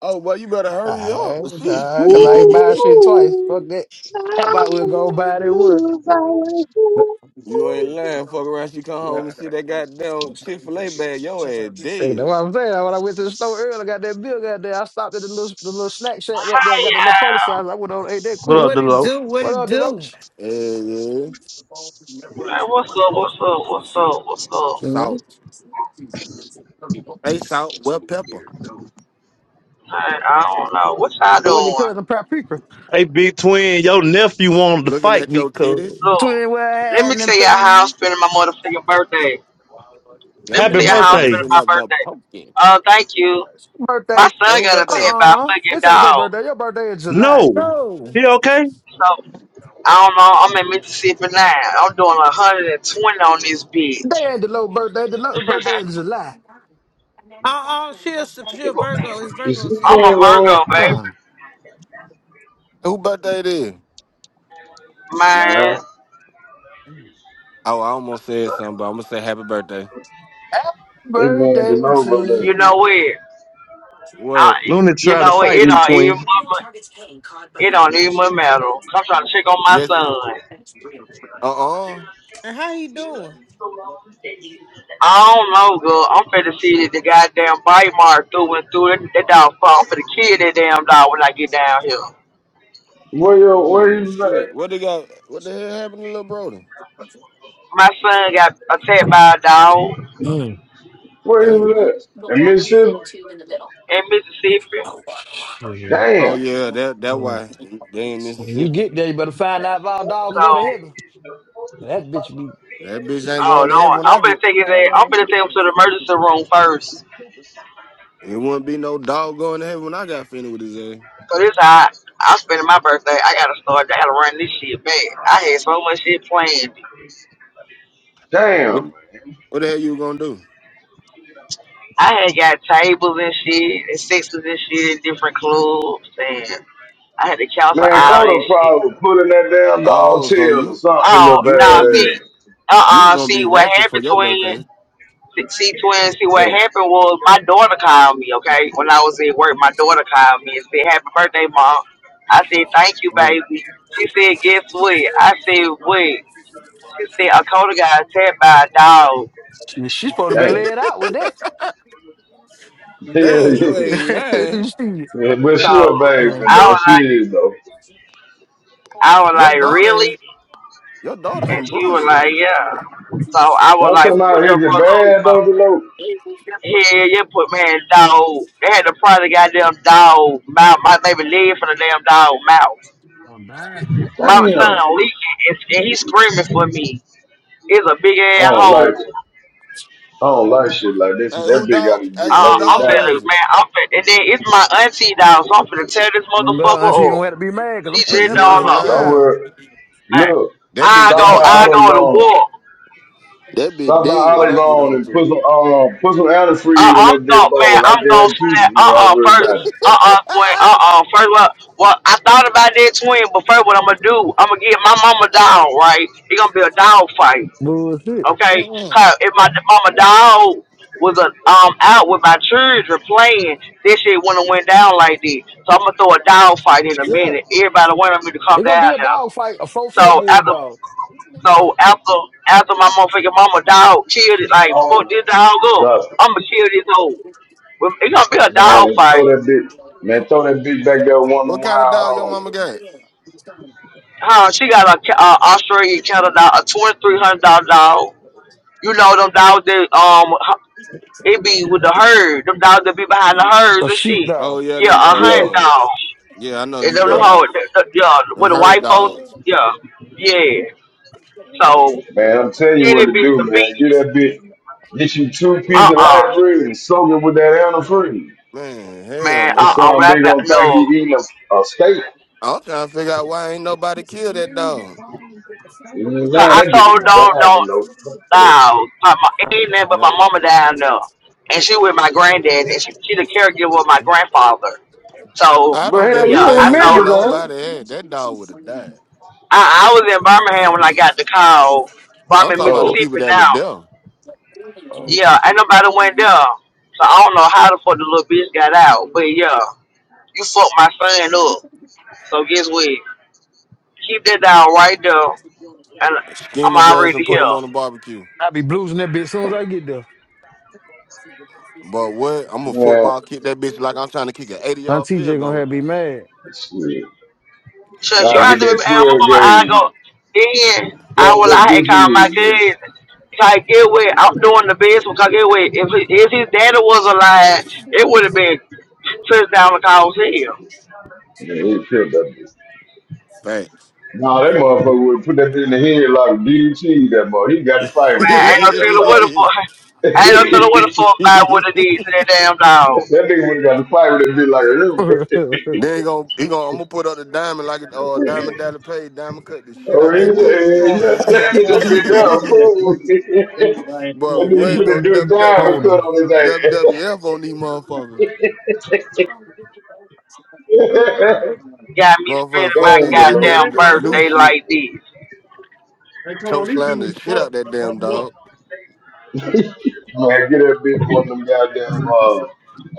Oh, well, you better hurry up. I, I, cause I ain't buy Shit. shit twice. Fuck ooh, that. now that How I about we'll go buy that one? lose my way, ooh, you ain't ooh. lying. Fuck around. She come home and see that goddamn Chick fil A bag. Your ass Nigga, That's dead. what I'm saying. When I went to the store earlier, I got that bill got there. I stopped at the little, the little snack shack right there. I got the little Hi, policizer. I went on and ate that What quick. up, What it Delo? do? What What it up, the do? roach? Yeah, yeah. y'all! like, what's up? What's up? What's up? What's up? Mhm. Salt. Hey, salt. Well, pepper. Like, I don't know. What y'all So what your doing? cousin paprika? Hey, Big Twin, your nephew wanted to Looking fight at me, your cuz. titties. Look, Twin what I let me had in them tell y'all how I'm food. spending my motherfucking birthday. Let Got me Happy them tell y'all how I'm motherfuckers birthday. spending sitting my up there birthday. poking. Uh, thank you. My Birthday. Hey, son who got a birthday? tag by a Uh-uh. fucking This ain't your dog. birthday. Your birthday is July. No. No. He okay? So, I don't know. I'm in Mississippi now. I'm doing 120 on this They bitch. ain't the low birthday. The low birthday is July. Oh, oh, she a, she a Virgo. It's Is Virgo this I'm thing a season. going? Virgo, baby. Huh. Who birthday it is? Man, Nah, Oh, I almost said something, but I'm going to say happy birthday. Happy it man to birthday know, to but uh, you know you. it. I, What? Looney you tried to know it. fight It me, all Twin. even. It don't even matter. I'm trying to check on my Yes. son. Uh uh And how he doing? I don't know, girl. I'm finna see that the goddamn bite mark through and through. That, that dog fuck. I'm finna kill that damn dog when I get down here. where you where Ooh, you at? shit. What they got? What the hell happened to little Brody? My son got attacked by a dog Mm. Where Damn. you at? In Mississippi? in Mississippi. Oh Damn, yeah, that that So why they in when you Mississippi. get there, you better find out if our dog can So, go to heaven. That bitch be That bitch ain't oh going to no, heaven when I'm I finna get. take his ass. I'm Hello. finna take him to the emergency room first. It wouldn't be no dog going to heaven when I got finished with his ass. Cause it's hot. I'm spending my birthday. I gotta start. I gotta run this shit back. I had so much shit planned. damn, What man. what the hell you gonna do? I had got tables and shit and sixes and shit in different clubs and I had to cancel Man, all this Coda shit. probably put in that damn dog Oh, so tail or you something, little Oh, you were no, bad gonna be see, you were uh-uh, gonna see be what ratchet for happened, your birthday? twin, see, see, twin, see what happened was my daughter called me, okay? When I was at work, my daughter called me and said, happy birthday, mom. I said, thank you, ass. baby. She said, guess what? I said, what? She said, a got attacked by a dog. she, she supposed to be Damn. laid out with that. Yeah, Damn, you yeah. ain't lying. she, Yeah, but she a So baby uh, I though. was She like, is though. I was Your like, daughter ain't really? your daughter And some she was bullshit. like, yeah. So I was I'm talking like, about put your is it brother bad though, up. Deloach? Hell yeah, put man dog. They had to pry the goddamn dog mouth. My baby leg for the damn dog mouth. I'm dying. My Damn. I son leaking and, and he screaming for me. It's a big ass don't like it. hole. I don't like shit like this. That Hey, who bitch dog? gotta get Hey, who Uh, I'm laid dog finna, down. was it? man, I'm finna, and then it's my auntie dog, so I'm finna tear this God, auntie motherfucker gonna up. have to be mad because She I'm Uh, putting just that you all ain't off. motherfucker Don't lying. down. worry. Man, Look, That I bitch stop go, by dead. I go to AutoZone. war. That bitch Stop by dead when I get a AutoZone hold and put to some um put some Uh, antifreeze in I'm that bitch thought, man, bowl. I I'm gonna guarantee you, snap. you ain't Uh, gotta uh worry first, about it. uh, uh, boy, it. uh, uh, first, what? Well, I thought about that twin, but first, what I'm gonna do? I'm gonna get my mama doll, right? It's gonna be a dog fight, Bullshit. okay? Mm-mm. Cause if my mama dog was a, um out with my children playing, this shit wouldn't have went down like this. So I'm gonna throw a dog fight in a Yeah. minute. Everybody wanted me to come It's gonna be down a there. dog fight, a 4-4 So after, bulldog. so after, after my motherfucking mama dog killed it, like fuck this dog up. Drop it. I'm gonna kill this hoe. Well, It's gonna be a dog Man, throw fight. that bitch man, throw that bitch back there one of what the kind of wild dog your hoes. mama got? Huh? She got a ca- uh, Australian cattle dog, a two and three hundred dollar dog. You know them dogs that um they be with the herd. Them dogs that be behind the herds A and shit. Oh sheepdog. yeah, Yeah, them a Yeah, hunting uh dog. Yeah, I know what And you them, them yeah. talking whole, about th- th- yeah, them with the herd white folks. dogs. Yeah, yeah. So Man, I'm telling you then what it to be do, the man. beef. Get that bitch, get you two Uh pieces of uh light bread and soak it with that antifreeze. Man, hell man. And Uh no. uh some When I big said old thing he no, eating a, a steak. I'm trying to figure out why ain't nobody killed that dog. You know what so I'm saying? I That told bitch is don't bad don't. to know. Fuck that. No, my, my, it ain't nothing but my No, mama down there, and she with my granddad, and she she the caregiver of my grandfather. So I But don't give hell, a yeah, you I in damn what told Memphis, huh? nobody had. That dog would have died. I, I was in Birmingham when I got the call, but I'm I'm in talking about the Oh, people Mississippi that were now. there. oh Yeah, ain't nobody went there, so I don't know how the fuck the little bitch got out. But yeah, you fucked my son up. So guess what? Keep that down right there, and Skinned his I'm ass already and put him here. on the barbecue. I be bluesing that bitch as soon as I get there. But what? I'm a man, football kick that bitch like I'm trying to kick an 80 yard Auntie field J gonna have goal. to be mad. shit. So you I That have get to remember, shit, that and I 12 remember I gauge go, and then I bust will, I that had bitch called my in, nigga. cousin. Like, get away. I'm doing the best because get away. If, if his daddy was alive, it would have been touchdown to cause hell. Yeah, he killed that bitch. facts. Nah, that motherfucker would put that bitch in the head like DDT, that boy. He got to fight with Man, I ain't no then telling what that the fuck. I ain't no telling what goddamn the dog. fuck he I would have did to that damn dog. That nigga would have got the fire and be like, a river. going he gonna, I'm gonna put up the diamond like a uh, diamond daddy paid. Diamond cut the shit out oh, Hey, that he's who is bitch. it a, called yeah, that a long bitch, that time bitch on that down, fast fool. break? Real I ain't threw that But nigga away what up put go a there. dude dive WW, and Hold cut her. on his WWF on these motherfuckers? ass. Got me Motherfucker, spending my fuck this Damn, the That's low. goddamn goddamn respect right there. new birthday shit. like this. Hey, come Choke on, these slam dudes the shit fuck. out that That's right damn dog. up. Man, get that bitch one of them goddamn uh,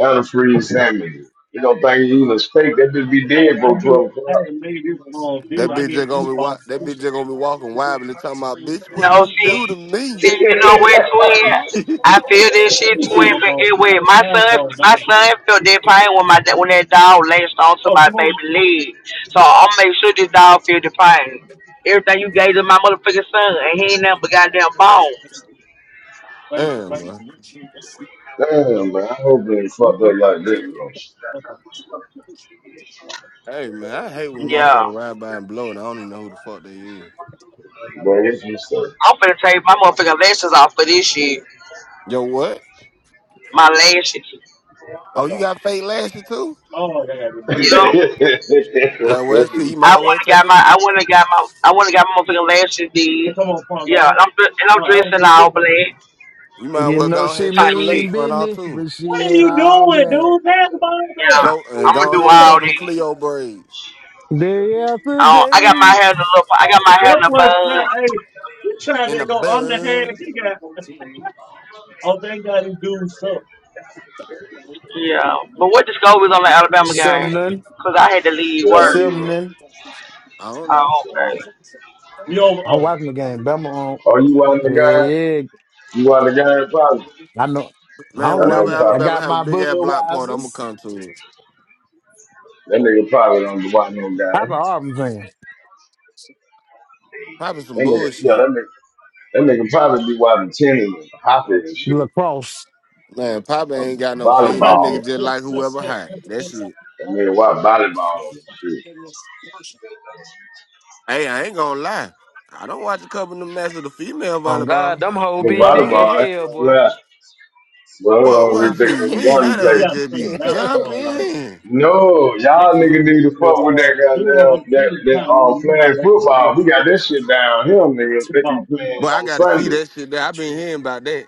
antifreeze sandwiches. You don't think you eating a steak, that bitch be Hey, dead I for get, 12 o'clock. I ain't made this long That deal. I bitch just get gonna deep be wa- balls that too. bitch just gonna be walking wildly talking about bitch what No, you do to see, me. see, you know what, twin? I feel this shit, twin. Mine's But all it wait, night. my Mine's son, all my night. son felt that pain when my da- when that dog latched onto Oh, my come on. baby leg. So I'll make sure this dog feel the pain. Everything you gave to my motherfucking son, and he ain't nothing but goddamn bones. Space, Damn space. man. Damn, man, I hope they ain't Look fucked up back. like this, bro. That's all. Hey man, I hate when Yeah, motherfuckers ride by and blow and I don't even know who the fuck they is. Bro, what's you I'm finna take my motherfucking lashes off for this shit. Yo what? My lashes. Oh That's you all. got fake lashes too? Oh, that gotta be there. Yup. Uh, well shit, you say? I might as well wanna take got my, the I wanna got my, I wanna got my motherfucking lashes Hey, did. come on, Pong Yeah, and Guard. I'm dre- and Uh, I'm I was dressing just all picking. black you might as You well know go ahead she and take type the lace shit. mean front out business, too. but she What are ain't you all doing, black. dude? Pass the ball Yeah, back. Show What are and I'm gonna you go do ahead and all show doing? them these. Cleo braids. Day after Um, I got my day. hair in a little. I got my hair in That a boy, said, bun. hey, you trying in the to go underhand. bud. He got Oh, they got to do is so. Yeah, but what the score was on the Alabama game? Sumner, Cause I had to leave Shut up, work. Yeah. Maria. Sumner. I don't know. Oh, okay. We over I'm oh. watching the game. Bama on. Oh, you want the Yeah, guy? yeah. You want the guy? Probably. I know. Man, I'm Got whenever no watching it. I problem. Alabama got have a my big ass block party, I'ma Budweiser's. come to it. That nigga probably don't be watching no I'm guy. an Auburn fan. Probably That some nigga, yeah, bullshit. that nigga, that nigga probably be watching tennis and hockey Oh. and shit, Lacrosse. Man, Papa and ain't got no team. That Somebody volleyball. click, nigga just click, like click, whoever hot. That's it. That nigga watch volleyball and shit. Hey, I ain't gonna lie. I don't watch a couple of them matches of the female Oh God, volleyball. them hoes But be throw it, thick up, throw as it. volleyball, I ain't hell, no boy. left. But Bro, I'm up. Uh, really what you thinking this mean? gun That ass yeah, place. just place be now for like jumping. No, they y'all just nigga the need to the, fuck with that uh the dude on goddamn those that teams that kind of um leave you flag wide open a little football. We bit. got this shit down here, nigga. Look at the They be ball. Look at the But playing ball. I on gotta see Sundays. that shit there. I been hearing about that.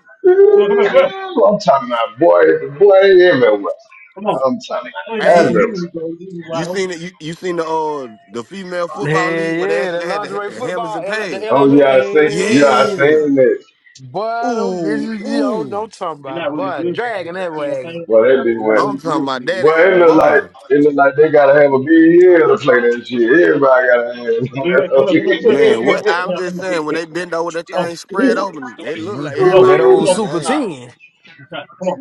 Come on, come on, come on. I'm talking about boy, boy everywhere. Come on. I'm talking Play the about dude Hey, everywhere. leaving you other, you you wide seen open. it? You, you seen the uh the female Hell football league where they yeah. That actually had the lingerie ha- hammers football, and L- the pads? LMN. Oh yeah, I seen, yeah, Hell I yeah. Yeah. seen it. Boy, them Ooh, bitches be on. ooh. Don't talk They're about. not really Boy, good for dragging you. that You know what I'm wagon. saying? Well, that bitch They're not went. I'm really talking good for about that you. Well, uh, it look boy. like it look like they gotta have a big year to play that shit. Everybody gotta have it on Wait, wait, come on, come on, come on, come on, Man, come what on. that Come I'm on, just come on. saying, when they bend over that Oh, thing spread open, they look like Mhm. oh, everybody That gonna you look old whole know, like Super an ass. 10. come on.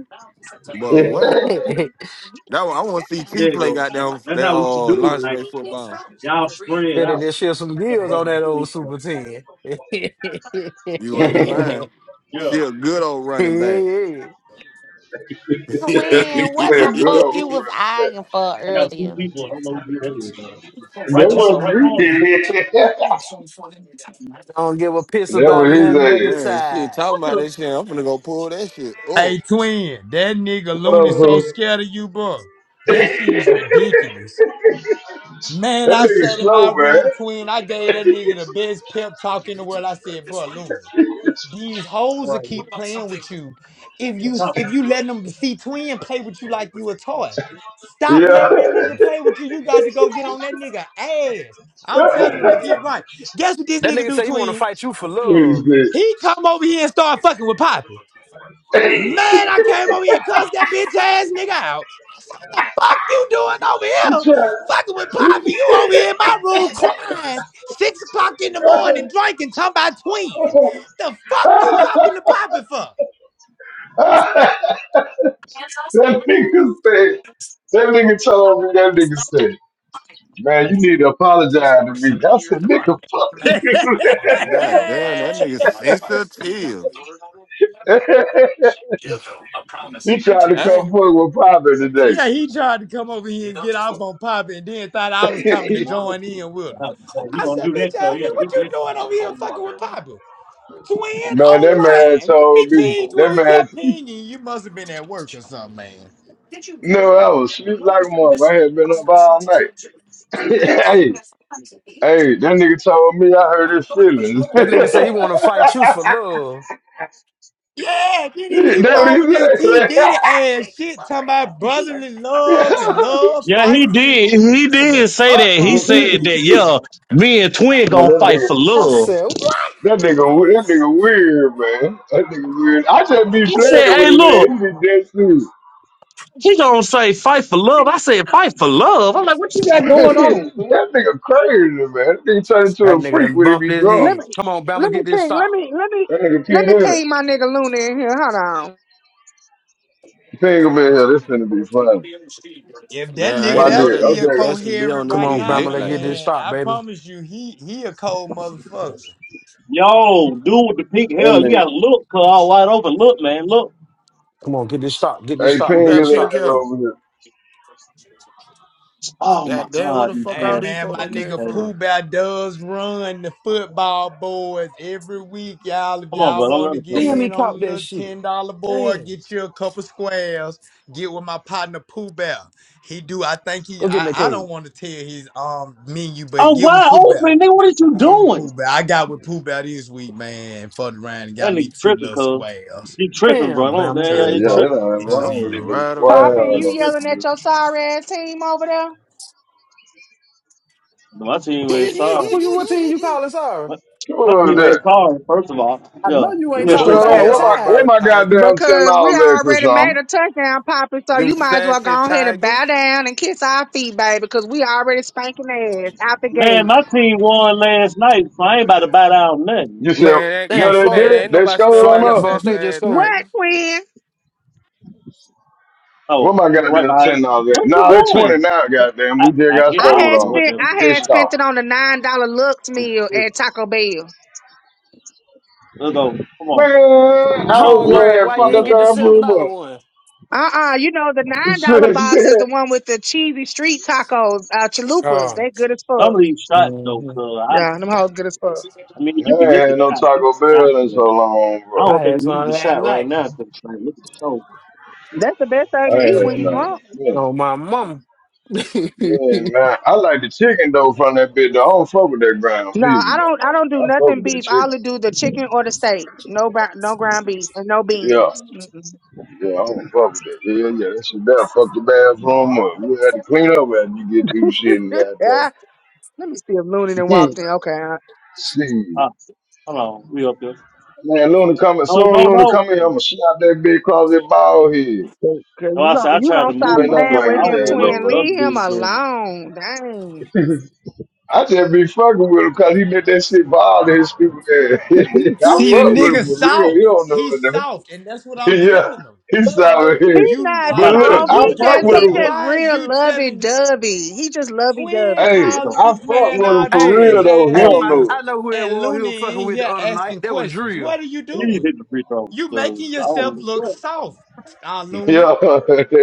Yeah. But what? That one, I wanna see T There you play go. That's, goddamn f- that's that how we should uh do it. Like lingerie football. y'all spread out. Finna just shift some Never gears run on in that the old street. but- Super 10. You ain't lying. Yeah, She a good old running back. Yeah. but Nigga Twin, what the said, good fuck you old was brother. eyeing for I got two earlier? people. I don't know who that is. Man. Right That wasn't me. on. that Don't give a piss about was nothing but the his ass. man, she tide. talking about that shit. I'm finna go pull that shit up. Hey twin, that nigga What Looney up, so bro? scared of you, bro. That shit is Oh, ridiculous. Man, That I nigga sat in my slow, man. room, twin. I gave that nigga the best pep talk in the world. I said, bro, Looney. These hoes will right. It's keep playing with you. If you if you letting them see twin play with you like you a toy. Stop Yeah. letting that nigga play with you. You got to go get on that nigga ass. I'm I telling don't them to know. get right. Guess what this That nigga nigga do, say he want to twin? fight you for what love. is this? He come over here and start fucking with Poppy. Man, I came over here and cussed that bitch ass nigga out. What the fuck you doing over here? Fucking with Poppy. You over here in my room crying. Six o'clock in the morning drinking, talking about twin. The fuck you talking to Poppy for? that nigga said, that nigga told me, that nigga said, man, you need to apologize to me. I said, nigga, fuck you. God damn, that nigga yeah, sensitive. he tried to I ain't, come fuck with Papa today. he tried to come over here and get off on Pop and then thought I was coming to join in with I him. have to say, you I gonna said, do bitch that? ass Cause yeah, nigga, he what you did try. doing over here fucking with Poppy? Twin man, that man online. Let me told me, ping you. that We man, kept pinging. You must have been at work or something, man. no, I was sleep like one. I had been up all night. hey, hey, that nigga told me I hurt his feelings. That nigga say he that want to fight you for love. Yeah, then he keep on with this P. what Diddy ass shit talking about brotherly he said. love and love Yeah, he fights and did. He what the did say fuck that. He wrong with that said that, nigga, man? yeah, me and Twin No, that gonna fight nigga for I love. said, what? That nigga, we- that nigga weird, man. That nigga weird. I just be He playing said, with hey, his look, name. He be dead serious. he gonna say fight for love. I said, fight for love. I'm like, what you got going on, man? that nigga crazy, man. That nigga turn into That a nigga freak done when he bumped be his drunk. Let head. me Come on, let Bama, me get this ping. Let stop. me let me That nigga P let me Diddy. ping my nigga Luna in here. Hold on. Ping him in here. This finna be funny. If that man, I nigga Why ain't know that's did? I that still nigga be think actually be on coherent this Come right on, bitch now, Bama, lit let's like get that. this man, stop, I baby. promise you, he he a cold motherfucker. Yo, dude with the pink that hair, you nigga. gotta look, cause all wide open. Look, man, look. Come on, get this stop, get this Hey, stop, Who get Ping got this his stop. pink ass hair? over here. Oh my God damn, where God, the he fuck Hey all passed. these man, folk my done He came nigga passed. Pooh from? Bah does run the football boys every week, y'all. If Come on, y'all bro, don't want let to him get come back. Damn, he in on a caught that little shit. ten dollar board, Damn. get you a couple squares. Get with my partner Pooh Bah. He do. I think he. Go get in the I, I cage. don't want to tell his um menu, but I'm get with wide Pooh Bah. open, nigga. What are you Get with Pooh doing? Bah. I got with Pooh Bah this week, man. Fucked around and That got me nigga two tripping, little cuz. squares. He tripping, bro. I Damn, don't, Bama. yeah, Trying Yeah, yeah, to he yeah, bubble it tripping. them ain't Man, bitches I'm wrong with you, finna in. nigga. ride Poppy, around, Wow, you Nigga man. though. yelling tripping, at bro. your sorry ass team over there? No, my team ain't So sorry. Who you, what team you calling sorry? My, Come my on, team ain't that. sorry, first of all. I Yeah, know you ain't we Them had talking three about Krishana, bullshit that points. what my, what tide. Auburn my Tigers. goddamn ten Because we dollars at, already made Krishana? a touchdown, Poppy, so Them you might as well sassy go ahead and bow Tigers. down and kiss our feet, baby, because we already spanking ass out the Man, gate. my team won last night, so I ain't about to bite out nothing. You said Man, that no, Damn, can't they Florida, man, did. ain't They nobody stole it studying by Florida, them yeah, on us. Florida sassy State just ass scored. What, Tigers. Quinn? Oh, What my you're right goddamn behind ten you. dollars at? What are Nah, it's you twenty doing? now. What- Goddamn, I, we just I, got yeah, I I sold don't had know on. what spent that I'm I had pissed was. off, spent it on the nine dollar Lux I, meal here, at Taco Bell. let's go. Come on. man. I Look, Home was go look. ahead grad, and why There you fuck you that ain't go. get the damn $7 food one? Uh uh you know the up. nine dollar Shit, yeah. box is the one with the cheesy street tacos, uh chalupas. Oh, They good as fuck. Some of these shots, though, hmm cuz, I, Yeah, them hoes good as fuck. I mean, I you can hit ain't the had no shot. Hit Taco Bell in the shot, so long, I I don't bro. think had we need some the last shot right night. now because like, look at so. That's the best thing to I eat ain't when had you're none. drunk. Yeah, Oh, my mama. hey, yeah, man. I like the chicken though from that bitch. Though. I don't fuck with that ground No, beef, I and that don't. I don't do motherfucker. I fuck nothing with that beef. I chicken. only do the chicken or the steak. No, bou- no ground beef and no Yeah, beans. Mm-mm. yeah, I don't fuck with that. Yeah, yeah, that shit there fuck the bathroom up. You had to clean up after you get through shit and yeah. Let me see if Looney then goddamn. walked in. Okay, I- See. Ah, hold on, we up here. Man, Luna coming No, soon. no, Luna no. coming here. I'ma shot that big across that ball head. cause 'cause So you I said gon' I you tried gonna to You stop better move not playing because bring with I his don't him, know ass what twin. over. the here. other Leave him dude's doing. alone. Dang. I just be fucking with him 'cause he made that shit ball his stupid ass. I See the fuck He's with nigga him for real. He soft. don't know He's it soft, and that's what though. I'm yeah, telling him. he's out here. You not I'm But about like, to bro, look, cut, soft. I you He cut, I'm fuck got just to with about he to him. stop. cut. just Why is real you lovey telling dovey. He just lovey twin dovey. Hey, Let's go. calling I this fuck man with him all these for real bitch hey, though. He Come ass on, don't Pop, niggas know it. I know who that and was he was Looney fucking in with the here other night. asking That was questions? Drill. What are you please doing? hit the free throw You because making I yourself don't. look What? soft, uh, Looney. Yeah,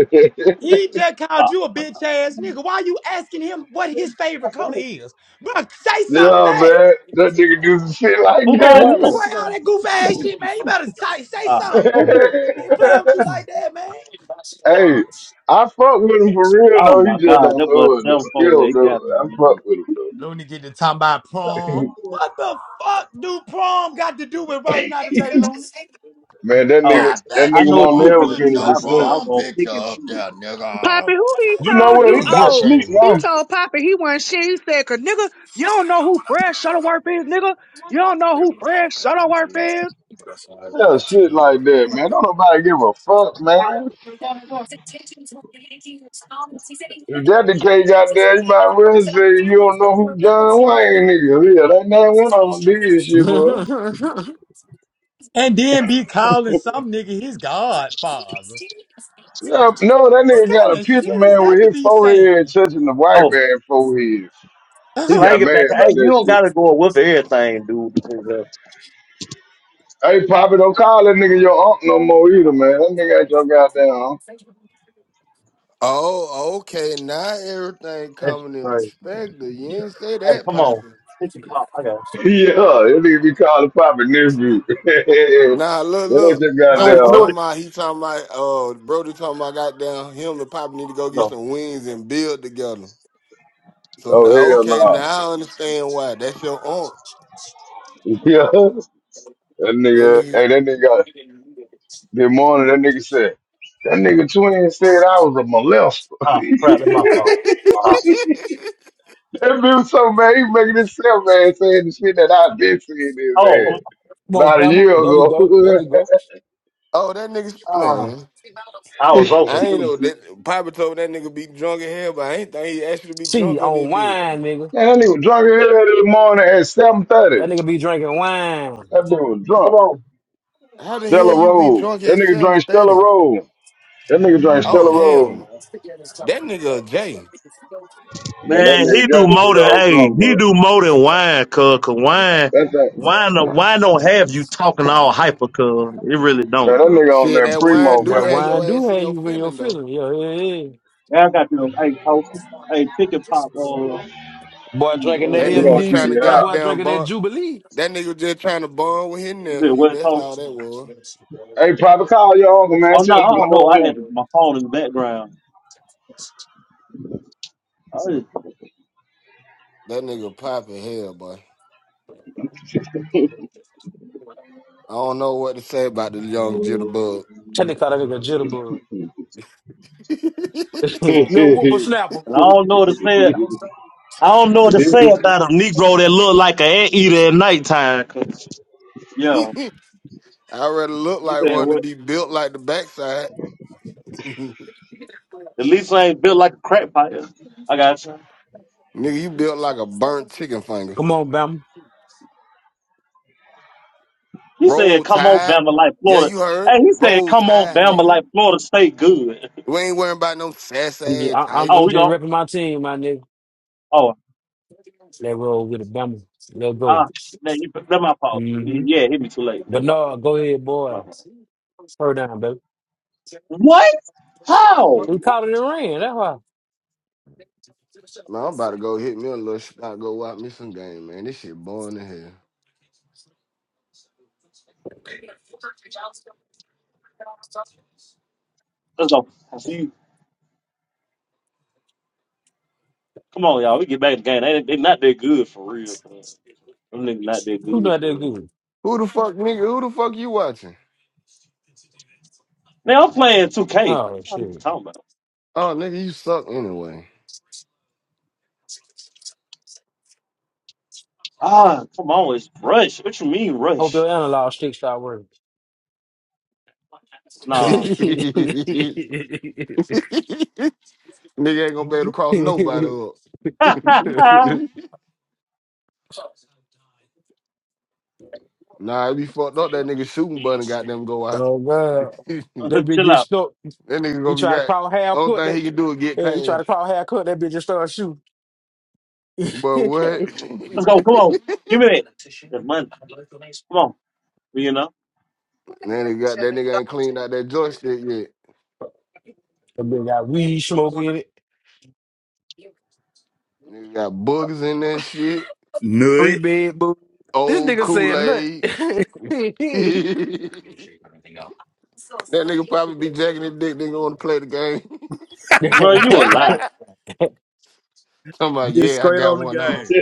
yeah, He just called Ah, you a crap. bitch ass nigga. Why you asking him what his favorite color What? is? Bro, say something back. man. That nigga do some shit like who got What What him? you Cry all going? that goof ass shit, man. You better say, say Ah, something. Who trip? They play that. with you like that, man. Hey, I fuck with him for real oh though. He my just God, don't that was know it seven though. He four. There, don't he know it. got me. I fuck man. with him though. Let me get to talking about prom. What the fuck do prom got to do with right now today, Looney? Man, that Oh, nigga, I that bet I nigga know you what won't you were won't never gonna put do. finish The your his opposite. I sentence. was prom gonna picture pick and up shoot there, it. Poppy, nigga. who he I You said, know told what? you? He man, yeah, not Oh, sleep crazy. he now. told Poppy he wasn't shit. He said, 'Cause nigga, you don't know who Fred Shuttleworth is, nigga. You don't know who Fred Shuttleworth is. Yeah, shit like that, man. Don't nobody give a fuck, man. If that the case out there, you might as well say you don't know who John Wayne nigga. Yeah, that man went on this shit, bro. And then be calling some nigga his godfather. Yeah, no, that What nigga got kind a of picture, shit is man, with that to his be saying? forehead touching the white Oh, man's forehead. He slang got it mad back. about Hey, you that don't shit. gotta go with everything, dude. Hey, Poppy, don't call that nigga your aunt no more either, man. That nigga ain't your goddamn aunt. Oh, okay. Now everything That's coming in right. perspective. You ain't say Hey, that, come on. Poppy. Take the pop. I got it. yeah, that nigga be calling Poppy nephew. that Nah, look, ain't look. your Come here goddamn with Poppy it. Come here aunt. with talking about he talking about uh Brody talking about goddamn him and Poppy need to go it. get Go. some wings and build together. So Oh, now, hell okay, nah. now I understand why. That's your aunt. yeah, that That nigga, nigga. hey, that nigga, got this morning, that nigga said, that nigga twin said I was a molester. Ah, crap. That's my fault. Ah. that bitch was so mad, he making himself mad, saying the shit that I've been seeing his Oh, um, ass Come on, about a Bama. year There we ago. go. There we go. oh, that nigga, ah. man. I Man, was I open, ain't know too. that. Papa told that nigga be drunk in hell, but I ain't think he actually be See, drunk on this on bitch. wine, nigga. that nigga was drunk in hell this morning at That 7.30. nigga be drinking wine. That dude was Come drunk. on. How the hell Stella you be Roll. drunk That at nigga seven drank Stella thirty? Roll. That nigga drank Oh Stella Roll, man. hell, that nigga a J. Man, that Man, he nigga got do to be more than on hey, something, he bro. do more than wine, cuz cause wine That thing, wine don't- wine don't have you talking all hyper cuz. It really man, don't, that bro. nigga on Shit, that that wine primo, do That man. have your wine Man, do ass in have your you in your feeling though. feelings. Yeah, yeah, yeah. I got you. Hey, toast. Hey, pick and pop. Uh, Boy see, drinking that That We nigga uh, gonna was MD. trying T- to figure it that out. boy goddamn drinking that bond. Jubilee. That nigga was just trying to bond with his you said nephew. what That's toast? all that was. Hey, Papa, call your uncle, man. Oh, no. Tell him to Oh, no. I had come my phone in the background. Oh, and That nigga popping hell, boy. I don't know what to say about the young jitterbug. That nigga call that nigga jitterbug. Little over whooper snapper. I don't know what to say. I don't know what to say here. about a Negro that look like an anteater at nighttime. 'cause- Yeah. I already look he like said one to what? be built like the backside. Nigga, At least I ain't built like a crack pipe. I got you. you built like a burnt chicken finger. Come on, Bama. He said, Roll come on, tide. Bama, like Yeah, Florida. you heard. Hey, he said, Roll come on, tide, Bama, nigga. like Florida State good. We ain't worrying about no sassy I'm just, ass I, I'm, oh, tigers. I'm we just go. repping my team, my nigga. Oh, Let roll with it, Bama. Let go. ah, man, you, that's my fault. hmm Yeah, hit me too late. But That's my no, fault. go ahead, My boy. fault. Slow down, baby. What? How? We What? caught it in the rain. That's why. Man, I'm about to go hit me a little spot, go watch me some game, man. This shit boring as hell. Let's go. I see you. Come on, y'all. We get back to the game. They, they not that good for real. Man. Them niggas not that Who good not for that real. good? Who the fuck, nigga? Who the fuck you watching? Man, I'm playing 2K. Oh What are shit! you talking about? Oh, nigga, you suck anyway. Ah, come on, it's Rush. What you mean Hope Rush? your analog stick start working. oh Nah. nigga ain't gonna be able to cross nobody up. Nah, it be fucked up. That nigga shooting button got them go out. god, that that bitch Chill get out. stuck. nigga He gonna be try to got. crawl half Only court. thing That he can do is get yeah, he try past. to crawl half court. That bitch just start shooting. But what? that Let's go. Come on. that Give me that. That money. Come on. You know? nigga got that nigga ain't cleaned out that joystick yet. bitch got weed smoke in it. Nigga got boogers in that shit. Three Nut. bed boo. This Old nigga Kool said Aid. nothing. that nigga probably be jacking his dick. Nigga want to play the game. Bro, you a lie. Talking about Get yeah, I straight got on one off. the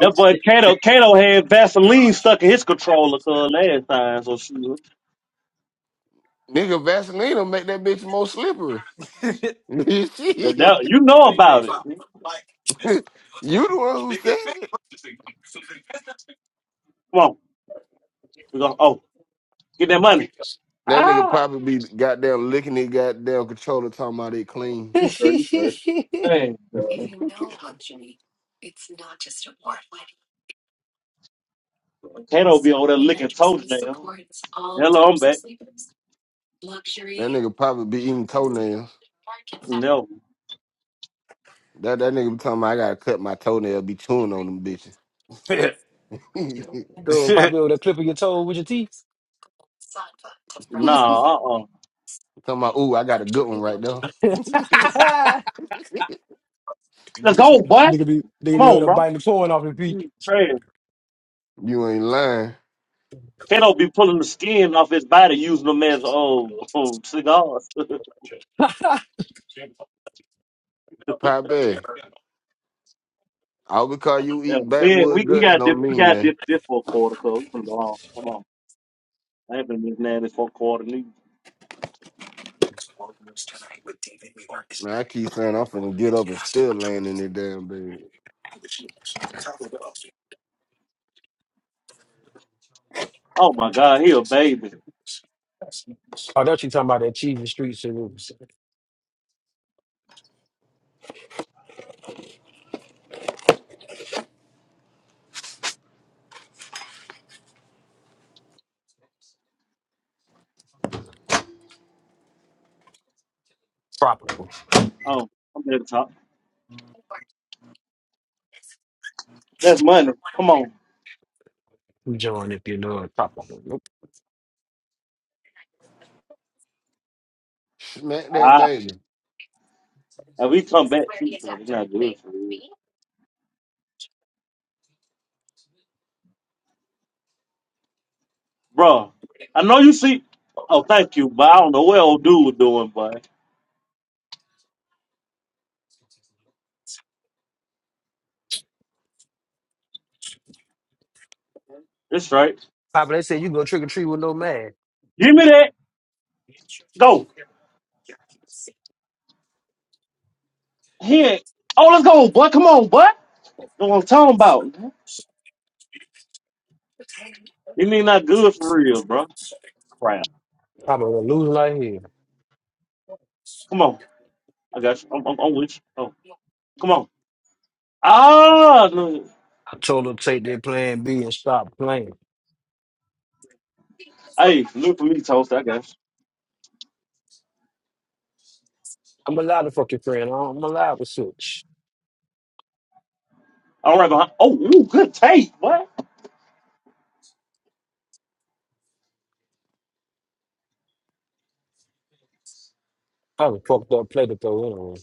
That boy Kato Kato had Vaseline stuck in his controller cause last time, so shoot. Nigga, Vaseline will make that bitch more slippery. game. Shit. That, you know about it. Come you the one who said it. on. We go oh, get that money. That nigga Ah probably be goddamn licking his goddamn controller talking about it clean. you sure, you sure. Hey, Kato be over there licking toenails. Hello, I'm back. That nigga probably be eating toenails. No. That that nigga be talking about I gotta cut my toenail, be chewing on them bitches. Go pop you over the clip of your toe with your teeth. talking Nah, uh uh about, ooh, I got a good one right there. Let's go, boy. Nigga be nigga Come be able on, to bro. bite the corn off his feet. You Trash. You ain't lying. Kato be pulling the skin off his body using them as oh, oh cigars. yeah, Pop that. All because you eat man, we, backwood we guts got this don't we mean got nothing. this this for a quarter, cuz. We finna go home. Come on. I ain't been this nasty for a quarter neither. Man, I keep saying I'm finna get up and still laying in that damn bed. Oh my god, he a baby. Oh, that's what you talking about, that cheese and street service. Proper. Oh, I'm at the top. That's money. Come on. We join if you know it, proper. Smack that Ah. baby. If we come back, too, man. it's not good for you. Bro, I know you see oh thank you, but I don't know what old dude was doing, but it's right. Papa, they said you go trick or treat with no man. Give me that. Go. Here, oh, let's go, boy. Come on, boy. Know what I'm talking about? You mean not good for real, bro? Crap. I'm gonna lose like hell. Come on, I got you. I'm, I'm, I'm with you. Oh, come on. Ah, no. I told them take their plan B and stop playing. hey, look for me, toast. I guess. I'm a lot of fucking friend. I'm a lot of such. All right, behind. Oh, ooh, good tape. What? I was fucked up play to throw anyway.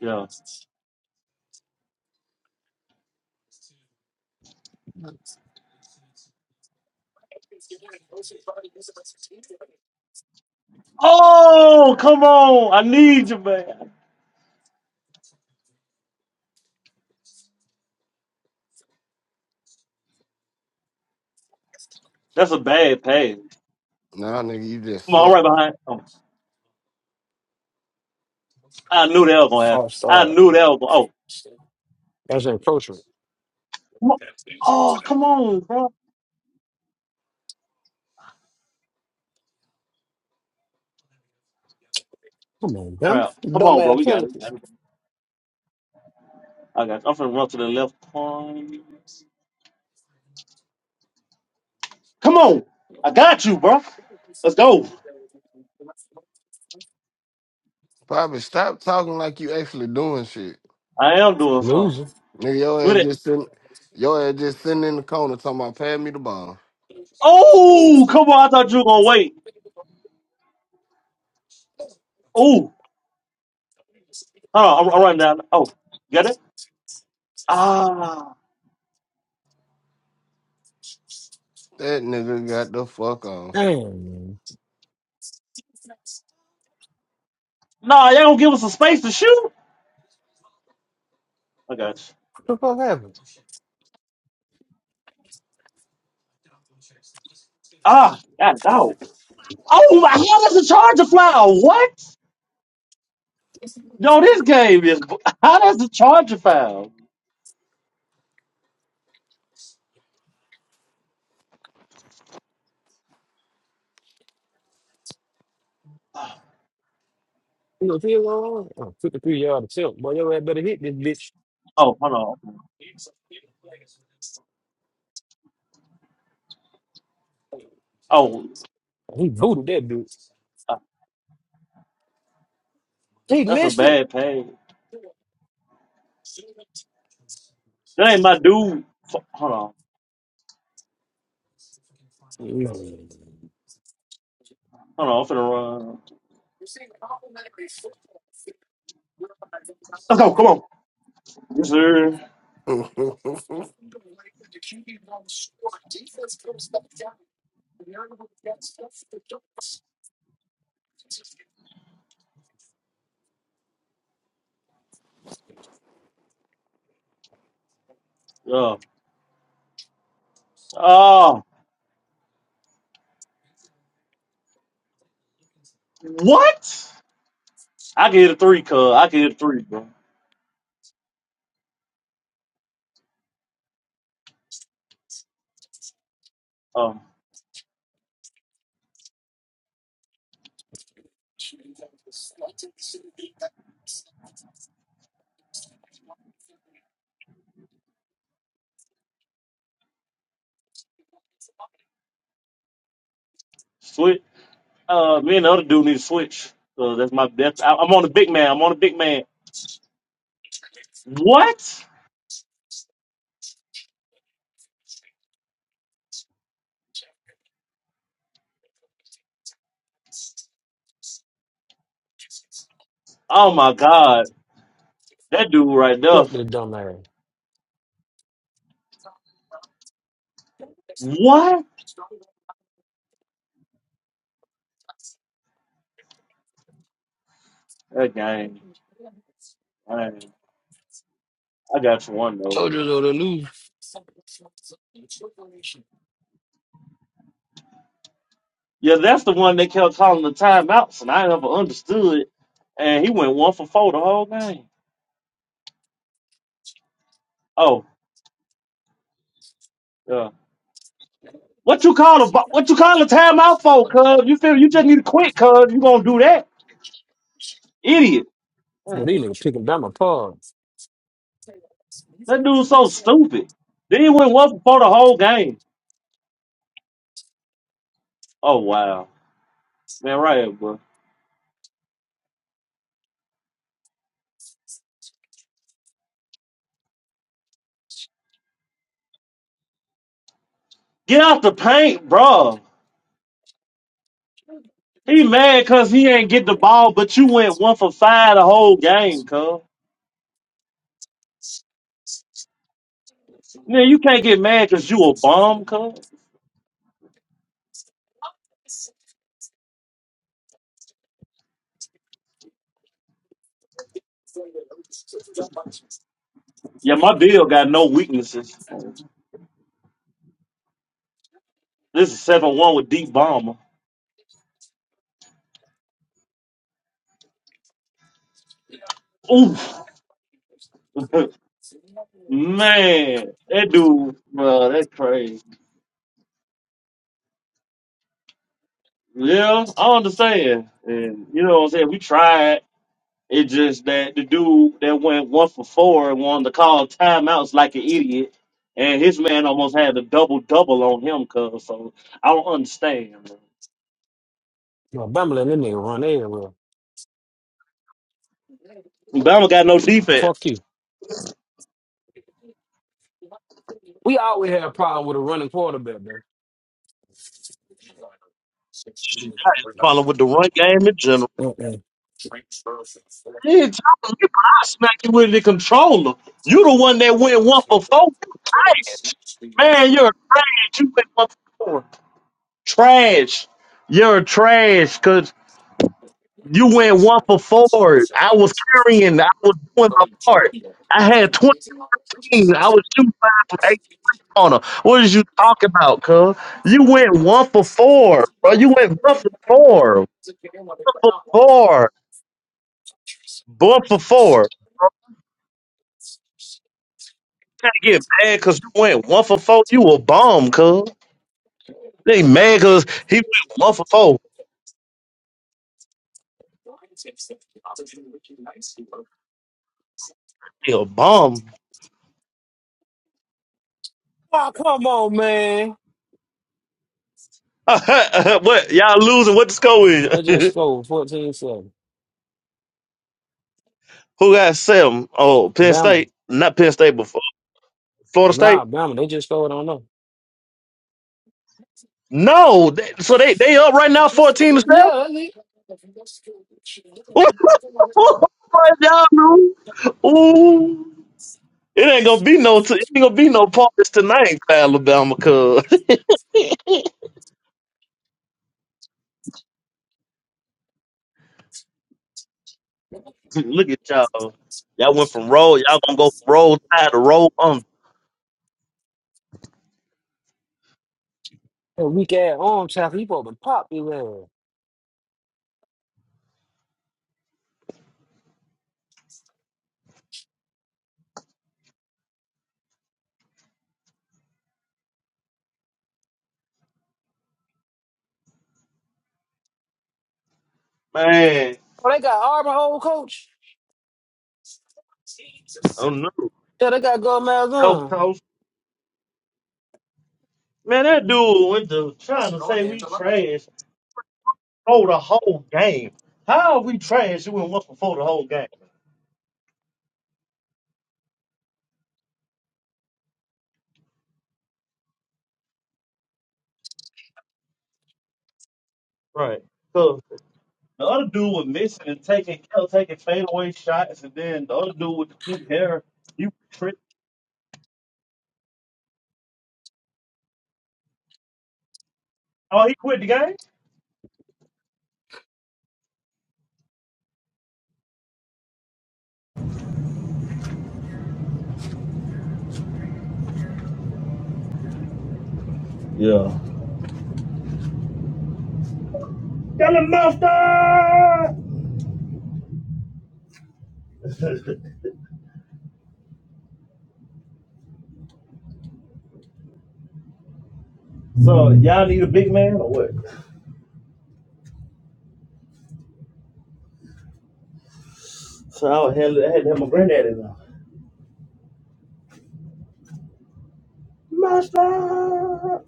Yeah. Oh, come on. I need you, man. That's a bad pass. Nah, nigga, you just Come on, all suck. right behind. Oh, I knew that was gonna happen. I All right. knew that was. Gonna, oh, That's encroachment. come on. Oh, come on, bro. Come on, dumb. Crap. Come Dumb on, bro. ass We got it. We penalties. got it. I got. You. I'm finna run to the left corner. Come on. I got you, bro. Let's go. Probably stop talking like you actually doing shit. I am doing something. Loser. Nigga, your Do ass that. just sitting, your ass just sitting in the corner talking about pass me the ball. Oh, come on. I thought you were going to wait. Oh, hold on. I'm, I'm running down. Oh, you got it? Ah. That nigga got the fuck Damn, man. Nah, y'all going to give us some space to shoot? I got you. What the fuck happened? Ah, God, no. Oh, Oh, my, how does the charger fly? Oh, What? No, this game is. How does the charger foul? You know, feel all right. Oh, 53 yard attempt. Boy, your ass better hit this bitch. Oh, hold on. Oh, He booted that dude. uh, He that's a missed it. bad pay. That ain't my dude. F- Hold on. He Hold on. I'm finna run. Let's go. Come on. Yes, sir. on. Yeah. Um, what? I give it a three, cuz. I give it a three, bro. Um, switch. Uh, me and the other dude need to switch. Cause that's my best. I, I'm on the big man. I'm on the big man. What? Oh my god, that dude right there. fucked the dumb ass. What? That game. Man, I got you one though. Yeah, that's the one that kept calling the timeouts, and I never understood. And he went one for four the whole game. Oh, yeah. What you call a what you call a timeout for, cuz? You feel you just need to quit, cuz you gonna do that. Idiot. But these Man, niggas picking Bama apart. that dude's so stupid. Then he went one for the whole game. Oh wow. Man, right, here, bro. Get out the paint, bro. He mad cause he ain't get the ball, but you went one for five the whole game, cuz. Man, you can't get mad cause you a bomb, cuz. Yeah, my bill got no weaknesses. This is 7-1 with deep bomber. Oof. Man, that dude, bro, that crazy. Yeah, I understand. And you know what I'm saying? We tried. It just that the dude that went one for four and wanted to call timeouts like an idiot. And his man almost had a double double on him, cuz. So I don't understand, You know, Bama letting them nigga run everywhere. man. Bama got no defense. Fuck you. We always have a problem with a running quarterback, though. Shit, I had a problem with the run game in general. Mm-mm. You ain't talking to me, but I smack you with the controller. You the one that went one for four. You trash. Man, you're trash. You went one for four. Trash. You're trash, cuz. You went one for four. I was carrying. I was doing my part. I had 20. I was shooting five from eight on her. What is you talking about, cuz? You went one for four, bro. You went one for four. One for four. One for four. Can't get mad because you went one for four. You a bum, cuz. They mad because he went one for four. He a bum. Oh, come on, man. what? Y'all losing. What the score is? They just scored fourteen-seven. Who got seven? Oh, Penn Bama. State. Not Penn State, but Fl- Florida State. Nah, Bama. They just scored on them. No, they, so they they up right now, fourteen to seven. What y'all doing? Ooh, it ain't gonna be no, t- it ain't gonna be no parties tonight, Alabama. Cause look at y'all, y'all went from roll, y'all gonna go from roll tide to roll on. That weak ass arm tackle. He probably popped his ass. Man, Oh, they got Auburn, old coach? oh no, Yeah, they got Go yo Malzahn. coach, man, that dude went to trying to say we trash for the whole game. How are we trash? You went once before the whole game, right? The other dude was missing and taking kept taking fadeaway shots, and then the other dude with the pink hair, he tripped. Oh, he quit the game. Yeah. got a monster. so y'all need a big man or what? So I would handle, it. I had to have my granddaddy now. Monster.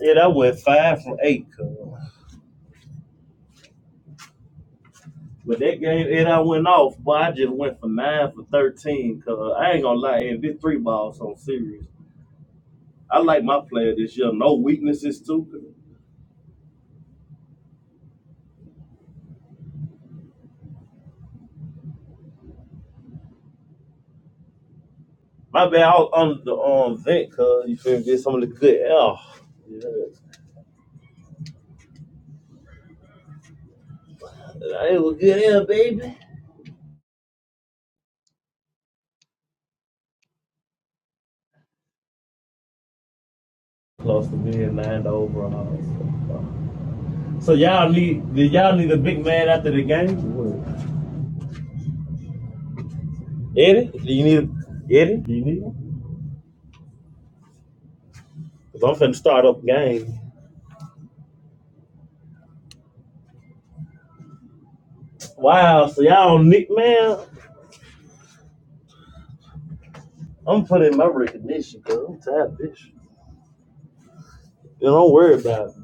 Yeah, that went five from eight, cuz. But that game, and I went off, but I just went for nine for thirteen, cuz I ain't gonna lie, and this three balls on serious. I like my player this year. No weaknesses too. My bad, I was under the um vent, cuz you feel me? Get some of the good air. Yeah. It was good air, baby. Close to being lined overall. So y'all need did y'all need a big man after the game? What? Eddie, do you need Eddie? Do you need him? Cause I'm finna start up game. Wow, so y'all don't need man. I'm putting my recognition, cause I'm tired of this. shit. Then don't worry about it.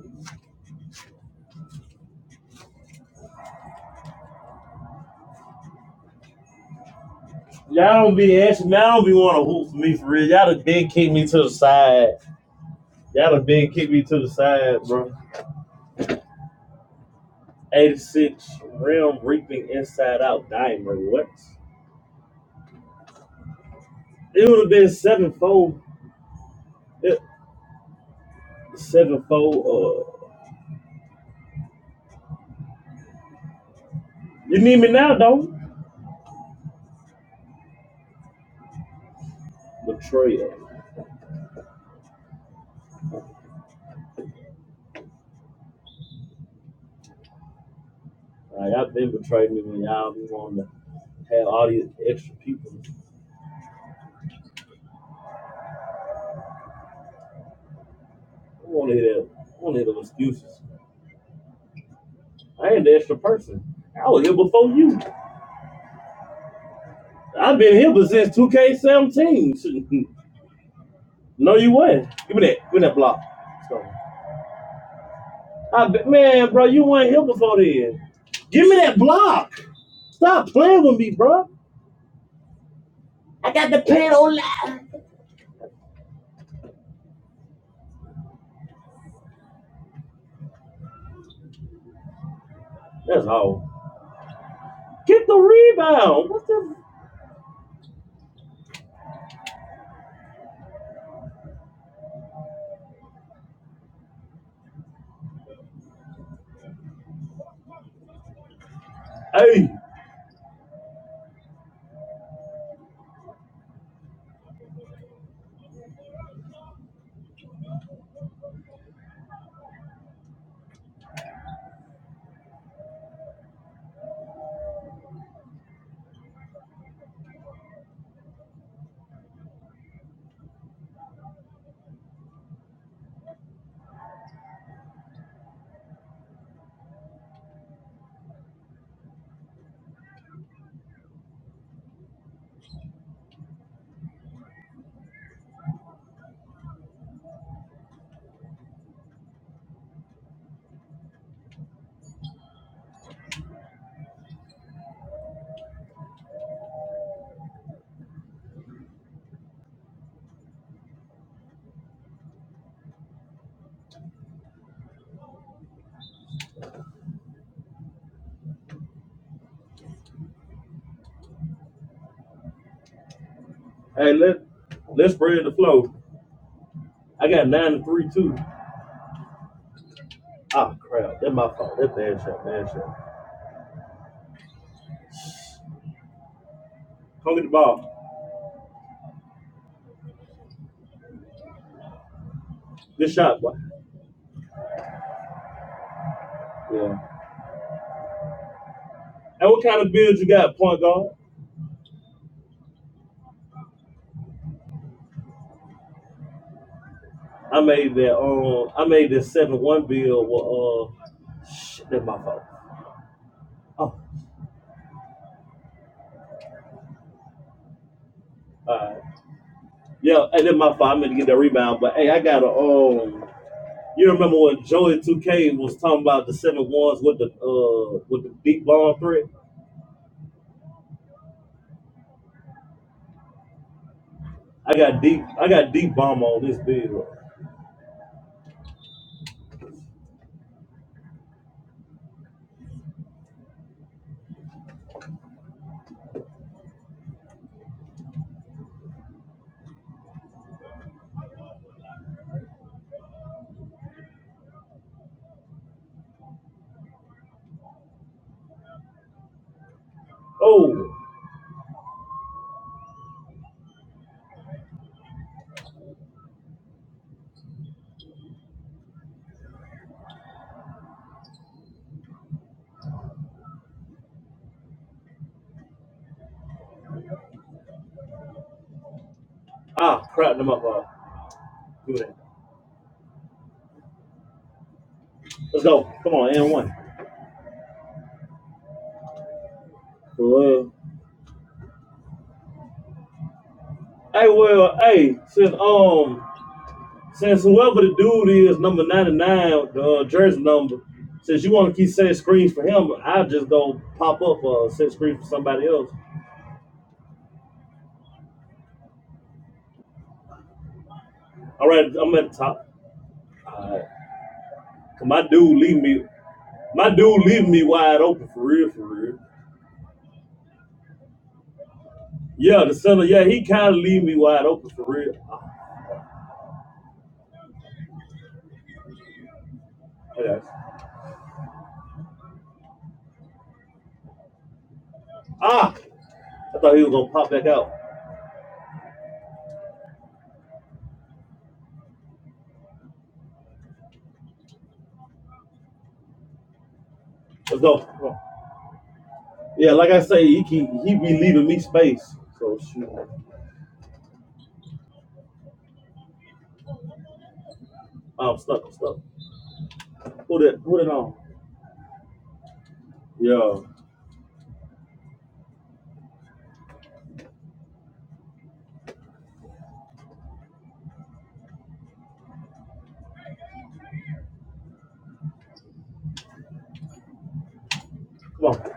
Y'all don't be asking. Y'all don't be want to hoop for me for real. Y'all done dead kick me to the side. Y'all have been kicked me to the side, bro. 86 Realm Reaping Inside Out Diamond. What? It would have been sevenfold. It, sevenfold. Uh, you need me now, don't? Betrayal. Like, y'all been betrayed me when y'all be wanting to have all these extra people. I want to hear that. I want to hear those excuses. I ain't the extra person. I was here before you. I've been here since 2K17. No, you wasn't. Give me that. Give me that block. Let's go. I be- man, bro, you weren't here before then. Give me that block. Stop playing with me, bro. I got the pen on. That's all. Get the rebound. What's the? Hey, hey, let let's spread the flow. I got nine and three too. Ah, crap. That's my fault. That's bad shot. Bad shot. Come get the ball. Good shot, boy. Yeah. And what kind of build you got, point guard? I made that. Um, I made this seven one build. With, uh, shit, that's my fault. Oh, all right. Yeah, and then my five I to get that rebound, but hey, I got a. Um, you remember when Joey Two K was talking about the seven ones with the uh with the deep bomb threat? I got deep. I got deep bomb on this bill. Oh, ah, crap them up. Uh, do that. Let's go. Come on, and one. Well, hey, well, hey, since um, since whoever the dude is, number ninety nine, the uh, jersey number. Since you want to keep setting screens for him, I'll just go pop up uh set screens for somebody else. All right, I'm at the top. Cause my dude leave me, my dude leave me wide open for real, for real. Yeah, the center, yeah, he kind of leave me wide open for real. Ah, okay. ah, I thought he was gonna pop back out. Let's go. Come on. Yeah, like I say, he keep, he be leaving me space. So shoot, I'm stuck. I'm stuck. Put it, put it on. Yeah, come on.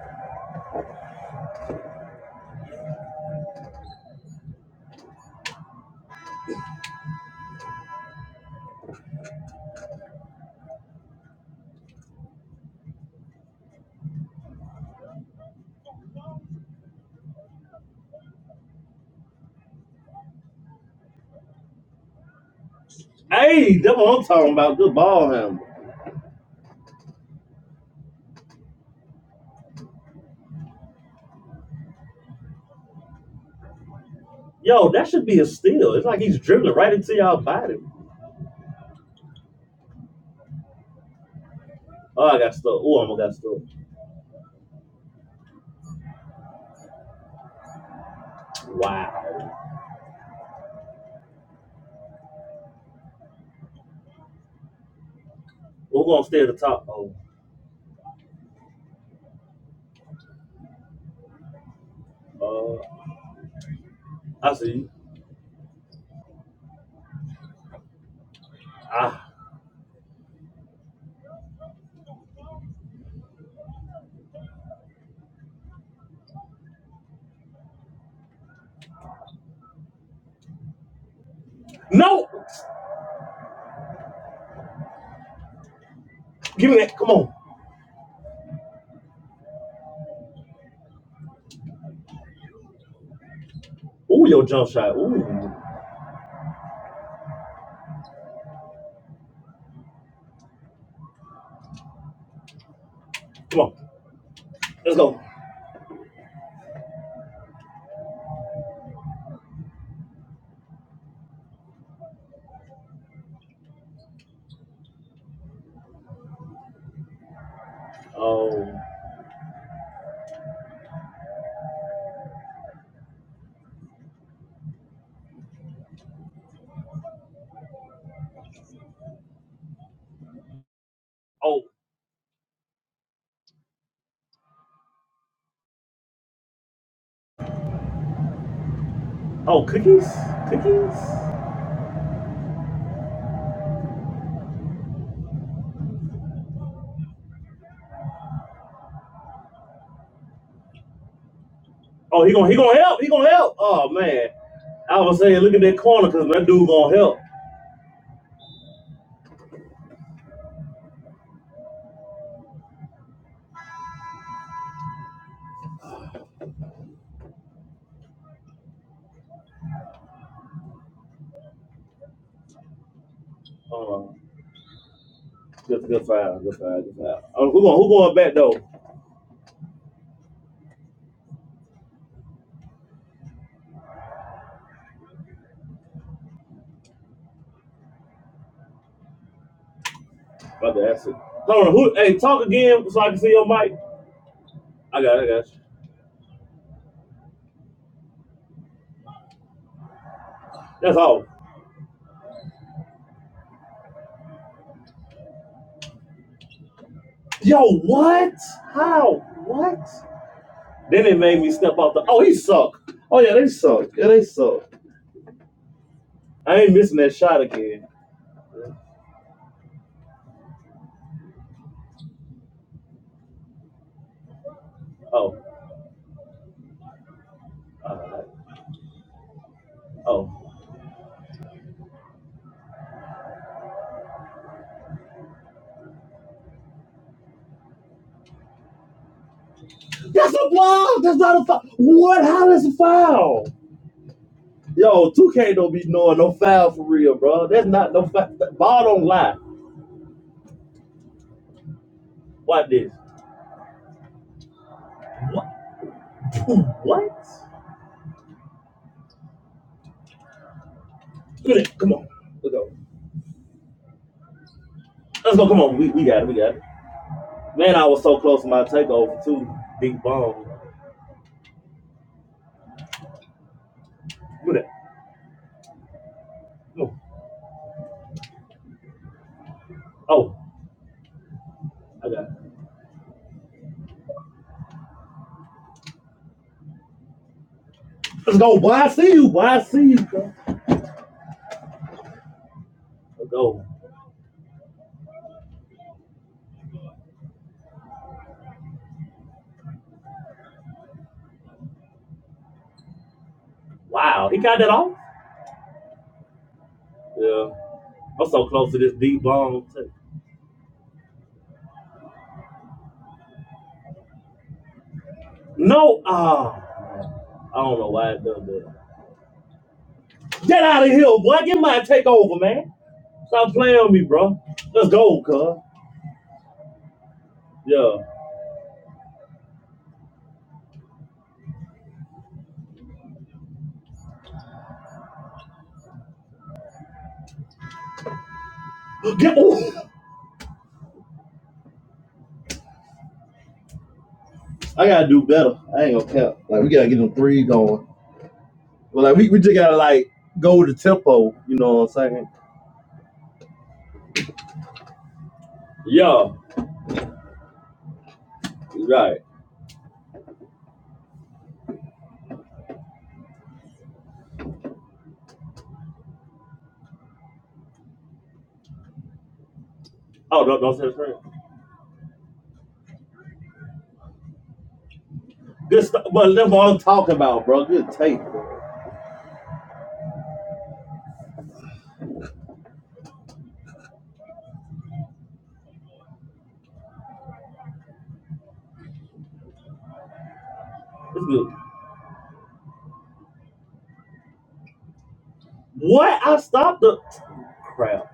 Hey, that's what I'm talking about. Good ball handle. Yo, that should be a steal. It's like he's dribbling right into y'all body. Oh, I got stuck. Oh, I almost got stuck. Wow. Well, we're gonna stay at the top. Oh, uh, I see. Ah, no! Give me that. Come on. Ooh, your jump shot. Ooh, come on. Let's go. Oh, oh, oh, cookies, cookies. Oh, he gonna he gonna help. He gonna help. Oh man, I was saying, look at that corner because that dude gonna help. Oh, good, good foul, good foul, good foul. Oh, who going who going back though? About to ask it. Hold on, who? Hey, talk again so I can see your mic. I got, it, I got you. That's all. Yo, what? How? What? Then they made me step off the. Oh, he suck. Oh yeah, they suck. Yeah, they suck. I ain't missing that shot again. Oh, alright. oh, that's a block. That's not a foul. What? How is a foul? Yo, two K don't be knowing no foul for real, bro. That's not no foul. Ball don't lie. Watch this. What? What? Look at that. Come on. Let's go. Let's go. Come on. We, we got it. We got it. Man, I was so close to my takeover too. Big ball. Look at that. Come on. Oh, I got it. Let's go. Boy, I see you. Boy, I see you. bro? let Let's go. Wow. He got that off? Yeah. I'm so close to this deep bomb. No. Ah. Uh, I don't know why it done that. Get out of here, boy. Get my take over, man. Stop playing with me, bro. Let's go, cuz. Yeah. Get. Ooh. I gotta do better. I ain't gonna cap. Like we gotta get them three going. But like we, we just gotta like go with the tempo. You know what I'm saying? Yeah. Right. Oh, no, don't say that. Good stuff. But that's what I'm talking about, bro. Good tape. bro. It's good. What? I stopped the crap.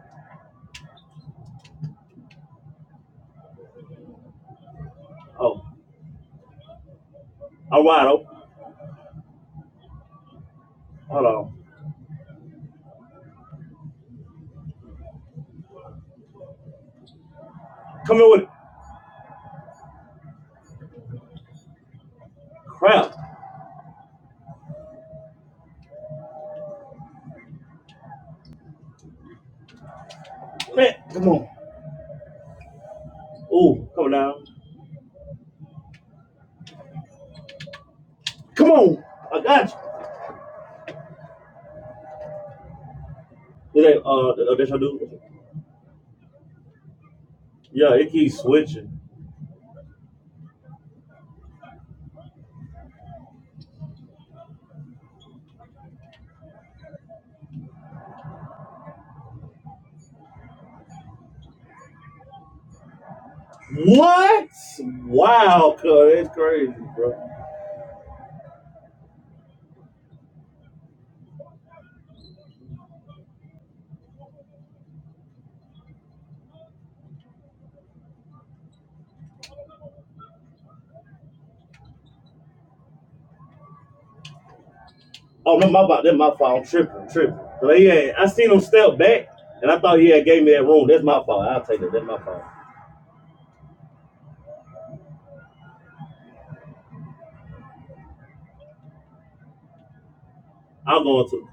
Oh, all right. Oh, hold on. Come here with it. Crap, man. Come on. Ooh, come down. Come on. I got you. Did they, uh, th- uh, that's your dude? Yeah, it keeps switching. What? Wow, cuz it's crazy, bro. Oh, no, my bad. That's my fault. I'm tripping, tripping. But yeah, I seen him step back, and I thought he had gave me that room. That's my fault. I'll take that. That's my fault. I'm going to.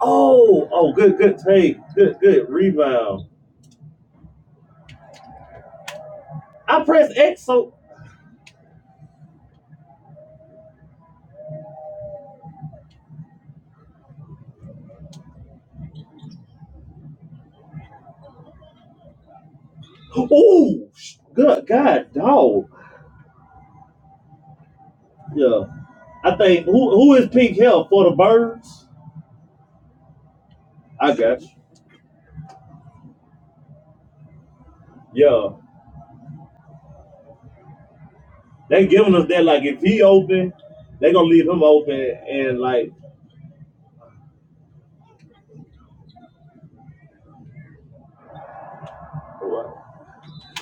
Oh, oh, good, good take. Good, good rebound. I press X, so ooh, good God, dog. Yeah, I think who who is Pink Hell for the birds? I got you. Yeah, they giving us that like if he open, they gonna leave him open and like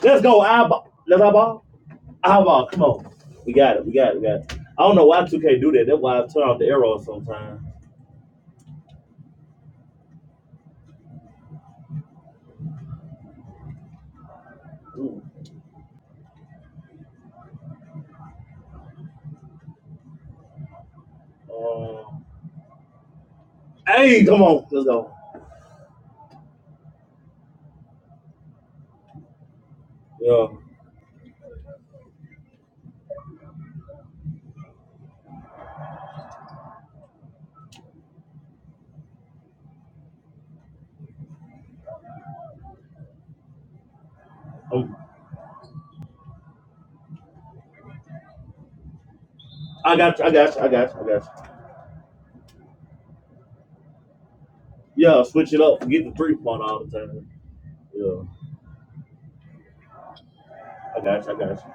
let's go eyeball, let's eyeball, eyeball. Come on, we got it, we got it, we got it. I don't know why 2K do that. That's why I turn off the arrows sometimes. Ooh. Um, hey, come on, let's go. Yeah, um, I got you, I got you, I got you, I got you. Yeah, switch it up. Forget the three point all the time. Yeah, I got you. I got you.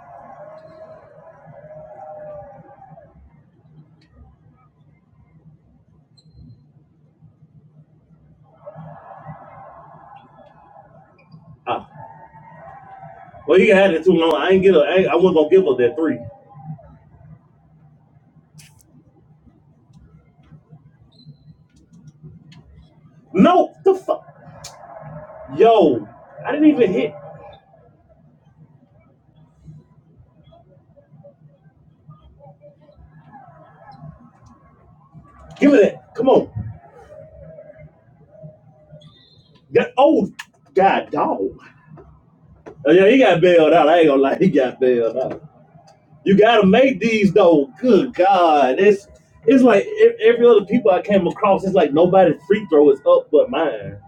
Ah, well, you had it too long. I ain't get a. I, ain't- I wasn't gonna give up that three. No, the fuck, yo, I didn't even hit. Give me that. Come on. That old god dog. Oh, yeah, he got bailed out. I ain't gonna lie, he got bailed out. You gotta make these though. Good God, it's it's like e- every other people I came across. It's like nobody's free throw is up but mine.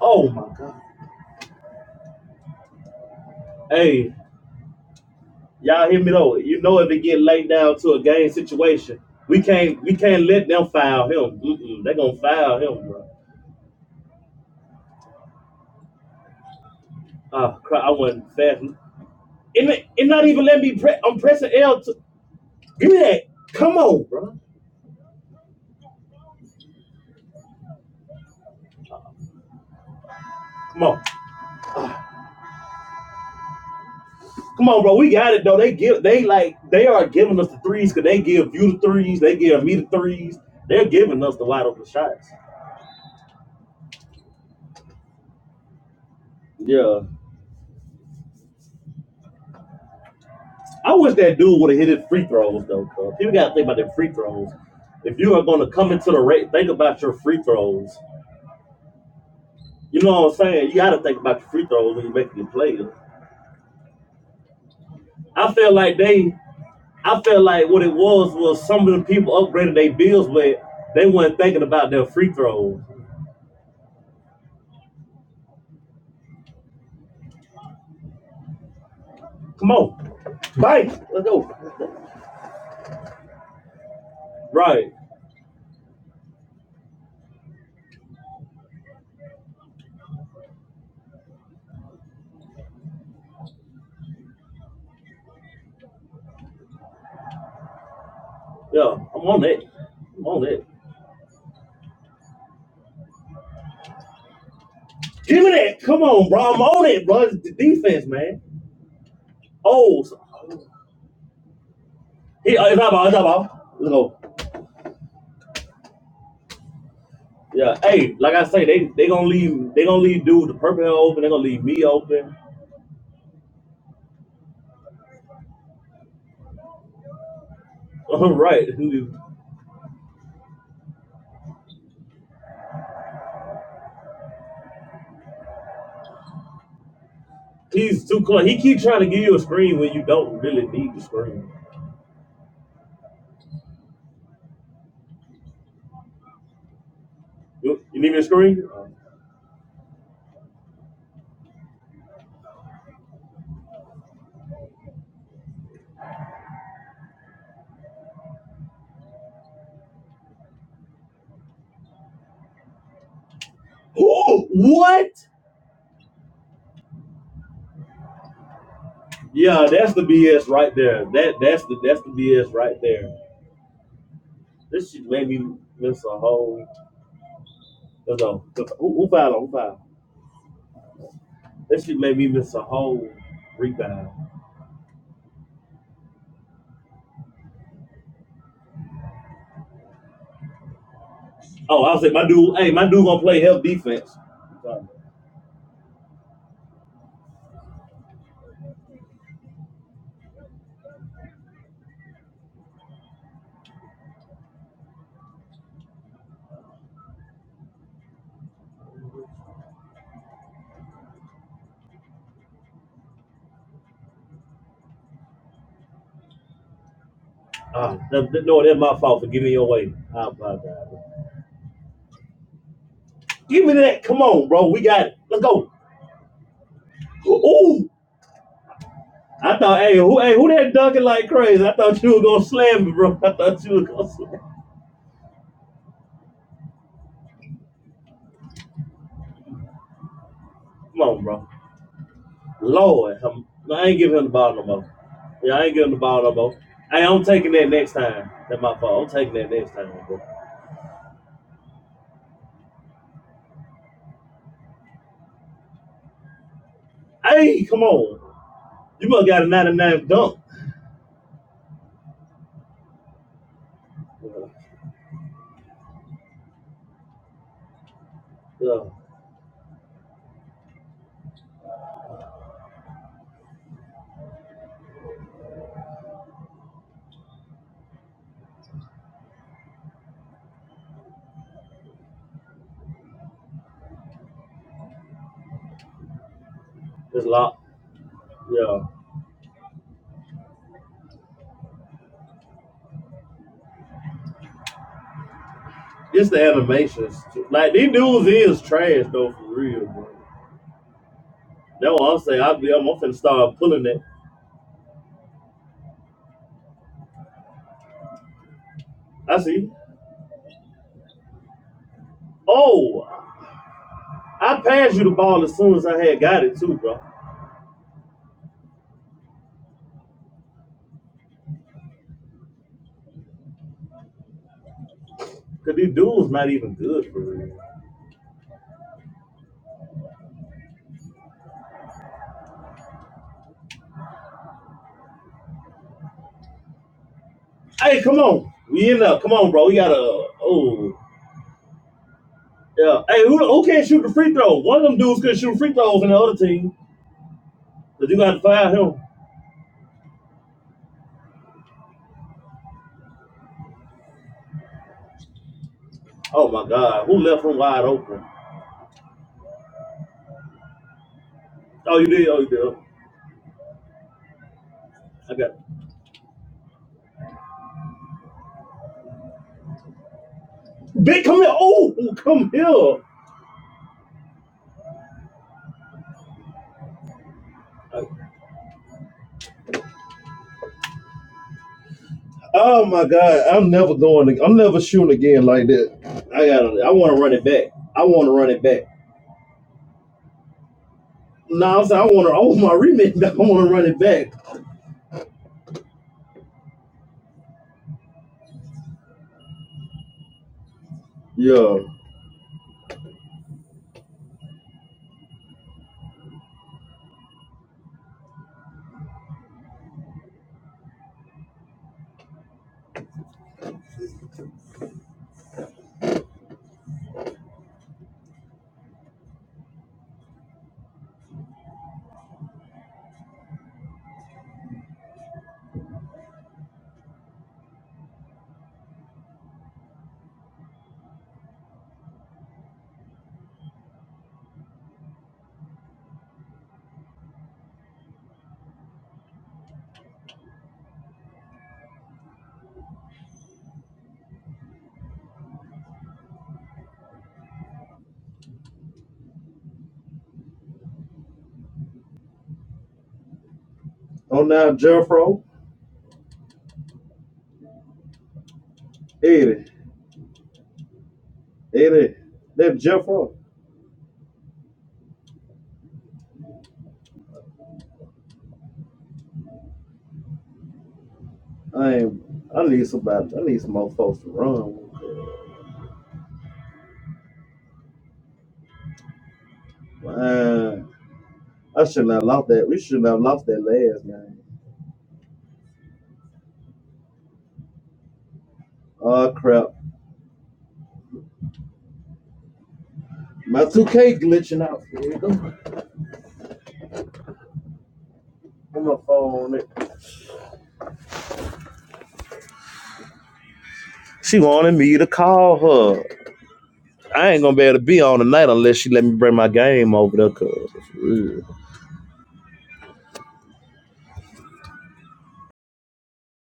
Oh my God. Hey, Y'all hear me though? You know if it get laid down to a game situation, we can't we can't let them foul him. Mm-mm, they gonna foul him, bro. Oh crap, I wasn't fast. And it, it not even let me pre- I'm pressing L to give me that. Come on, bro. Come on. Come on, bro. We got it though. They give they like they are giving us the threes because they give you the threes, they give me the threes. They're giving us the wide open shots. Yeah. I wish that dude would have hit his free throws though. Cause people gotta think about their free throws. If you are gonna come into the rate, think about your free throws. You know what I'm saying? You gotta think about your free throws when you're making your plays. I feel like they, I feel like what it was was some of the people upgraded their bills, but they weren't thinking about their free throws. Come on, bang, let's go. Right? Yeah, I'm on that. I'm on that. Give me that. Come on, bro. I'm on it, bro. It's the defense, man. Oh, so- he, uh, it's not ball. It's not ball. Let's go. Yeah, hey, like I say, they they gonna leave they gonna leave dude the purple hair open. They gonna leave me open. All right, he's too close. He keep trying to give you a screen when you don't really need the screen. You, you need me a screen? Oh, what? Yeah, that's the BS right there. That that's the that's the BS right there. This shit made me miss a whole. No, no, who, who fouled? on? Who fouled? This shit made me miss a whole rebound. Oh, I was say my dude. Hey, my dude gonna play help defense. Uh, no, no, that's my fault for giving you away. I apologize. Give me that. Come on, bro. We got it. Let's go. Ooh. I thought, hey, who, hey, who that dunking like crazy? I thought you were gonna slam me, bro. I thought you were gonna slam. me. Come on, bro. Lord, I'm, I ain't giving him the ball no more. Yeah, I ain't giving him the ball no more. Hey, I'm taking that next time. That's my fault. I'm taking that next time, bro. Hey, come on. You must got a 99 dunk. Yeah, yeah. it's locked. Yeah. Just the animations. too. Like these dudes is trash though for real, bro. That's what I'm saying. I be I'm, I'm finna start pulling it. I see. Oh, I passed you the ball as soon as I had got it too, bro. Cause these dudes not even good for real. Hey, come on. We in there. Come on, bro. We gotta oh yeah. Hey, who who can't shoot the free throw? One of them dudes could shoot free throws in the other team. Cause you gotta fire him. Oh my god, who left him wide open? Oh you did, oh you did. I got it. Big come here. Oh, oh, come here. I Oh my God! I'm never going. I'm never shooting again like that. I got. to I want to run it back. I want to run it back. No, I'm saying I want to. I want my remake. back. I want to run it back. Yeah. Oh now, Jeffro, Eddie, Eddie, that Jeffro. I ain't. I need somebody. I need some more folks to run. with that. Man, I shouldn't have lost that. We shouldn't have lost that last game. Oh crap! My 2K glitching out. Here we go. On my phone. She wanted me to call her. I ain't gonna be able to be on tonight unless she let me bring my game over there. Cause it's real.